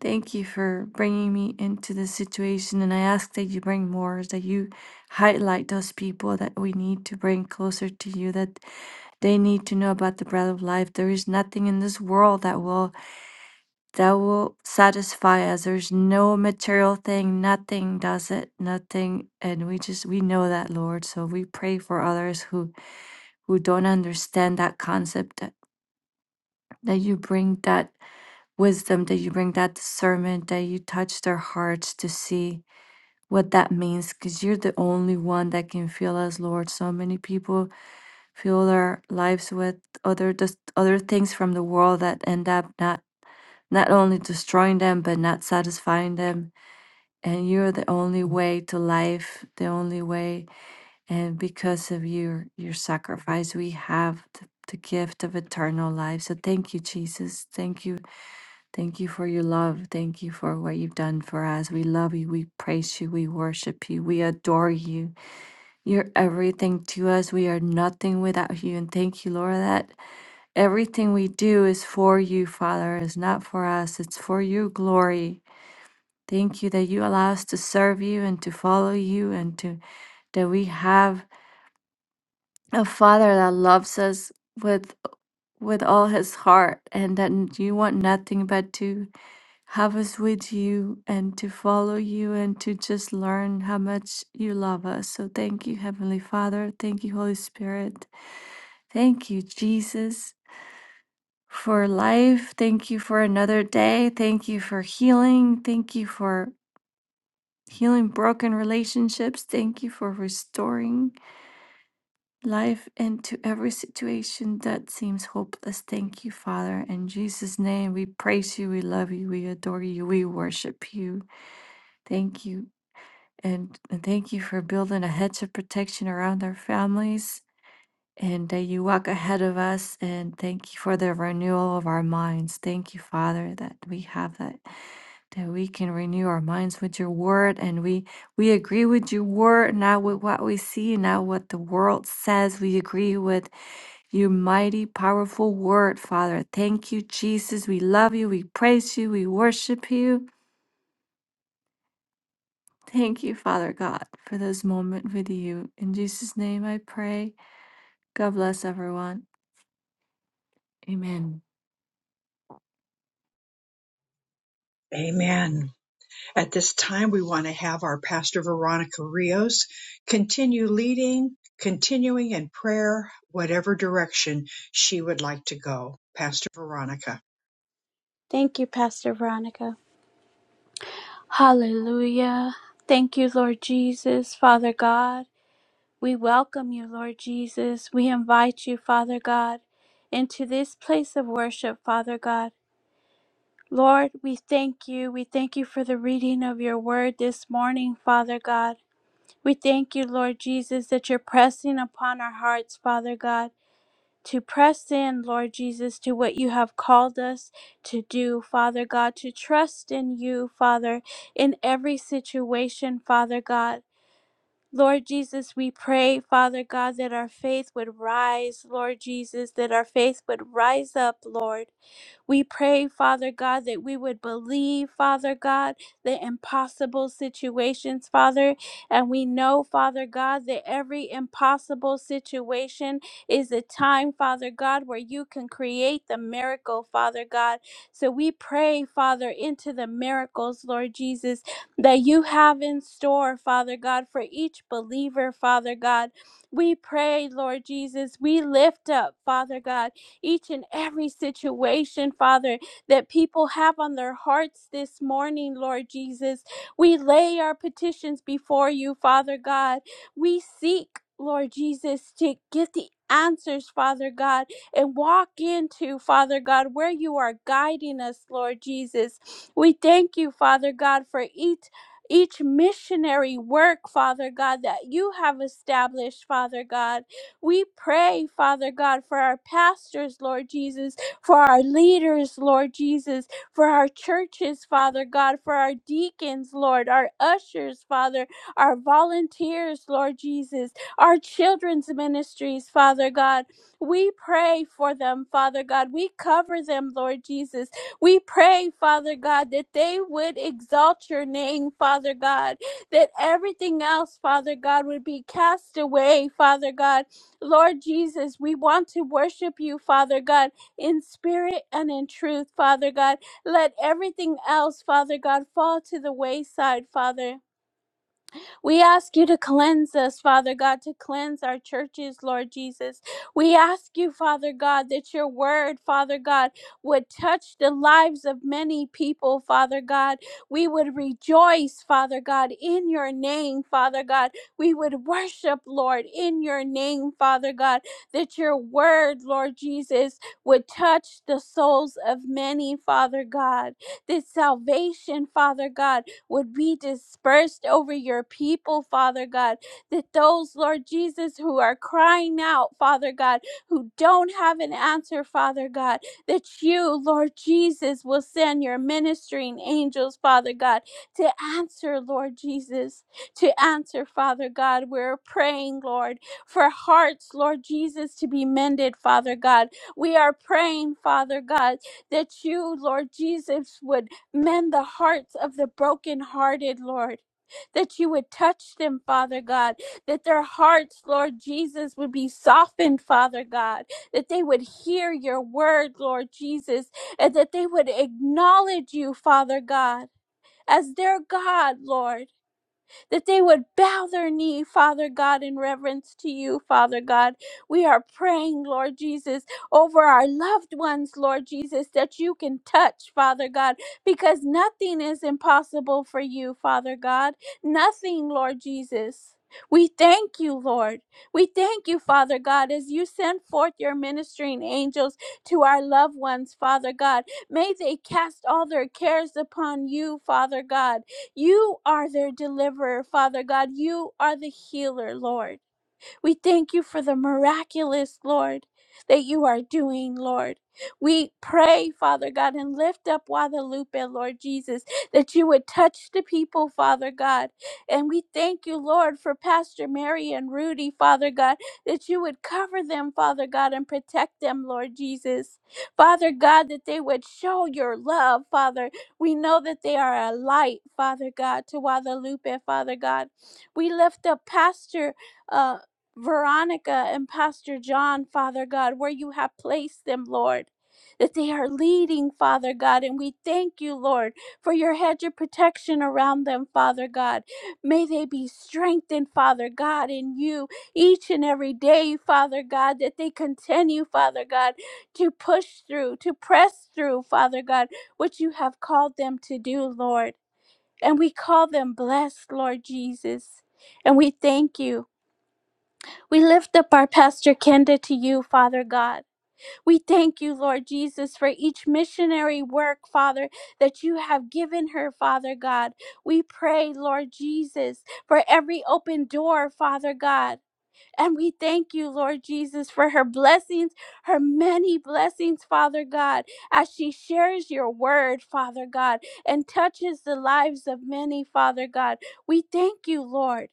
thank you for bringing me into this situation. And I ask that you bring more, that you highlight those people that we need to bring closer to you, that they need to know about the bread of life. There is nothing in this world that will that will satisfy us. There's no material thing, nothing does it, nothing. And we just we know that, Lord. So we pray for others who who don't understand that concept that, that you bring that wisdom, that you bring that discernment, that you touch their hearts to see what that means because you're the only one that can fill us, Lord. So many people fill their lives with other just other things from the world that end up not not only destroying them but not satisfying them and you're the only way to life, the only way. And because of your your sacrifice, we have the, the gift of eternal life. So thank you, Jesus. Thank you, thank you for your love. Thank you for what you've done for us. We love you. We praise you. We worship you. We adore you. You're everything to us. We are nothing without you. And thank you, Lord, that everything we do is for you, Father. It's not for us. It's for your glory. Thank you that you allow us to serve you and to follow you and to that we have a father that loves us with with all his heart and that you want nothing but to have us with you and to follow you and to just learn how much you love us. So thank you, Heavenly Father. Thank you, Holy Spirit. Thank you, Jesus, for life. Thank you for another day. Thank you for healing. Thank you for healing broken relationships. Thank you for restoring life into every situation that seems hopeless. Thank you, Father. In Jesus' name, we praise you, we love you, we adore you, we worship you. Thank you. And, and thank you for building a hedge of protection around our families and that you walk ahead of us. And thank you for the renewal of our minds. Thank you, Father, that we have that that we can renew our minds with your word and we we agree with your word not with what we see not what the world says we agree with your mighty powerful word father thank you jesus we love you we praise you we worship you thank you father god for this moment with you in jesus name i pray god bless everyone amen Amen. At this time, we want to have our Pastor Veronica Rios continue leading, continuing in prayer, whatever direction she would like to go. Pastor Veronica. Thank you, Pastor Veronica. Hallelujah. Thank you, Lord Jesus, Father God. We welcome you, Lord Jesus. We invite you, Father God, into this place of worship, Father God. Lord, we thank you. We thank you for the reading of your word this morning, Father God. We thank you, Lord Jesus, that you're pressing upon our hearts, Father God, to press in, Lord Jesus, to what you have called us to do, Father God, to trust in you, Father, in every situation, Father God. Lord Jesus, we pray, Father God, that our faith would rise. Lord Jesus, that our faith would rise up, Lord. We pray, Father God, that we would believe, Father God, the impossible situations, Father. And we know, Father God, that every impossible situation is a time, Father God, where you can create the miracle, Father God. So we pray, Father, into the miracles, Lord Jesus, that you have in store, Father God, for each believer, Father God. We pray, Lord Jesus, we lift up, Father God each and every situation, Father, that people have on their hearts this morning, Lord Jesus. We lay our petitions before you, Father God. We seek, Lord Jesus, to get the answers, Father God, and walk into, Father God, where you are guiding us, Lord Jesus. We thank you, Father God, for each each missionary work, Father God, that you have established, Father God. We pray, Father God, for our pastors, Lord Jesus, for our leaders, Lord Jesus, for our churches, Father God, for our deacons, Lord, our ushers, Father, our volunteers, Lord Jesus, our children's ministries, Father God. We pray for them, Father God. We cover them, Lord Jesus. We pray, Father God, that they would exalt your name, Father God, that everything else, Father God, would be cast away, Father God, Lord Jesus, we want to worship you, Father God, in spirit and in truth, Father God. Let everything else, Father God, fall to the wayside, Father. We ask you to cleanse us, Father God, to cleanse our churches, Lord Jesus. We ask you, Father God, that your word, Father God, would touch the lives of many people, Father God. We would rejoice, Father God, in your name, Father God. We would worship, Lord, in your name, Father God, that your word, Lord Jesus, would touch the souls of many, Father God. That salvation, Father God, would be dispersed over your people, Father God. That those, Lord Jesus, who are crying out, Father God, who don't have an answer, Father God, that you, Lord Jesus, will send your ministering angels, Father God, to answer, Lord Jesus, to answer, Father God. We're praying, Lord, for hearts, Lord Jesus, to be mended, Father God. We are praying, Father God, that you, Lord Jesus, would Mend the hearts of the brokenhearted, Lord. That you would touch them, Father God. That their hearts, Lord Jesus, would be softened, Father God. That they would hear your word, Lord Jesus. And that they would acknowledge you, Father God, as their God, Lord that they would bow their knee, Father God, in reverence to you, Father God. We are praying, Lord Jesus, over our loved ones, Lord Jesus, that you can touch, Father God, because nothing is impossible for you, Father God. Nothing, Lord Jesus. We thank you, Lord. We thank you, Father God, as you send forth your ministering angels to our loved ones, Father God. May they cast all their cares upon you, Father God you are their deliverer, Father God. You are the healer, Lord. We thank you for the miraculous, Lord, that you are doing, Lord. We pray, Father God, and lift up Guadalupe, Lord Jesus, that you would touch the people, Father God. And we thank you, Lord, for Pastor Mary and Rudy, Father God, that you would cover them, Father God, and protect them, Lord Jesus. Father God, that they would show your love, Father. We know that they are a light, Father God, to Guadalupe, Father God. We lift up Pastor. uh. Veronica and Pastor John, Father God, where you have placed them, Lord. That they are leading, Father God, and we thank you, Lord, for your hedge of protection around them, Father God. May they be strengthened, Father God, in you each and every day, Father God, that they continue, Father God, to push through, to press through, Father God, what you have called them to do, Lord. And we call them blessed, Lord Jesus. And we thank you. We lift up our Pastor Kenda to you, Father God. We thank you, Lord Jesus, for each missionary work, Father, that you have given her, Father God. We pray, Lord Jesus, for every open door, Father God. And we thank you, Lord Jesus, for her blessings, her many blessings, Father God, as she shares your word, Father God, and touches the lives of many, Father God. We thank you, Lord.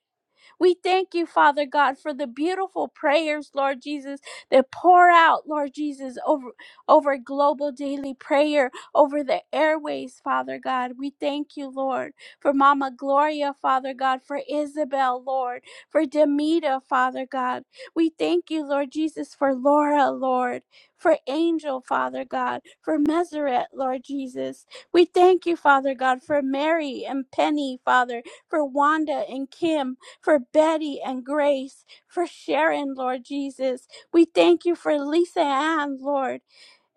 We thank you, Father God, for the beautiful prayers, Lord Jesus, that pour out, Lord Jesus, over over global daily prayer, over the airways, Father God. We thank you, Lord, for Mama Gloria, Father God, for Isabel, Lord, for Demita, Father God. We thank you, Lord Jesus, for Laura, Lord, for Angel, Father God, for Meseret, Lord Jesus. We thank you, Father God, for Mary and Penny, Father, for Wanda and Kim, for Betty and Grace, for Sharon, Lord Jesus. We thank you for Lisa Ann, Lord.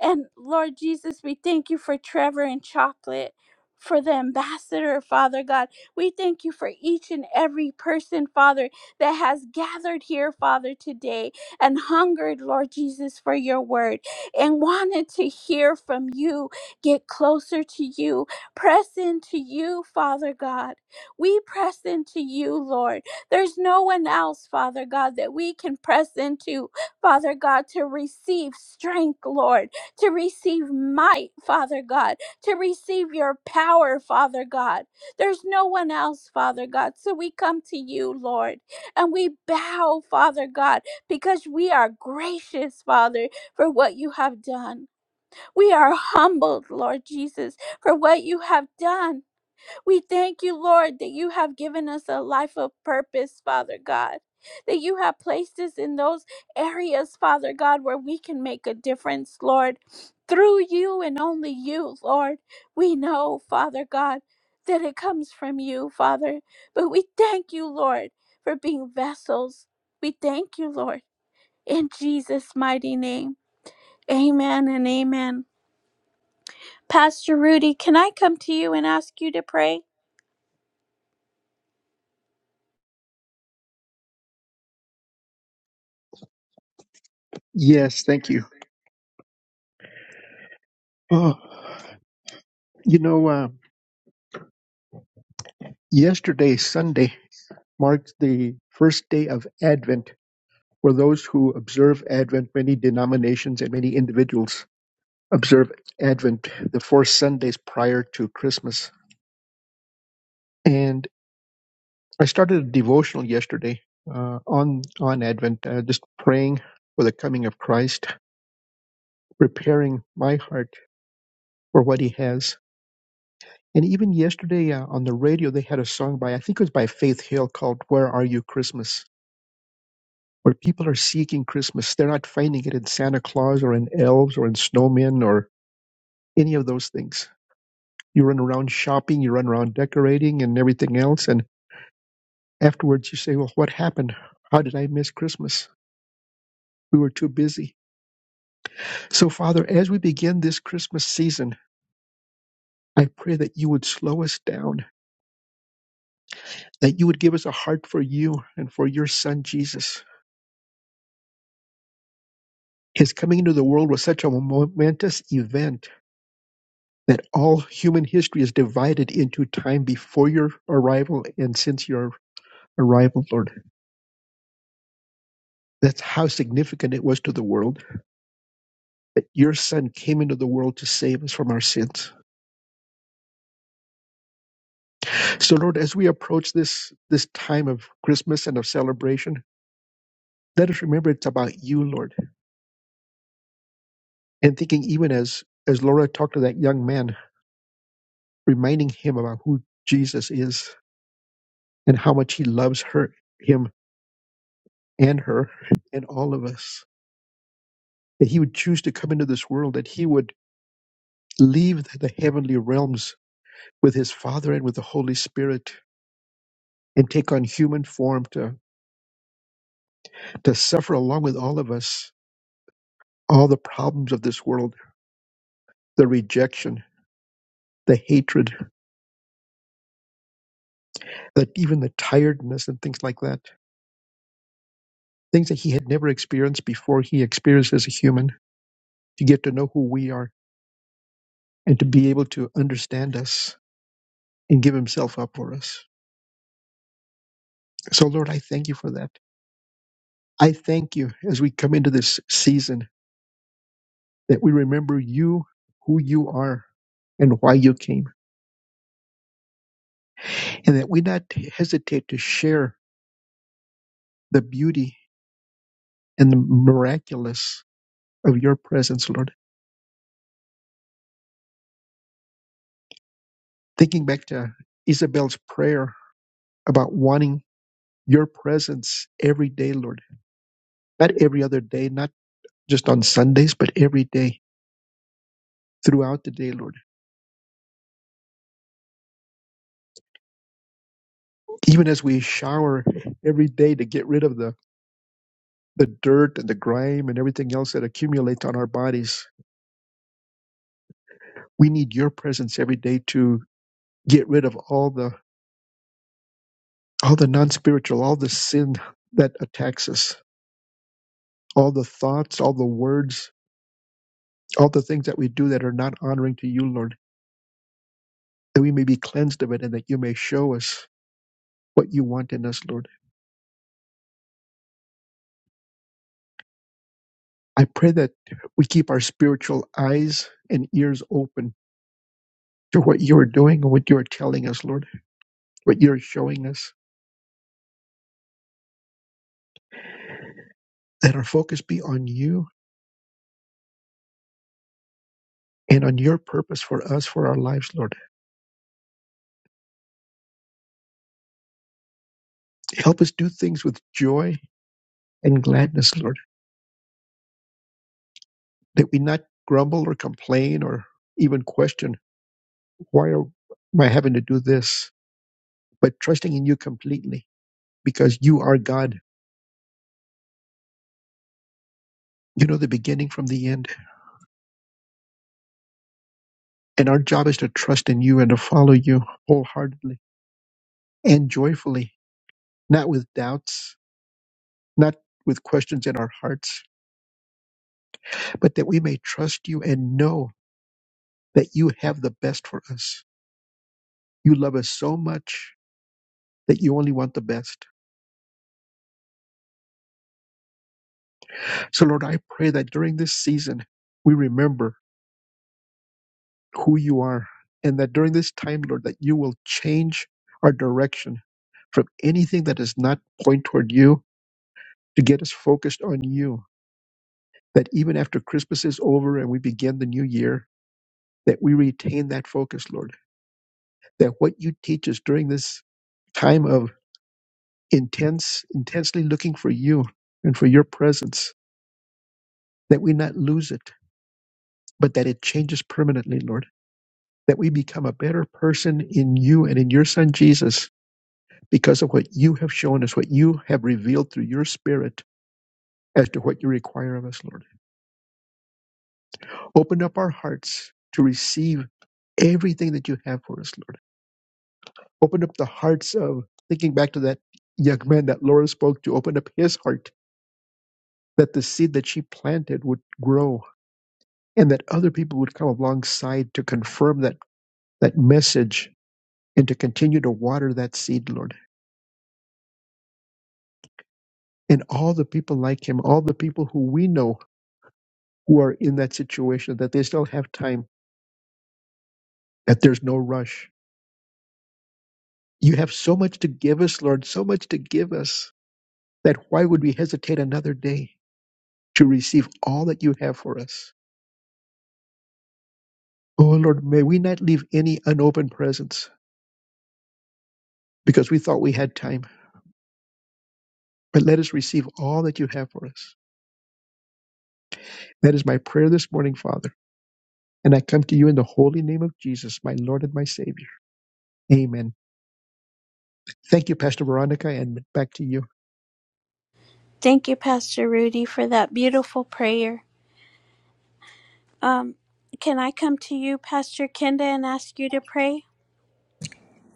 And Lord Jesus, we thank you for Trevor and Chocolate, for the ambassador, Father God. We thank you for each and every person, Father, that has gathered here, Father, today and hungered, Lord Jesus, for your word and wanted to hear from you, get closer to you, press into you, Father God. We press into you, Lord. There's no one else, Father God, that we can press into, Father God, to receive strength, Lord to receive might, Father God, to receive your power, Father God. There's no one else, Father God. So we come to you, Lord, and we bow, Father God, because we are gracious, Father, for what you have done. We are humbled, Lord Jesus, for what you have done. We thank you, Lord, that you have given us a life of purpose, Father God. That you have placed us in those areas, Father God, where we can make a difference, Lord. Through you and only you, Lord. We know, Father God, that it comes from you, Father. But we thank you, Lord, for being vessels. We thank you, Lord, in Jesus' mighty name. Amen and amen. Pastor Rudy, can I come to you and ask you to pray? Yes, thank you. Oh, you know, uh, yesterday, Sunday. marks the first day of Advent for those who observe Advent. Many denominations and many individuals observe Advent the four Sundays prior to Christmas. And I started a devotional yesterday uh, on on Advent, uh, just praying for the coming of Christ, preparing my heart for what He has. And even yesterday uh, on the radio, they had a song by I think it was by Faith Hill called "Where Are You Christmas." where people are seeking Christmas. They're not finding it in Santa Claus or in elves or in snowmen or any of those things. You run around shopping, you run around decorating and everything else. And afterwards you say, well, what happened? How did I miss Christmas? We were too busy. So, Father, as we begin this Christmas season, I pray that you would slow us down, that you would give us a heart for you and for your son, Jesus. His coming into the world was such a momentous event that all human history is divided into time before your arrival and since your arrival, Lord. That's how significant it was to the world that your son came into the world to save us from our sins. So Lord, as we approach this this time of Christmas and of celebration, let us remember it's about you, Lord. And thinking even as as Laura talked to that young man, reminding him about who Jesus is and how much he loves her him and her and all of us. that he would choose to come into this world, that he would leave the heavenly realms with his Father and with the Holy Spirit and take on human form to, to suffer along with all of us all the problems of this world, the rejection, the hatred, that even the tiredness and things like that, things that he had never experienced before he experienced as a human, to get to know who we are and to be able to understand us and give himself up for us. So, Lord, I thank you for that. I thank you as we come into this season that we remember you, who you are, and why you came, and that we not hesitate to share the beauty and the miraculous of your presence, Lord. Thinking back to Isabel's prayer about wanting your presence every day, Lord, not every other day, not just on Sundays, but every day throughout the day, Lord. Even as we shower every day to get rid of the the dirt and the grime and everything else that accumulates on our bodies. We need your presence every day to. get rid of all the all the non-spiritual all the sin that attacks us all the thoughts all the words all the things that we do that are not honoring to you lord that we may be cleansed of it and that you may show us what you want in us lord i pray that we keep our spiritual eyes and ears open to what you are doing and what you are telling us lord what you're showing us that our focus be on you and on your purpose for us for our lives lord help us do things with joy and gladness lord that we not grumble or complain or even question, why are, am I having to do this? But trusting in you completely because you are God. You know the beginning from the end. And our job is to trust in you and to follow you wholeheartedly and joyfully, not with doubts, not with questions in our hearts, but that we may trust you and know that you have the best for us. You love us so much that you only want the best. So, Lord, I pray that during this season, we remember who you are and that during this time lord that you will change our direction from anything that does not point toward you to get us focused on you that even after christmas is over and we begin the new year that we retain that focus lord that what you teach us during this time of intense intensely looking for you and for your presence that we not lose it but that it changes permanently lord that we become a better person in you and in your son jesus because of what you have shown us, what you have revealed through your spirit as to what you require of us, Lord. Open up our hearts to receive everything that you have for us, Lord. Open up the hearts of, thinking back to that young man that Laura spoke to, open up his heart that the seed that she planted would grow and that other people would come alongside to confirm that, that message and to continue to water that seed, Lord. And all the people like him, all the people who we know who are in that situation, that they still have time that there's no rush. You have so much to give us, Lord, so much to give us that why would we hesitate another day to receive all that you have for us? Oh, Lord, may we not leave any unopened presents because we thought we had time, but let us receive all that you have for us. That is my prayer this morning, Father. And I come to you in the holy name of Jesus, my Lord and my Savior. Amen. Thank you, Pastor Veronica, and back to you. Thank you, Pastor Rudy, for that beautiful prayer. Um, can I come to you, Pastor Kenda, and ask you to pray?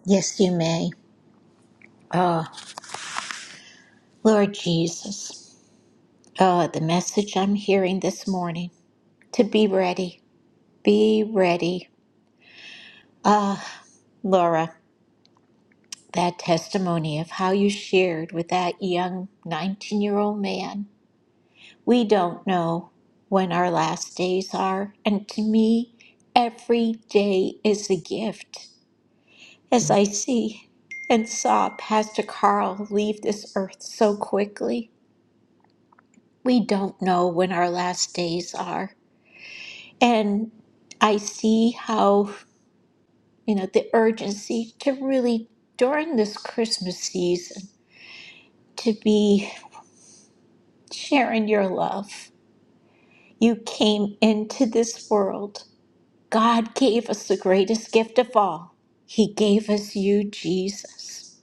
Yes, you may. Lord Jesus, oh, the message I'm hearing this morning to be ready, be ready. Ah, Laura, that testimony of how you shared with that young 19 year old man. We don't know when our last days are, and to me, every day is a gift. As I see and saw Pastor Carl leave this earth so quickly, we don't know when our last days are. And I see how, you know, the urgency to really, during this Christmas season, to be sharing your love. You came into this world. God gave us the greatest gift of all. He gave us you, Jesus.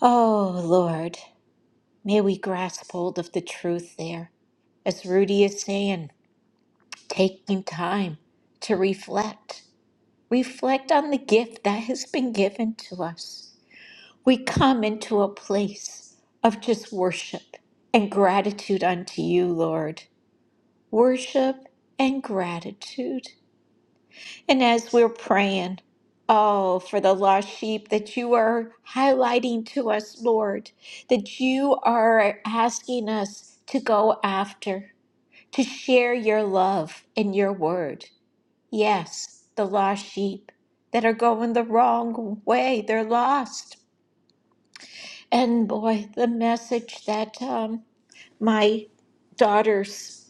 Oh, Lord, may we grasp hold of the truth there. As Rudy is saying, taking time to reflect reflect on the gift that has been given to us. We come into a place of just worship and gratitude unto you, Lord. Worship and gratitude. And as we're praying, oh, for the lost sheep that you are highlighting to us, Lord, that you are asking us to go after, to share your love and your word. Yes, the lost sheep that are going the wrong way, they're lost. And boy, the message that um, my daughter's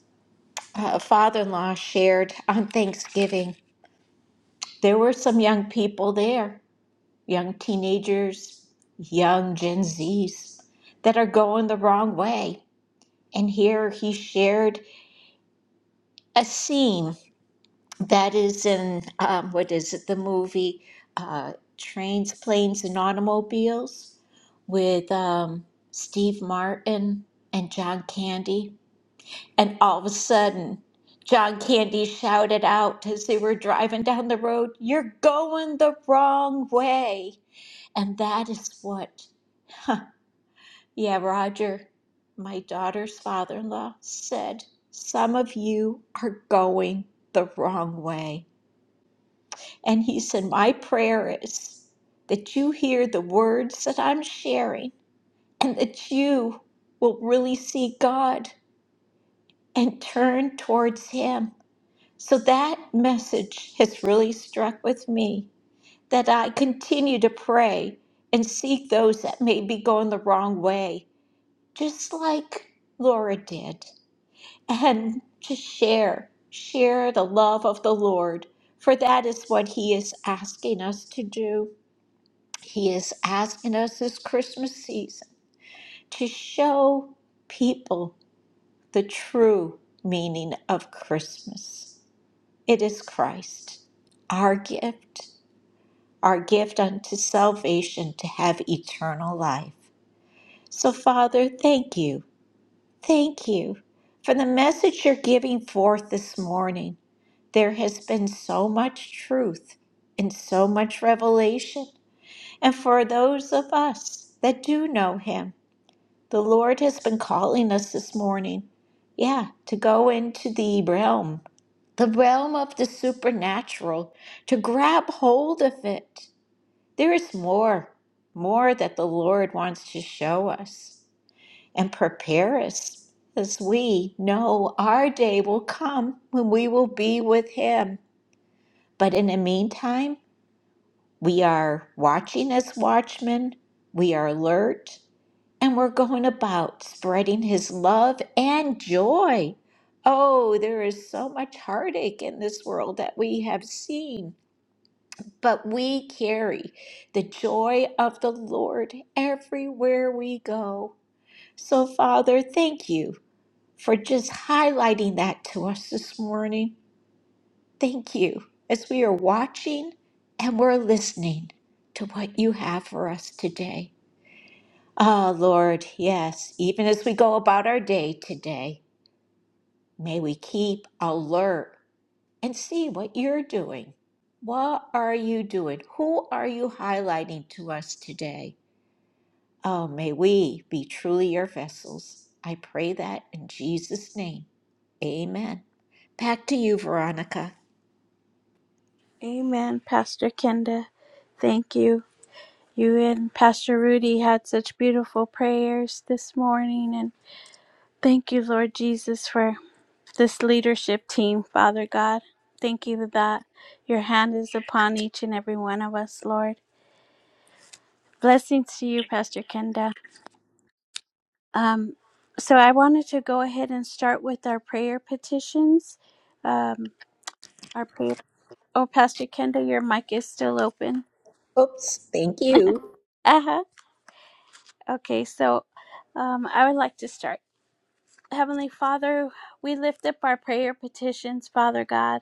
uh, father in law shared on Thanksgiving, there were some young people there, young teenagers, young Gen Zs, that are going the wrong way. And here he shared a seam That is in, um, what is it, the movie uh, Trains, Planes, and Automobiles with um, Steve Martin and John Candy. And all of a sudden, John Candy shouted out as they were driving down the road, You're going the wrong way. And that is what, yeah, Roger, my daughter's father in law, said, Some of you are going the wrong way. And he said, My prayer is that you hear the words that I'm sharing and that you will really see God and turn towards Him. So that message has really struck with me that I continue to pray and seek those that may be going the wrong way, just like Laura did, and to share, share the love of the Lord, for that is what He is asking us to do. He is asking us this Christmas season to show people the true meaning of Christmas. It is Christ, our gift, our gift unto salvation to have eternal life. So, Father, thank you, thank you for the message you're giving forth this morning. There has been so much truth and so much revelation. And for those of us that do know Him, The Lord has been calling us this morning, yeah, to go into the realm, the realm of the supernatural, to grab hold of it. There is more, more that the Lord wants to show us and prepare us as we know our day will come when we will be with Him. But in the meantime, we are watching as watchmen, we are alert, and we're going about spreading his love and joy. Oh, there is so much heartache in this world that we have seen, but we carry the joy of the Lord everywhere we go. So, Father, thank you for just highlighting that to us this morning. Thank you as we are watching and we're listening to what you have for us today. Ah, Lord, yes, even as we go about our day today, may we keep alert and see what you're doing. What are you doing? Who are you highlighting to us today? Oh, may we be truly your vessels. I pray that in Jesus' name. Amen. Back to you, Veronica. Amen, Pastor Kenda. Thank you. You and Pastor Rudy had such beautiful prayers this morning, and thank you, Lord Jesus, for this leadership team, Father God. Thank you that your hand is upon each and every one of us, Lord. Blessings to you, Pastor Kenda. Um, so I wanted to go ahead and start with our prayer petitions. Um, our prayer. Oh, Pastor Kenda, your mic is still open. Oops, thank you. Uh huh. Okay, so um, I would like to start. Heavenly Father, we lift up our prayer petitions, Father God.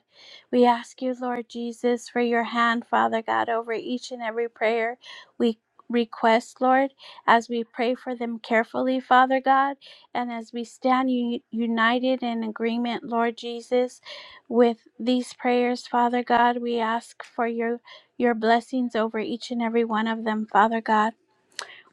We ask you, Lord Jesus, for your hand, Father God, over each and every prayer we request, Lord, as we pray for them carefully, Father God, and as we stand u- united in agreement, Lord Jesus, with these prayers, Father God, we ask for your your blessings over each and every one of them, Father God.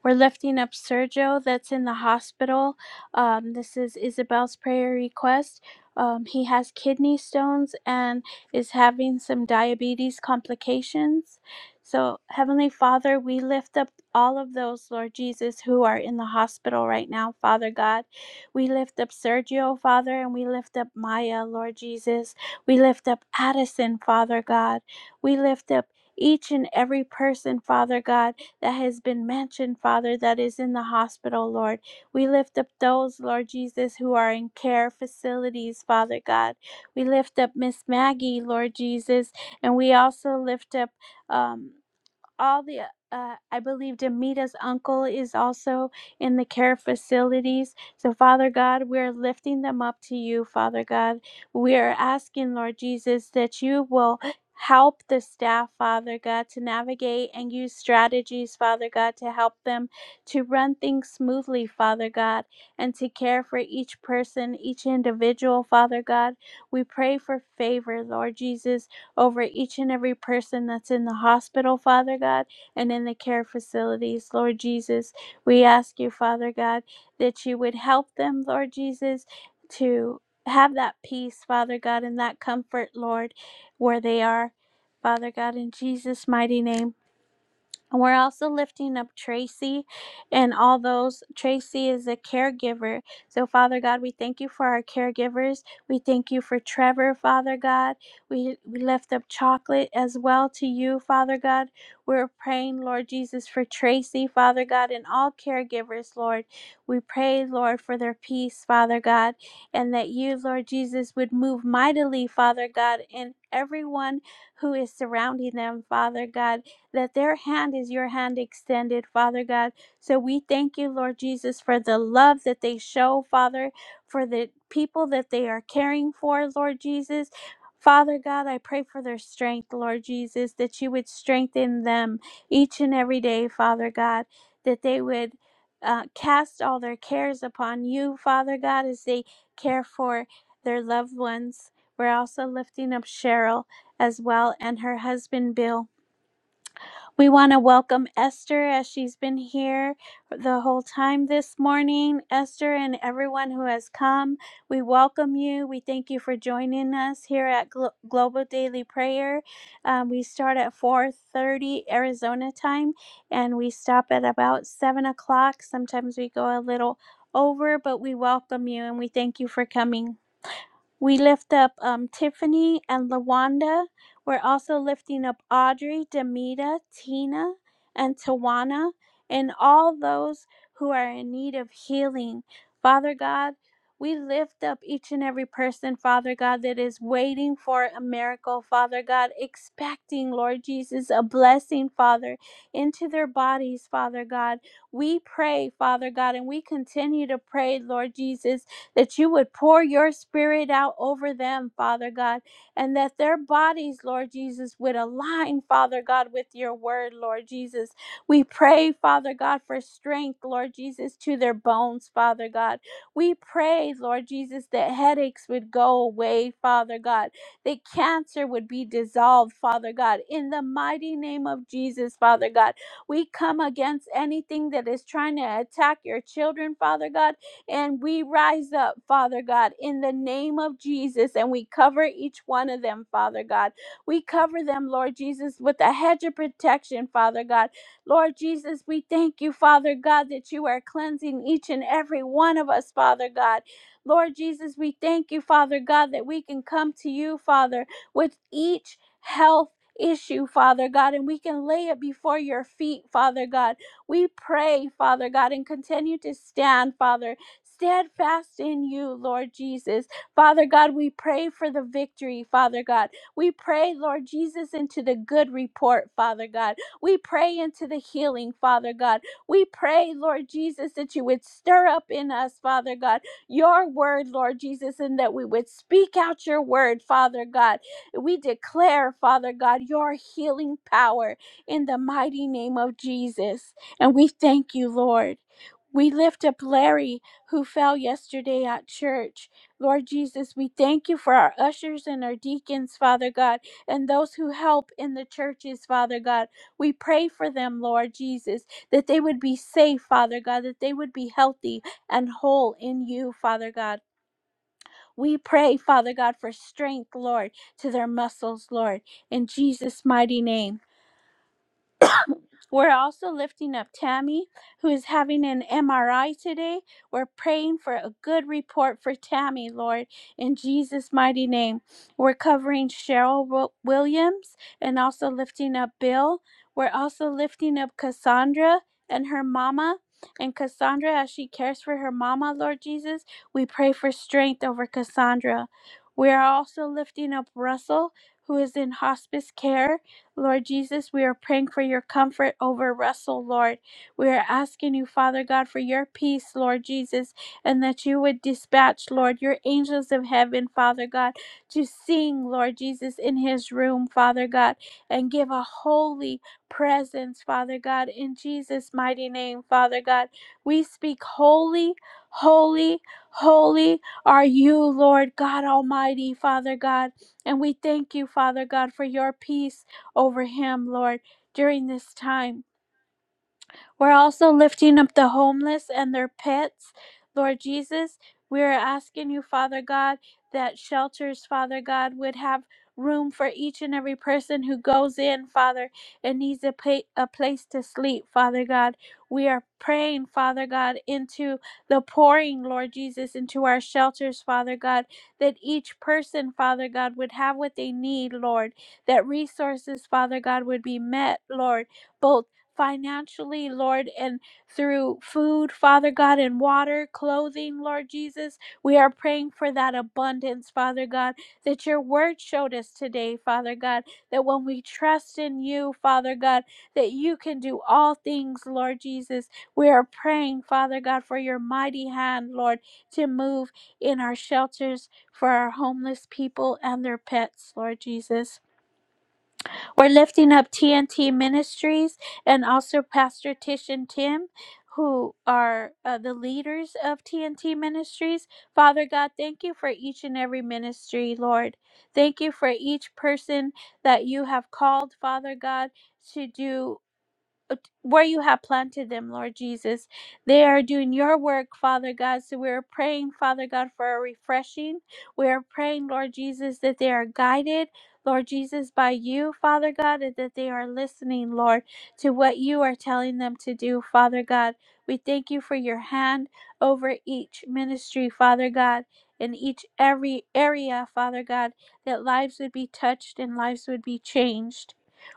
We're lifting up Sergio that's in the hospital. Um, this is Isabel's prayer request. Um, he has kidney stones and is having some diabetes complications. So, Heavenly Father, we lift up all of those, Lord Jesus, who are in the hospital right now, Father God. We lift up Sergio, Father, and we lift up Maya, Lord Jesus. We lift up Addison, Father God. We lift up each and every person, Father God that has been mentioned, Father, that is in the hospital, Lord. We lift up those, Lord Jesus, who are in care facilities, Father God. We lift up Miss Maggie, Lord Jesus, and we also lift up. Um, all the uh, I believe Demita's uncle is also in the care facilities. So, Father God, we're lifting them up to you, Father God. We are asking, Lord Jesus, that you will help the staff, Father God, to navigate and use strategies, Father God, to help them to run things smoothly, Father God, and to care for each person, each individual, Father God. We pray for favor, Lord Jesus, over each and every person that's in the hospital, Father God, and in the care facilities, Lord Jesus. We ask you, Father God, that you would help them, Lord Jesus, to have that peace, Father God, and that comfort, Lord, where they are. Father God, in Jesus' mighty name. And We're also lifting up Tracy and all those. Tracy is a caregiver. So, Father God, we thank you for our caregivers. We thank you for Trevor, Father God. We, we lift up chocolate as well to you, Father God. We're praying, Lord Jesus, for Tracy, Father God, and all caregivers, Lord. We pray, Lord, for their peace, Father God, and that you, Lord Jesus, would move mightily, Father God, in everyone who is surrounding them, Father God that their hand is your hand extended, Father God. So we thank you, Lord Jesus, for the love that they show, Father, for the people that they are caring for, Lord Jesus. Father God, I pray for their strength, Lord Jesus, that you would strengthen them each and every day, Father God, that they would uh, cast all their cares upon you, Father God, as they care for their loved ones. We're also lifting up Cheryl as well and her husband, Bill. We want to welcome Esther as she's been here the whole time this morning. Esther and everyone who has come, we welcome you. We thank you for joining us here at Glo- Global Daily Prayer. Um, we start at 4:30 Arizona time, and we stop at about seven o'clock. Sometimes we go a little over, but we welcome you and we thank you for coming. We lift up um, Tiffany and Lawanda. We're also lifting up Audrey, Demita, Tina, and Tawana, and all those who are in need of healing. Father God, we lift up each and every person, Father God, that is waiting for a miracle, Father God, expecting, Lord Jesus, a blessing, Father, into their bodies, Father God. We pray, Father God, and we continue to pray, Lord Jesus that you would pour your spirit out over them, Father God, and that their bodies, Lord Jesus, would align, Father God, with your word, Lord Jesus. We pray, Father God, for strength, Lord Jesus, to their bones, Father God. We pray, Lord Jesus, that headaches would go away, Father God, that cancer would be dissolved, Father God. In the mighty name of Jesus, Father God, we come against anything that is trying to attack your children, Father God and we rise up, Father God, in the name of Jesus, and we cover each one of them, Father God. We cover them, Lord Jesus, with a hedge of protection, Father God. Lord Jesus, we thank you, Father God, that you are cleansing each and every one of us, Father God. Lord Jesus, we thank you, Father God, that we can come to you, Father, with each health issue, Father God, and we can lay it before your feet, Father God. We pray, Father God, and continue to stand, Father steadfast in you, Lord Jesus. Father God, we pray for the victory, Father God. We pray, Lord Jesus, into the good report, Father God. We pray into the healing, Father God. We pray, Lord Jesus, that you would stir up in us, Father God, your word, Lord Jesus, and that we would speak out your word, Father God. We declare, Father God, your healing power in the mighty name of Jesus. And we thank you, Lord. We lift up Larry who fell yesterday at church. Lord Jesus, we thank you for our ushers and our deacons, Father God, and those who help in the churches, Father God. We pray for them, Lord Jesus, that they would be safe, Father God, that they would be healthy and whole in you, Father God. We pray, Father God, for strength, Lord, to their muscles, Lord, in Jesus' mighty name. We're also lifting up Tammy, who is having an MRI today. We're praying for a good report for Tammy, Lord, in Jesus' mighty name. We're covering Cheryl Williams and also lifting up Bill. We're also lifting up Cassandra and her mama. And Cassandra, as she cares for her mama, Lord Jesus, we pray for strength over Cassandra. We are also lifting up Russell, who is in hospice care. Lord Jesus, we are praying for your comfort over Russell, Lord. We are asking you, Father God, for your peace, Lord Jesus, and that you would dispatch, Lord, your angels of heaven, Father God, to sing, Lord Jesus, in his room, Father God, and give a holy presence, Father God, in Jesus' mighty name, Father God. We speak holy, holy, holy are you, Lord God Almighty, Father God. And we thank you, Father God, for your peace over him, Lord, during this time. We're also lifting up the homeless and their pets. Lord Jesus, we are asking you, Father God, that shelters, Father God, would have room for each and every person who goes in, Father, and needs a, pa- a place to sleep, Father God. We are praying, Father God, into the pouring, Lord Jesus, into our shelters, Father God, that each person, Father God, would have what they need, Lord, that resources, Father God, would be met, Lord, both financially, Lord, and through food, Father God, and water, clothing, Lord Jesus. We are praying for that abundance, Father God, that your word showed us today, Father God, that when we trust in you, Father God, that you can do all things, Lord Jesus. We are praying, Father God, for your mighty hand, Lord, to move in our shelters for our homeless people and their pets, Lord Jesus. We're lifting up TNT Ministries and also Pastor Tish and Tim, who are uh, the leaders of TNT Ministries. Father God, thank you for each and every ministry, Lord. Thank you for each person that you have called, Father God, to do where you have planted them, Lord Jesus. They are doing your work, Father God. So we are praying, Father God, for a refreshing. We are praying, Lord Jesus, that they are guided, Lord Jesus, by you, Father God, and that they are listening, Lord, to what you are telling them to do, Father God. We thank you for your hand over each ministry, Father God. In each every area, Father God, that lives would be touched and lives would be changed.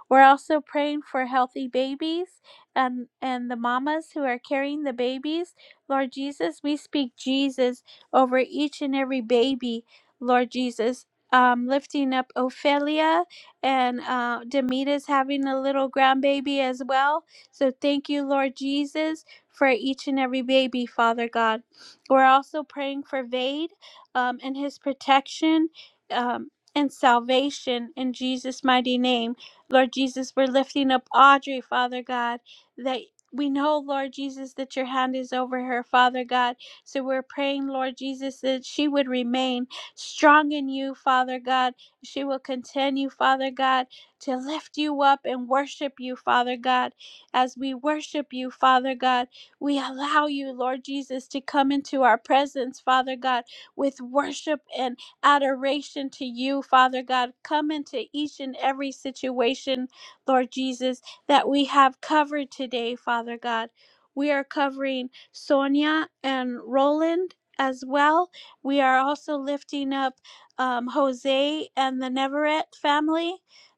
We're also praying for healthy babies and, and the mamas who are carrying the babies. Lord Jesus, we speak Jesus over each and every baby, Lord Jesus. Um, lifting up Ophelia and uh, Demita's having a little grandbaby as well. So thank you, Lord Jesus, for each and every baby, Father God. We're also praying for Vade um, and his protection um, and salvation in Jesus' mighty name. Lord Jesus, we're lifting up Audrey, Father God, that we know, Lord Jesus, that your hand is over her, Father God. So we're praying, Lord Jesus, that she would remain strong in you, Father God. She will continue, Father God, to lift you up and worship you, Father God. As we worship you, Father God, we allow you, Lord Jesus, to come into our presence, Father God, with worship and adoration to you, Father God. Come into each and every situation, Lord Jesus, that we have covered today, Father God. We are covering Sonia and Roland as well. We are also lifting up um, Jose and the Neverett family.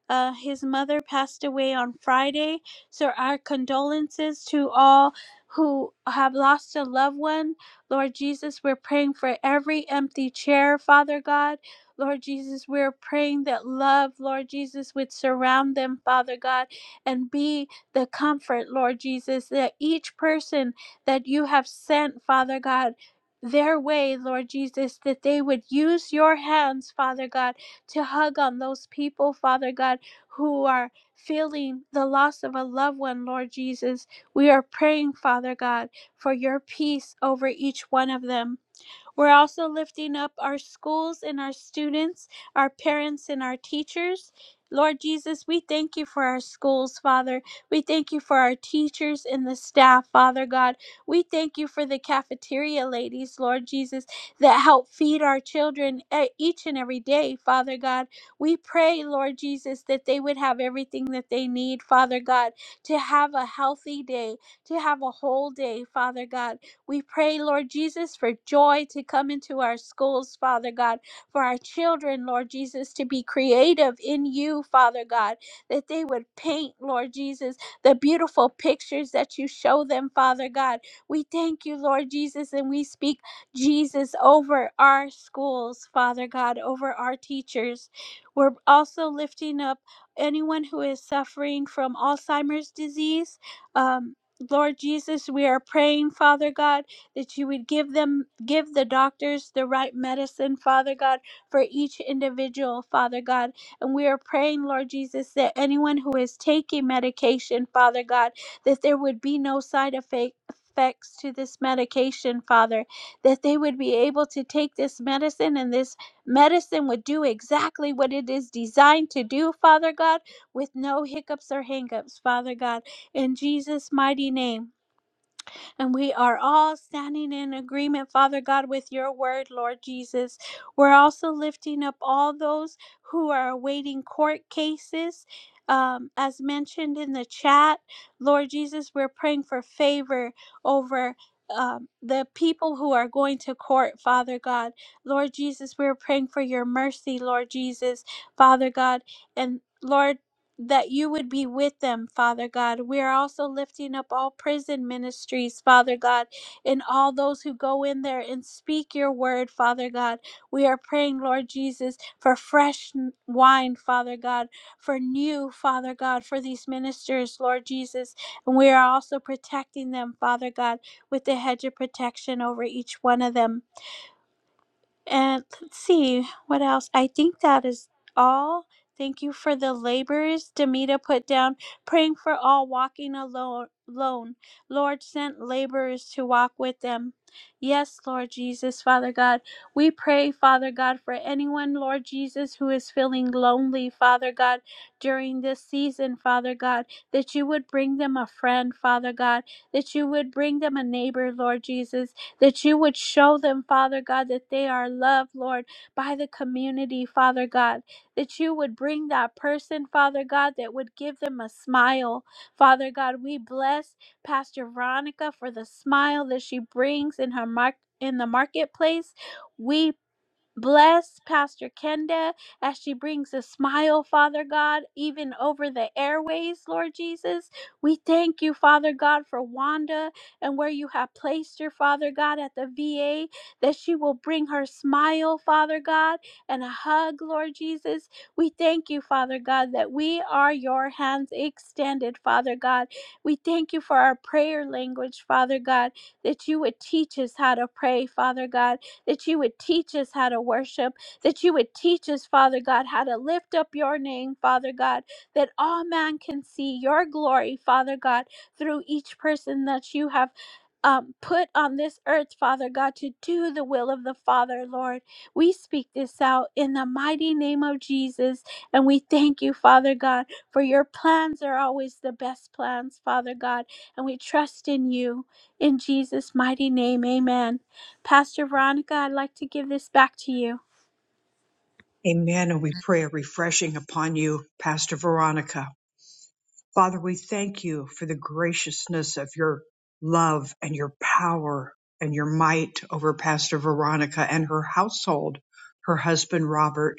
Uh, his mother passed away on Friday. So, our condolences to all who have lost a loved one Lord Jesus, we're praying for every empty chair, Father God. Lord Jesus, we're praying that love, Lord Jesus, would surround them, Father God, and be the comfort, Lord Jesus, that each person that you have sent, Father God, their way, Lord Jesus, that they would use your hands, Father God, to hug on those people, Father God, who are feeling the loss of a loved one, Lord Jesus. We are praying, Father God for your peace over each one of them. We're also lifting up our schools and our students, our parents and our teachers. Lord Jesus, we thank you for our schools, Father. We thank you for our teachers and the staff, Father God. We thank you for the cafeteria ladies, Lord Jesus, that help feed our children e- each and every day, Father God. We pray, Lord Jesus, that they would have everything that they need, Father God, to have a healthy day, to have a whole day, Father God. We pray, Lord Jesus, for joy to come into our schools, Father God, for our children, Lord Jesus, to be creative in you, Father God, that they would paint, Lord Jesus, the beautiful pictures that you show them, Father God. We thank you, Lord Jesus, and we speak Jesus over our schools, Father God, over our teachers. We're also lifting up anyone who is suffering from Alzheimer's disease. Um, Lord Jesus, we are praying, Father God, that you would give them, give the doctors the right medicine, Father God, for each individual, Father God. And we are praying, Lord Jesus, that anyone who is taking medication, Father God, that there would be no side effect- Effects to this medication, Father, that they would be able to take this medicine and this medicine would do exactly what it is designed to do, Father God, with no hiccups or hangups, Father God in Jesus' mighty name. And we are all standing in agreement, Father God, with your word, Lord Jesus. We're also lifting up all those who are awaiting court cases. Um, as mentioned in the chat, Lord Jesus, we're praying for favor over um, the people who are going to court, Father God. Lord Jesus, we're praying for your mercy, Lord Jesus, Father God. And Lord, that you would be with them, Father God. We are also lifting up all prison ministries, Father God, and all those who go in there and speak your word, Father God. We are praying, Lord Jesus, for fresh n- wine, Father God, for new, Father God, for these ministers, Lord Jesus. And we are also protecting them, Father God, with the hedge of protection over each one of them. And let's see what else. I think that is all. Thank you for the labors Demita put down, praying for all walking alone. alone. Lord, sent laborers to walk with them. Yes, Lord Jesus, Father God. We pray, Father God, for anyone, Lord Jesus, who is feeling lonely, Father God, during this season, Father God, that you would bring them a friend, Father God, that you would bring them a neighbor, Lord Jesus, that you would show them, Father God, that they are loved, Lord, by the community, Father God, that you would bring that person, Father God, that would give them a smile. Father God, we bless Pastor Veronica for the smile that she brings in her mark in the marketplace. We Bless Pastor Kenda as she brings a smile, Father God, even over the airways, Lord Jesus. We thank you, Father God, for Wanda and where you have placed her, Father God, at the VA, that she will bring her smile, Father God, and a hug, Lord Jesus. We thank you, Father God, that we are your hands extended, Father God. We thank you for our prayer language, Father God, that you would teach us how to pray, Father God that you would teach us how to worship, that you would teach us, Father God, how to lift up your name, Father God, that all man can see your glory, Father God, through each person that you have. Um, put on this earth, Father God, to do the will of the Father, Lord. We speak this out in the mighty name of Jesus, and we thank you, Father God, for your plans are always the best plans, Father God, and we trust in you. In Jesus' mighty name, amen. Pastor Veronica, I'd like to give this back to you. Amen. And we pray a refreshing upon you, Pastor Veronica. Father, we thank you for the graciousness of your love and your power and your might over Pastor Veronica and her household, her husband Robert,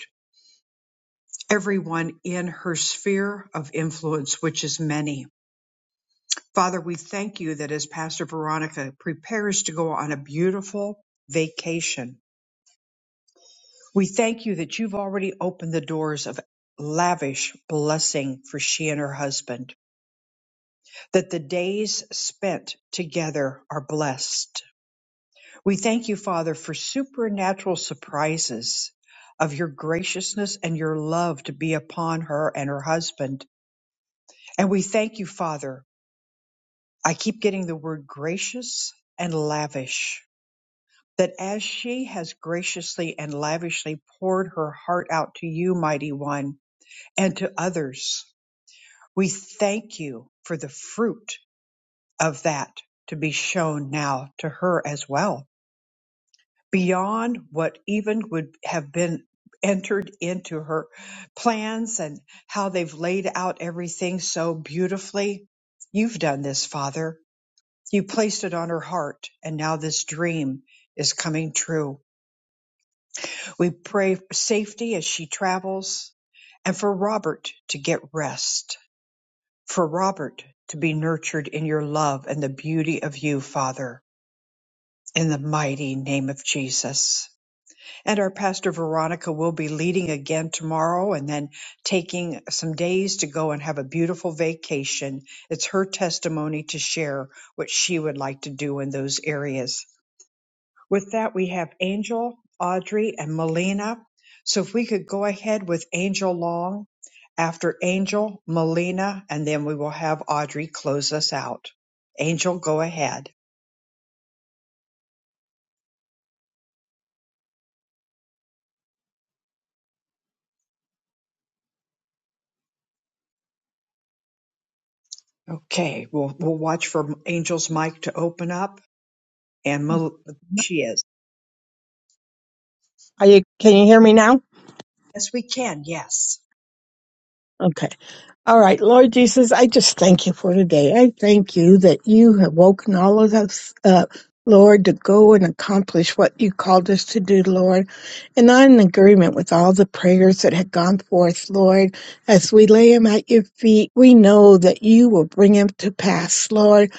everyone in her sphere of influence, which is many. Father, we thank you that as Pastor Veronica prepares to go on a beautiful vacation, we thank you that you've already opened the doors of lavish blessing for she and her husband. that the days spent together are blessed. We thank you, Father, for supernatural surprises of your graciousness and your love to be upon her and her husband. And we thank you, Father. I keep getting the word gracious and lavish. That as she has graciously and lavishly poured her heart out to you, mighty one, and to others, we thank you for the fruit of that to be shown now to her as well beyond what even would have been entered into her plans and how they've laid out everything so beautifully. You've done this, Father. You placed it on her heart, and now this dream is coming true. We pray for safety as she travels and for Robert to get rest, for Robert to be nurtured in your love and the beauty of you, Father, in the mighty name of Jesus. And our pastor Veronica will be leading again tomorrow and then taking some days to go and have a beautiful vacation. It's her testimony to share what she would like to do in those areas. With that, we have Angel, Audrey, and Melina. So if we could go ahead with Angel Long, after Angel, Melina, and then we will have Audrey close us out. Angel, go ahead. Okay, we'll, we'll watch for Angel's mic to open up and Mel- she is. Are you, can you hear me now? Yes, we can. Yes. Okay. All right. Lord Jesus, I just thank you for today. I thank you that you have woken all of us up, Lord, to go and accomplish what you called us to do, Lord. And I'm in agreement with all the prayers that have gone forth, Lord. As we lay them at your feet, we know that you will bring them to pass, Lord.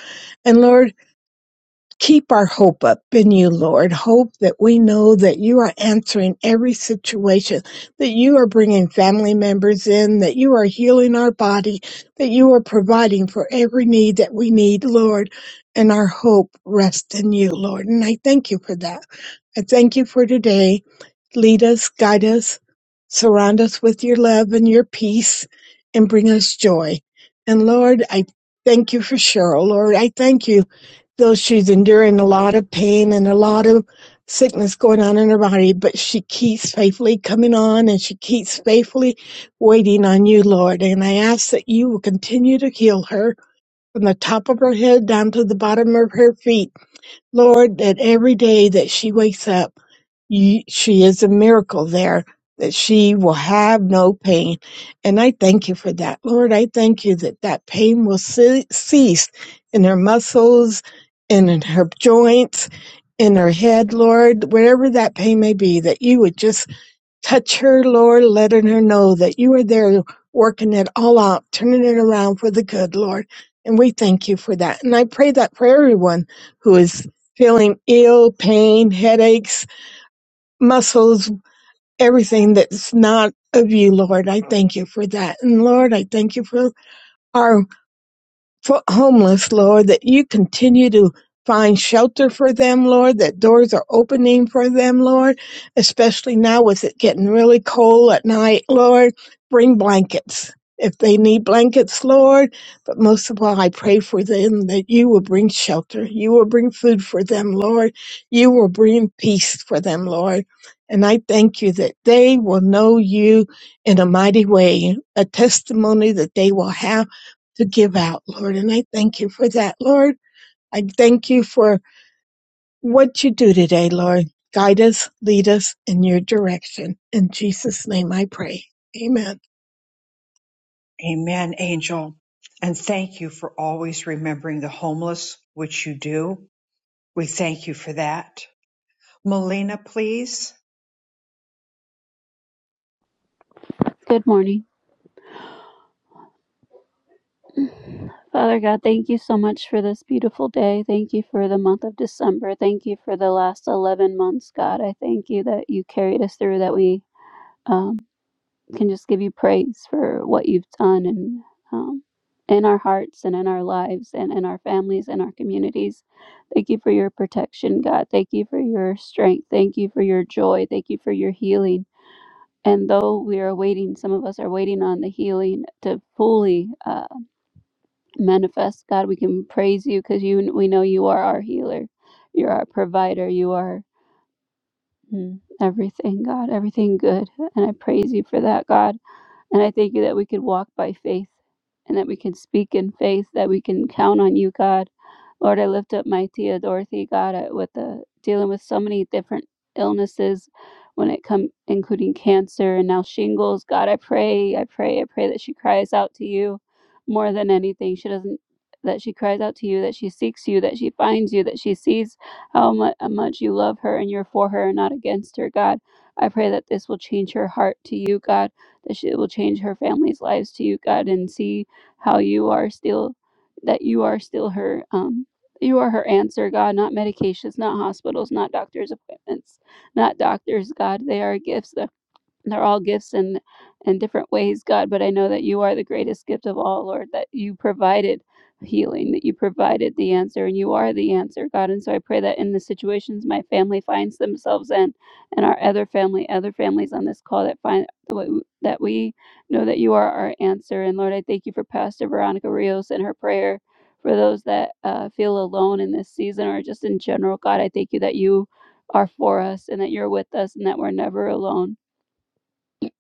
And Lord, Keep our hope up in you, Lord. Hope that we know that you are answering every situation, that you are bringing family members in, that you are healing our body, that you are providing for every need that we need, Lord. And our hope rests in you, Lord. And I thank you for that. I thank you for today. Lead us, guide us, surround us with your love and your peace, and bring us joy. And Lord, I thank you for Cheryl, Lord. I thank you though she's enduring a lot of pain and a lot of sickness going on in her body, but she keeps faithfully coming on and she keeps faithfully waiting on you, Lord. And I ask that you will continue to heal her from the top of her head down to the bottom of her feet. Lord, that every day that she wakes up, you, she is a miracle there that she will have no pain. And I thank you for that. Lord, I thank you that that pain will ce- cease in her muscles and in her joints, in her head, Lord, wherever that pain may be, that you would just touch her, Lord, letting her know that you are there working it all out, turning it around for the good, Lord. And we thank you for that. And I pray that for everyone who is feeling ill, pain, headaches, muscles, everything that's not of you, Lord. I thank you for that. And Lord, I thank you for our for homeless, Lord, that you continue to find shelter for them, Lord, that doors are opening for them, Lord, especially now with it getting really cold at night, Lord. Bring blankets if they need blankets, Lord. But most of all, I pray for them that you will bring shelter. You will bring food for them, Lord. You will bring peace for them, Lord. And I thank you that they will know you in a mighty way, a testimony that they will have to give out, Lord. And I thank you for that, Lord. I thank you for what you do today, Lord. Guide us, lead us in your direction. In Jesus' name I pray. Amen. Amen, Angel. And thank you for always remembering the homeless, which you do. We thank you for that. Melina, please. Good morning. Father God, thank you so much for this beautiful day. Thank you for the month of December. Thank you for the last 11 months, God. I thank you that you carried us through, that we um, can just give you praise for what you've done and um, in our hearts and in our lives and in our families and our communities. Thank you for your protection, God. Thank you for your strength. Thank you for your joy. Thank you for your healing. And though we are waiting, some of us are waiting on the healing to fully. uh, manifest god we can praise you because you we know you are our healer you're our provider you are mm, everything god everything good and i praise you for that god and I thank you that we can walk by faith and that we can speak in faith, that we can count on you, God. Lord, I lift up my Tia Dorothy, God, uh, with uh, dealing with so many different illnesses when it comes, including cancer and now shingles. God, I pray, I pray, I pray that she cries out to you more than anything. She doesn't that she cries out to you, that she seeks you, that she finds you, that she sees how mu- how much you love her and you're for her and not against her, God. I pray that this will change her heart to you, God that she will change her family's lives to you, God, and see how you are still, that you are still her, um, you are her answer, God, not medications, not hospitals, not doctor's appointments, not doctors, God. They are gifts they're all gifts in in different ways god but i know that you are the greatest gift of all lord that you provided healing that you provided the answer and you are the answer god and so i pray that in the situations my family finds themselves in and our other family other families on this call that find that we know that you are our answer and lord i thank you for pastor veronica rios and her prayer for those that uh, feel alone in this season or just in general god i thank you that you are for us and that you're with us and that we're never alone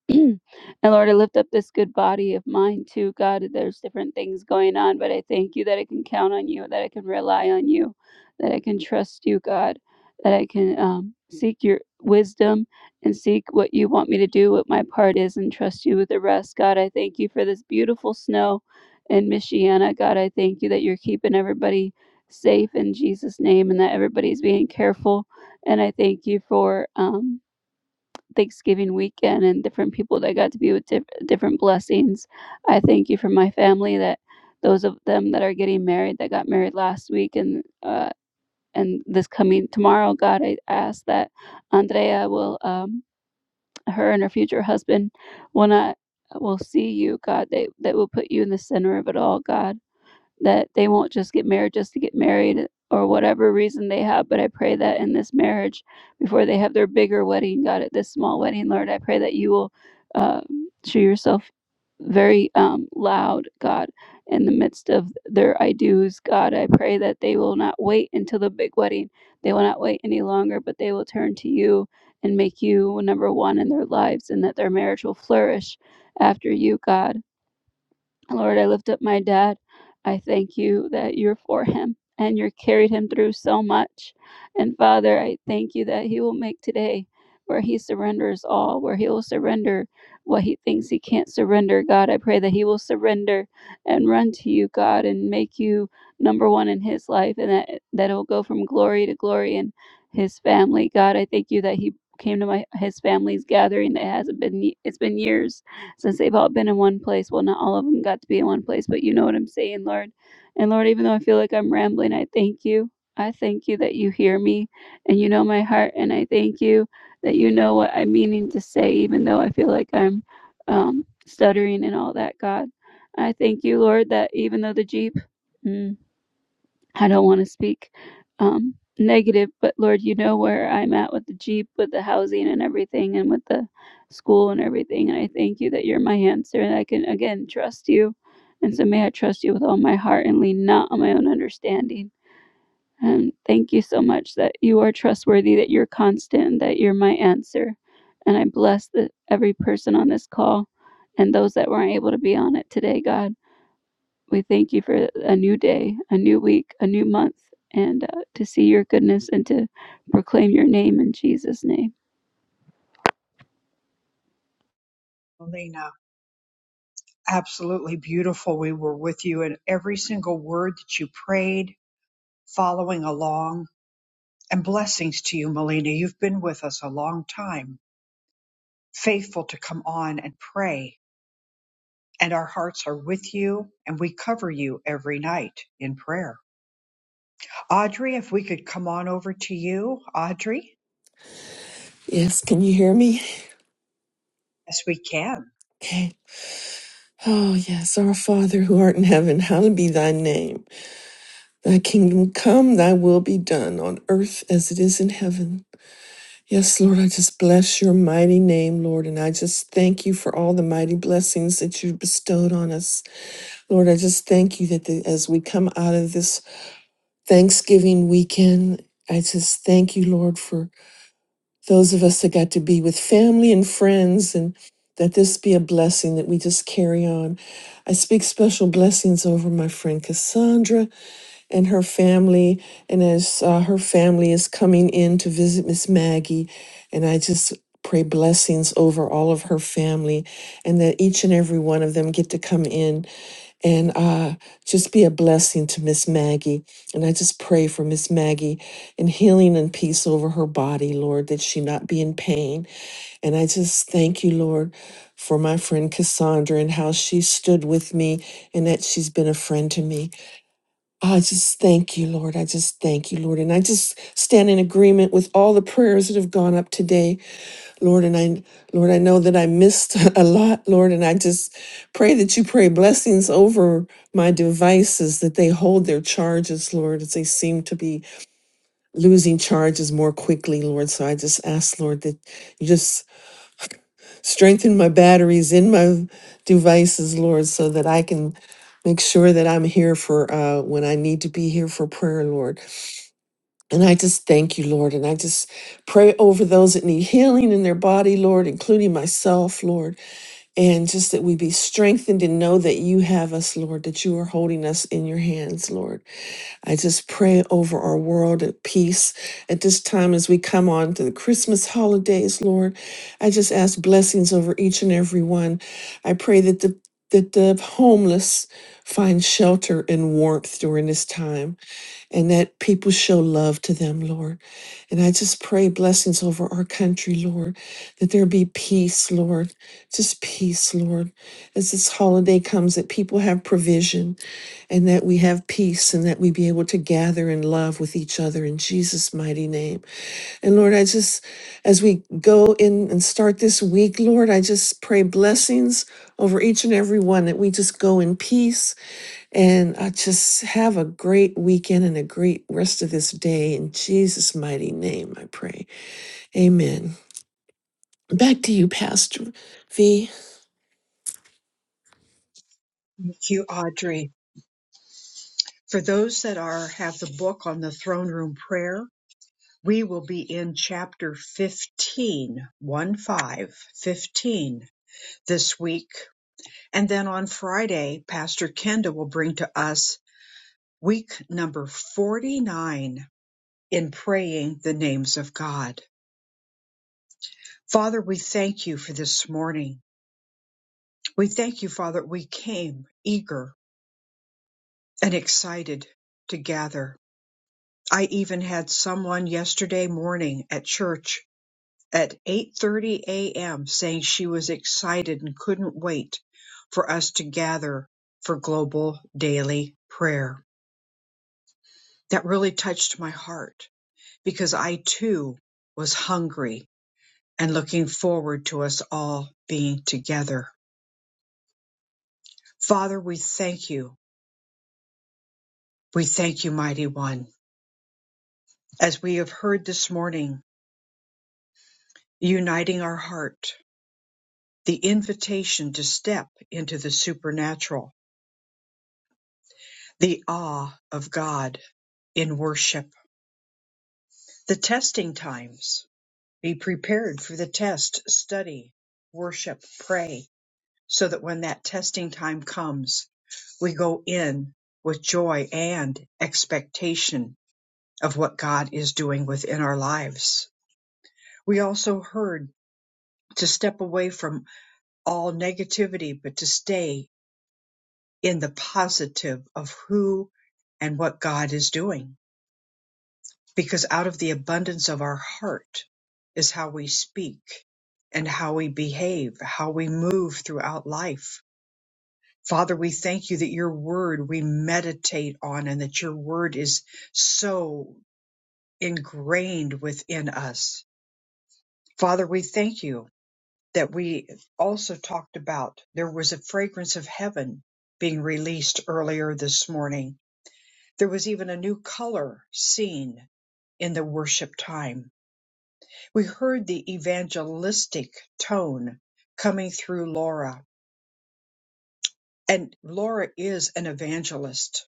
and Lord, I lift up this good body of mine too, God. There's different things going on, but I thank you that I can count on you, that I can rely on you, that I can trust you, God, that I can um, seek your wisdom and seek what you want me to do, what my part is, and trust you with the rest, God. I thank you for this beautiful snow in Michiana, God. I thank you that you're keeping everybody safe in Jesus' name and that everybody's being careful. And I thank you for. Um, Thanksgiving weekend and different people that got to be with diff- different blessings. I thank you for my family that those of them that are getting married that got married last week and uh, and this coming tomorrow, God, I ask that Andrea will um, her and her future husband will not will see you, God. They that will put you in the center of it all, God that they won't just get married just to get married or whatever reason they have. But I pray that in this marriage, before they have their bigger wedding, God, at this small wedding, Lord, I pray that you will uh, show yourself very um, loud, God, in the midst of their I do's. God, I pray that they will not wait until the big wedding. They will not wait any longer, but they will turn to you and make you number one in their lives and that their marriage will flourish after you, God. Lord, I lift up my dad. I thank you that you're for him and you carried him through so much. And Father, I thank you that he will make today where he surrenders all, where he will surrender what he thinks he can't surrender. God, I pray that he will surrender and run to you, God, and make you number one in his life and that that it'll go from glory to glory in his family. God, I thank you that he came to my his family's gathering. It hasn't been it's been years since they've all been in one place. Well, not all of them got to be in one place, but you know what I'm saying, Lord. And Lord, even though I feel like I'm rambling, I thank you. I thank you that you hear me and you know my heart, and I thank you that you know what I'm meaning to say, even though I feel like I'm um, stuttering and all that, God. I thank you, Lord, that even though the Jeep. mm, I don't want to speak um, negative, but Lord, you know where I'm at with the Jeep, with the housing and everything, and with the school and everything. And I thank you that you're my answer, and I can again trust you. And so may I trust you with all my heart and lean not on my own understanding. And thank you so much that you are trustworthy, that you're constant, and that you're my answer. And I bless the, every person on this call and those that weren't able to be on it today, God. We thank you for a new day, a new week, a new month, and uh, to see your goodness and to proclaim your name in Jesus' name. Melina, absolutely beautiful. We were with you in every single word that you prayed, following along. And blessings to you, Melina. You've been with us a long time, faithful to come on and pray. And our hearts are with you, and we cover you every night in prayer. Audrey, if we could come on over to you, Audrey. Yes, can you hear me? Yes, we can. Okay. Oh, yes, our Father who art in heaven, hallowed be thy name. Thy kingdom come, thy will be done on earth as it is in heaven. Yes, Lord, I just bless your mighty name, Lord, and I just thank you for all the mighty blessings that you've bestowed on us. Lord, I just thank you that the, as we come out of this Thanksgiving weekend, I just thank you, Lord, for those of us that got to be with family and friends and that this be a blessing that we just carry on. I speak special blessings over my friend Cassandra and her family. And as uh, her family is coming in to visit Miss Maggie, and I just pray blessings over all of her family and that each and every one of them get to come in and uh, just be a blessing to Miss Maggie. And I just pray for Miss Maggie and healing and peace over her body, Lord, that she not be in pain. And I just thank you, Lord, for my friend Cassandra and how she stood with me and that she's been a friend to me. Oh, I just thank you, Lord. I just thank you, Lord. And I just stand in agreement with all the prayers that have gone up today, Lord. And I, Lord, I know that I missed a lot, Lord. And I just pray that you pray blessings over my devices, that they hold their charges, Lord, as they seem to be losing charges more quickly, Lord. So I just ask, Lord, that you just strengthen my batteries in my devices, Lord, so that I can make sure that I'm here for uh, when I need to be here for prayer, Lord. And I just thank you, Lord. And I just pray over those that need healing in their body, Lord, including myself, Lord. And just that we be strengthened and know that you have us, Lord, that you are holding us in your hands, Lord. I just pray over our world at peace at this time as we come on to the Christmas holidays, Lord. I just ask blessings over each and every one. I pray that the that the homeless find shelter and warmth during this time and that people show love to them, Lord. And I just pray blessings over our country, Lord, that there be peace, Lord, just peace, Lord, as this holiday comes, that people have provision and that we have peace and that we be able to gather in love with each other in Jesus' mighty name. And Lord, I just, as we go in and start this week, Lord, I just pray blessings over each and every one that we just go in peace and I just have a great weekend and a great rest of this day. In Jesus' mighty name, I pray. Amen. Back to you, Pastor V. Thank you, Audrey. For those that are have the book on the throne room prayer, we will be in chapter fifteen, one five, fifteen this week. And then on Friday, Pastor Kenda will bring to us week number 49 in praying the names of God. Father, we thank you for this morning. We thank you, Father, we came eager and excited to gather. I even had someone yesterday morning at church at 8:30 a.m. saying she was excited and couldn't wait for us to gather for global daily prayer. That really touched my heart because I too was hungry and looking forward to us all being together. Father, we thank you. We thank you, mighty one, as we have heard this morning, uniting our heart the invitation to step into the supernatural, the awe of God in worship. The testing times. Be prepared for the test, study, worship, pray, so that when that testing time comes, we go in with joy and expectation of what God is doing within our lives. We also heard to step away from all negativity, but to stay in the positive of who and what God is doing. Because out of the abundance of our heart is how we speak and how we behave, how we move throughout life. Father, we thank you that your word we meditate on and that your word is so ingrained within us. Father, we thank you that we also talked about there was a fragrance of heaven being released earlier this morning There was even a new color seen in the worship time. We heard the evangelistic tone coming through Laura, and Laura is an evangelist.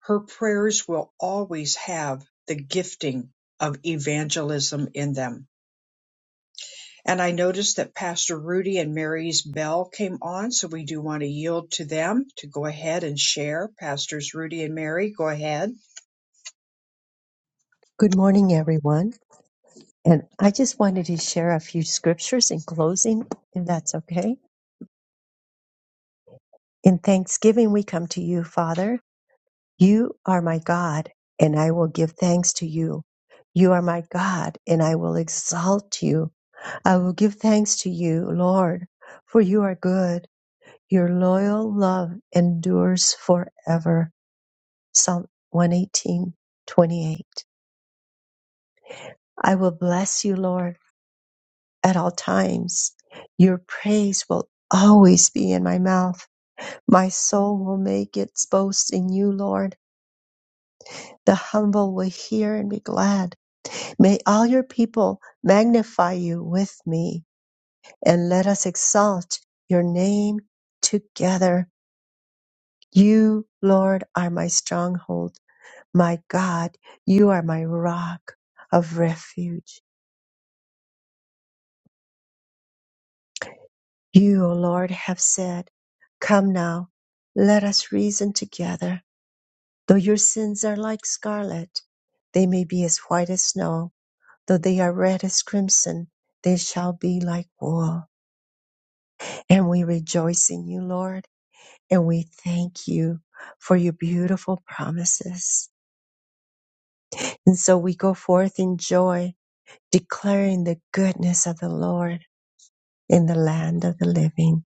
Her prayers will always have the gifting of evangelism in them. And I noticed that Pastor Rudy and Mary's bell came on, so we do want to yield to them to go ahead and share. Pastors Rudy and Mary, go ahead. Good morning, everyone. And I just wanted to share a few scriptures in closing, if that's okay. In thanksgiving, we come to you, Father. You are my God, and I will give thanks to you. You are my God, and I will exalt you. I will give thanks to you, Lord, for you are good. Your loyal love endures forever. Psalm 118, 28. I will bless you, Lord, at all times. Your praise will always be in my mouth. My soul will make its boast in you, Lord. The humble will hear and be glad. May all your people magnify you with me, and let us exalt your name together. You, Lord, are my stronghold, my God. You are my rock of refuge. You, O Lord, have said, Come now, let us reason together. Though your sins are like scarlet, they may be as white as snow. Though they are red as crimson, they shall be like wool. And we rejoice in you, Lord, and we thank you for your beautiful promises. And so we go forth in joy, declaring the goodness of the Lord in the land of the living.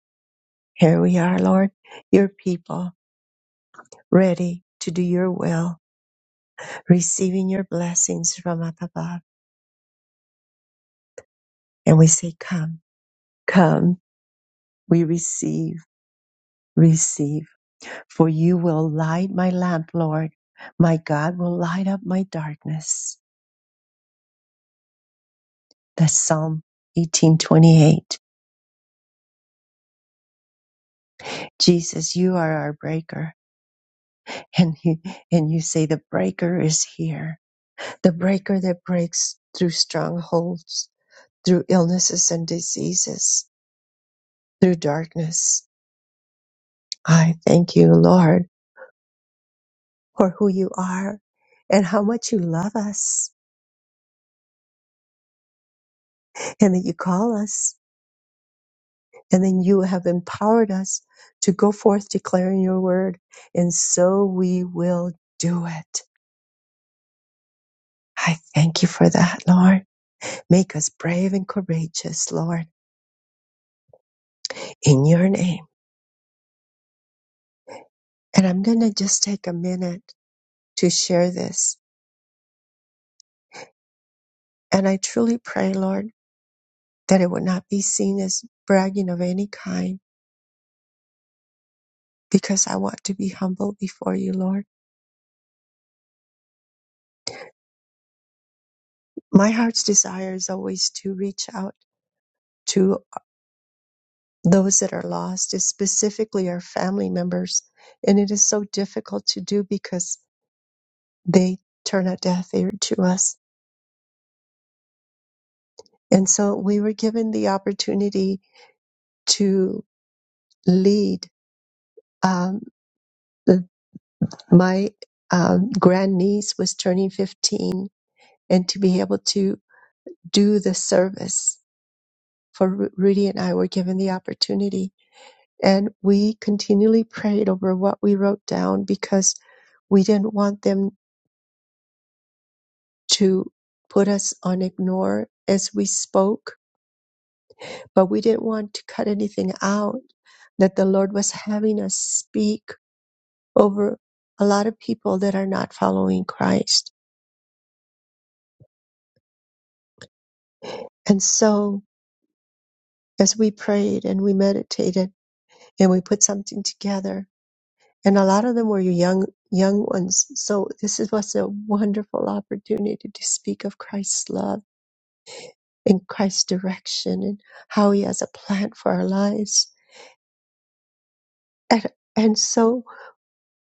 Here we are, Lord, your people, ready to do your will, receiving your blessings from up above. And we say, Come, come, we receive, receive. For you will light my lamp, Lord. My God will light up my darkness. That's Psalm 1828. Jesus, you are our breaker. And you, and you say the breaker is here. The breaker that breaks through strongholds, through illnesses and diseases, through darkness. I thank you, Lord, for who you are and how much you love us and that you call us and then you have empowered us to go forth declaring your word. And so we will do it. I thank you for that, Lord. Make us brave and courageous, Lord, in your name. And I'm going to just take a minute to share this. And I truly pray, Lord, that it would not be seen as bragging of any kind because I want to be humble before you, Lord. My heart's desire is always to reach out to those that are lost, is specifically our family members. And it is so difficult to do because they turn a deaf ear to us. And so we were given the opportunity to. lead. Um, the- my um, grandniece was turning 15, and to be able to do the service for Ru- Rudy and I were given the opportunity. And we continually prayed over what we wrote down because we didn't want them to put us on ignore as we spoke, but we didn't want to cut anything out that the Lord was having us speak over a lot of people that are not following Christ And so, as we prayed and we meditated and we put something together, and a lot of them were young young ones. So this is, was a wonderful opportunity to speak of Christ's love and Christ's direction and how He has a plan for our lives. And and so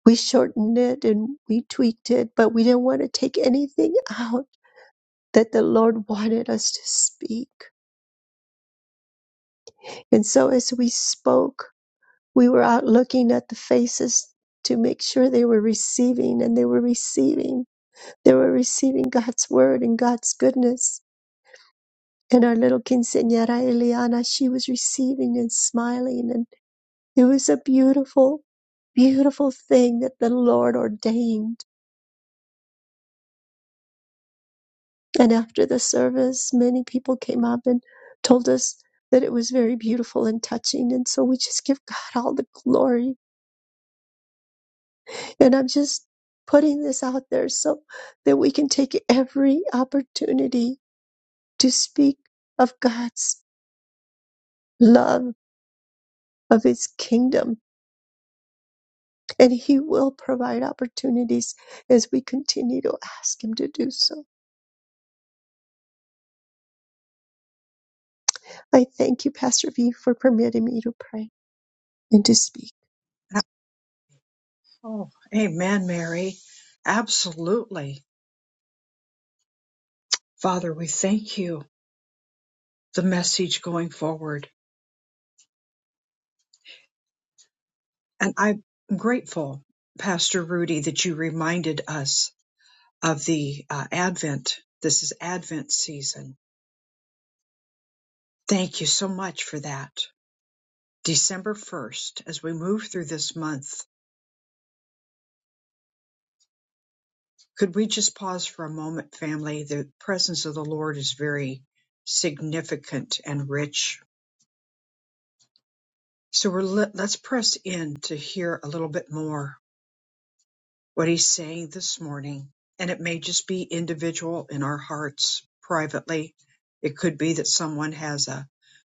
we shortened it and we tweaked it, but we didn't want to take anything out that the Lord wanted us to speak. And so as we spoke, we were out looking at the faces to make sure they were receiving and they were receiving they were receiving god's word and god's goodness and our little quinceañera eliana she was receiving and smiling and it was a beautiful beautiful thing that the lord ordained and after the service many people came up and told us that it was very beautiful and touching and so we just give god all the glory And I'm just putting this out there so that we can take every opportunity to speak of God's love, of His kingdom. And He will provide opportunities as we continue to ask Him to do so. I thank you, Pastor V, for permitting me to pray and to speak. Oh, amen, Mary. Absolutely. Father, we thank you, the message going forward. And I'm grateful, Pastor Rudy, that you reminded us of the uh, Advent. This is Advent season. Thank you so much for that. December 1st, as we move through this month, could we just pause for a moment, family? The presence of the Lord is very significant and rich. So we're let, let's press in to hear a little bit more what he's saying this morning. And it may just be individual in our hearts privately. It could be that someone has a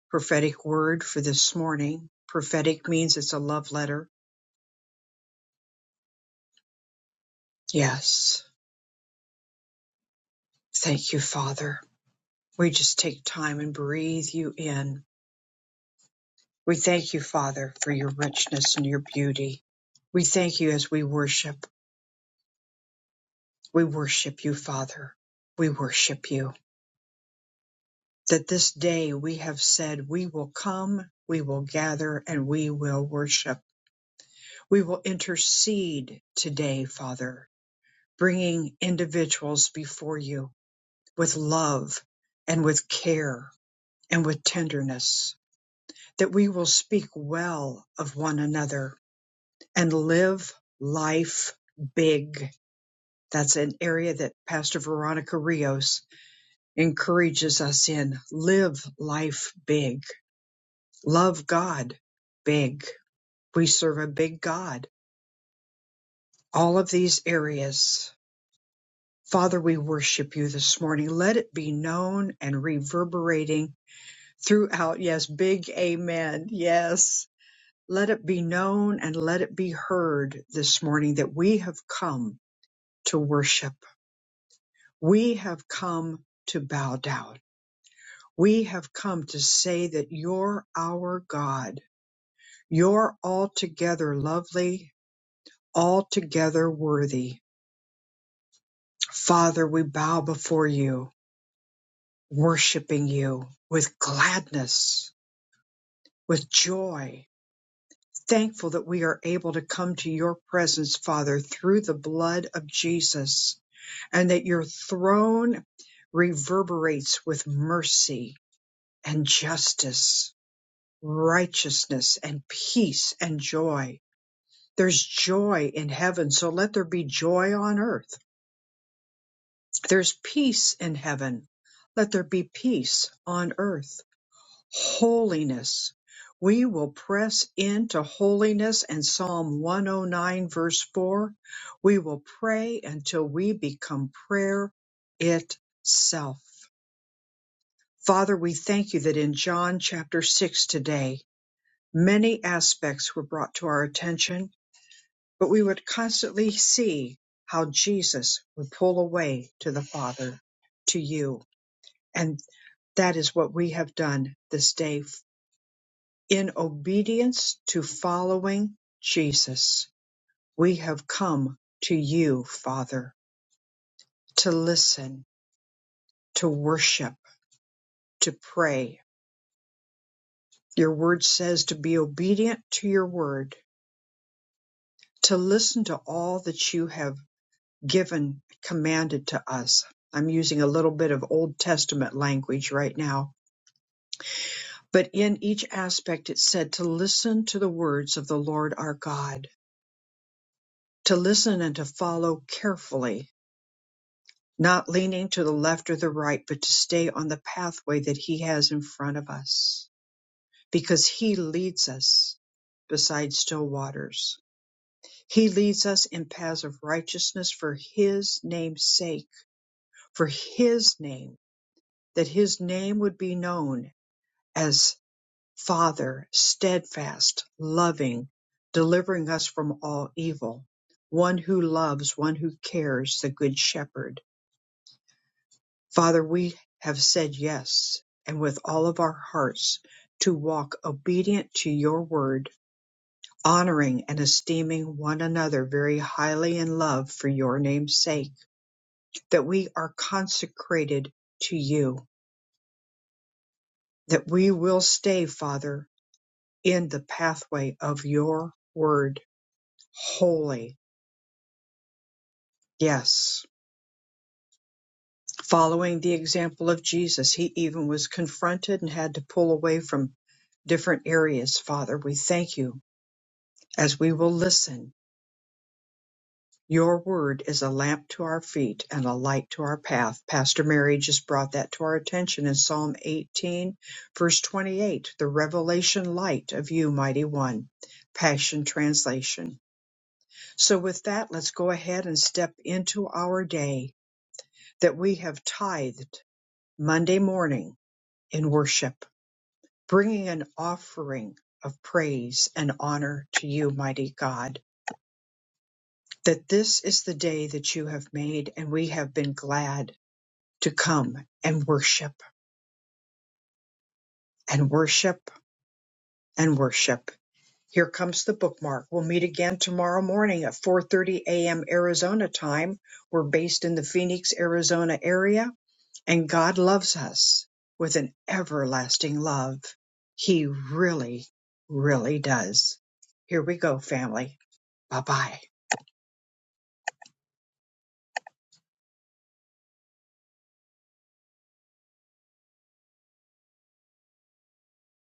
prophetic word for this morning. Prophetic means it's a love letter. Yes. Thank you, Father. We just take time and breathe you in. We thank you, Father, for your richness and your beauty. We thank you as we worship. We worship you, Father. We worship you. that this day we have said, We will come, we will gather, and we will worship. We will intercede today, Father, bringing individuals before you with love and with care and with tenderness, that we will speak well of one another and live life big. That's an area that Pastor Veronica Rios encourages us in. Live life big love God, big. We serve a big God. All of these areas. Father, we worship you this morning. Let it be known and reverberating throughout. Yes, big amen. Yes. Let it be known and let it be heard this morning that we have come to worship. We have come to bow down. We have come to say that you're our God. You're altogether lovely altogether worthy. Father, we bow before you, worshiping you with gladness, with joy, thankful that we are able to come to your presence, Father, through the blood of Jesus, and that your throne reverberates with mercy and justice, righteousness and peace and joy. There's joy in heaven, so let there be joy on earth There's peace in heaven. Let there be peace on earth. Holiness. We will press into holiness and Psalm 109 verse 4. We will pray until we become prayer itself. Father, we thank you that in John chapter 6 today, many aspects were brought to our attention, but we would constantly see how Jesus would pull away to the Father, to you. and. That is what we have done this day in obedience to following Jesus. We have come to you, Father, to listen, to worship, to pray. Your word says to be obedient to your word, to listen to all that you have given, commanded to us. I'm using a little bit of Old Testament language right now, but in each aspect it said to listen to the words of the Lord our God To listen and to follow carefully, not leaning to the left or the right, but to stay on the pathway that He has in front of us, because He leads us beside still waters. He leads us in paths of righteousness for His name's sake, for His name, that His name would be known as Father, steadfast, loving, delivering us from all evil, one who loves, one who cares, the Good Shepherd Father, we have said yes, and with all of our hearts, to walk obedient to your word, honoring and esteeming one another very highly in love for your name's sake, that we are consecrated to you, that we will stay, Father, in the pathway of your word, holy. Yes. Following the example of Jesus, he even was confronted and had to pull away from different areas, Father. We thank you as we will listen. Your word is a lamp to our feet and a light to our path. Pastor Mary just brought that to our attention in Psalm 18, verse 28, the revelation light of you, mighty one. Passion translation. So, with that, let's go ahead and step into our day that we have tithed Monday morning in worship, bringing an offering of praise and honor to you, mighty God. that this is the day that you have made, and we have been glad to come and worship and worship and worship. Here comes the bookmark. We'll meet again tomorrow morning at 4:30 a.m. Arizona time. We're based in the Phoenix, Arizona area, and God loves us with an everlasting love. He really, really does. Here we go, family. Bye-bye.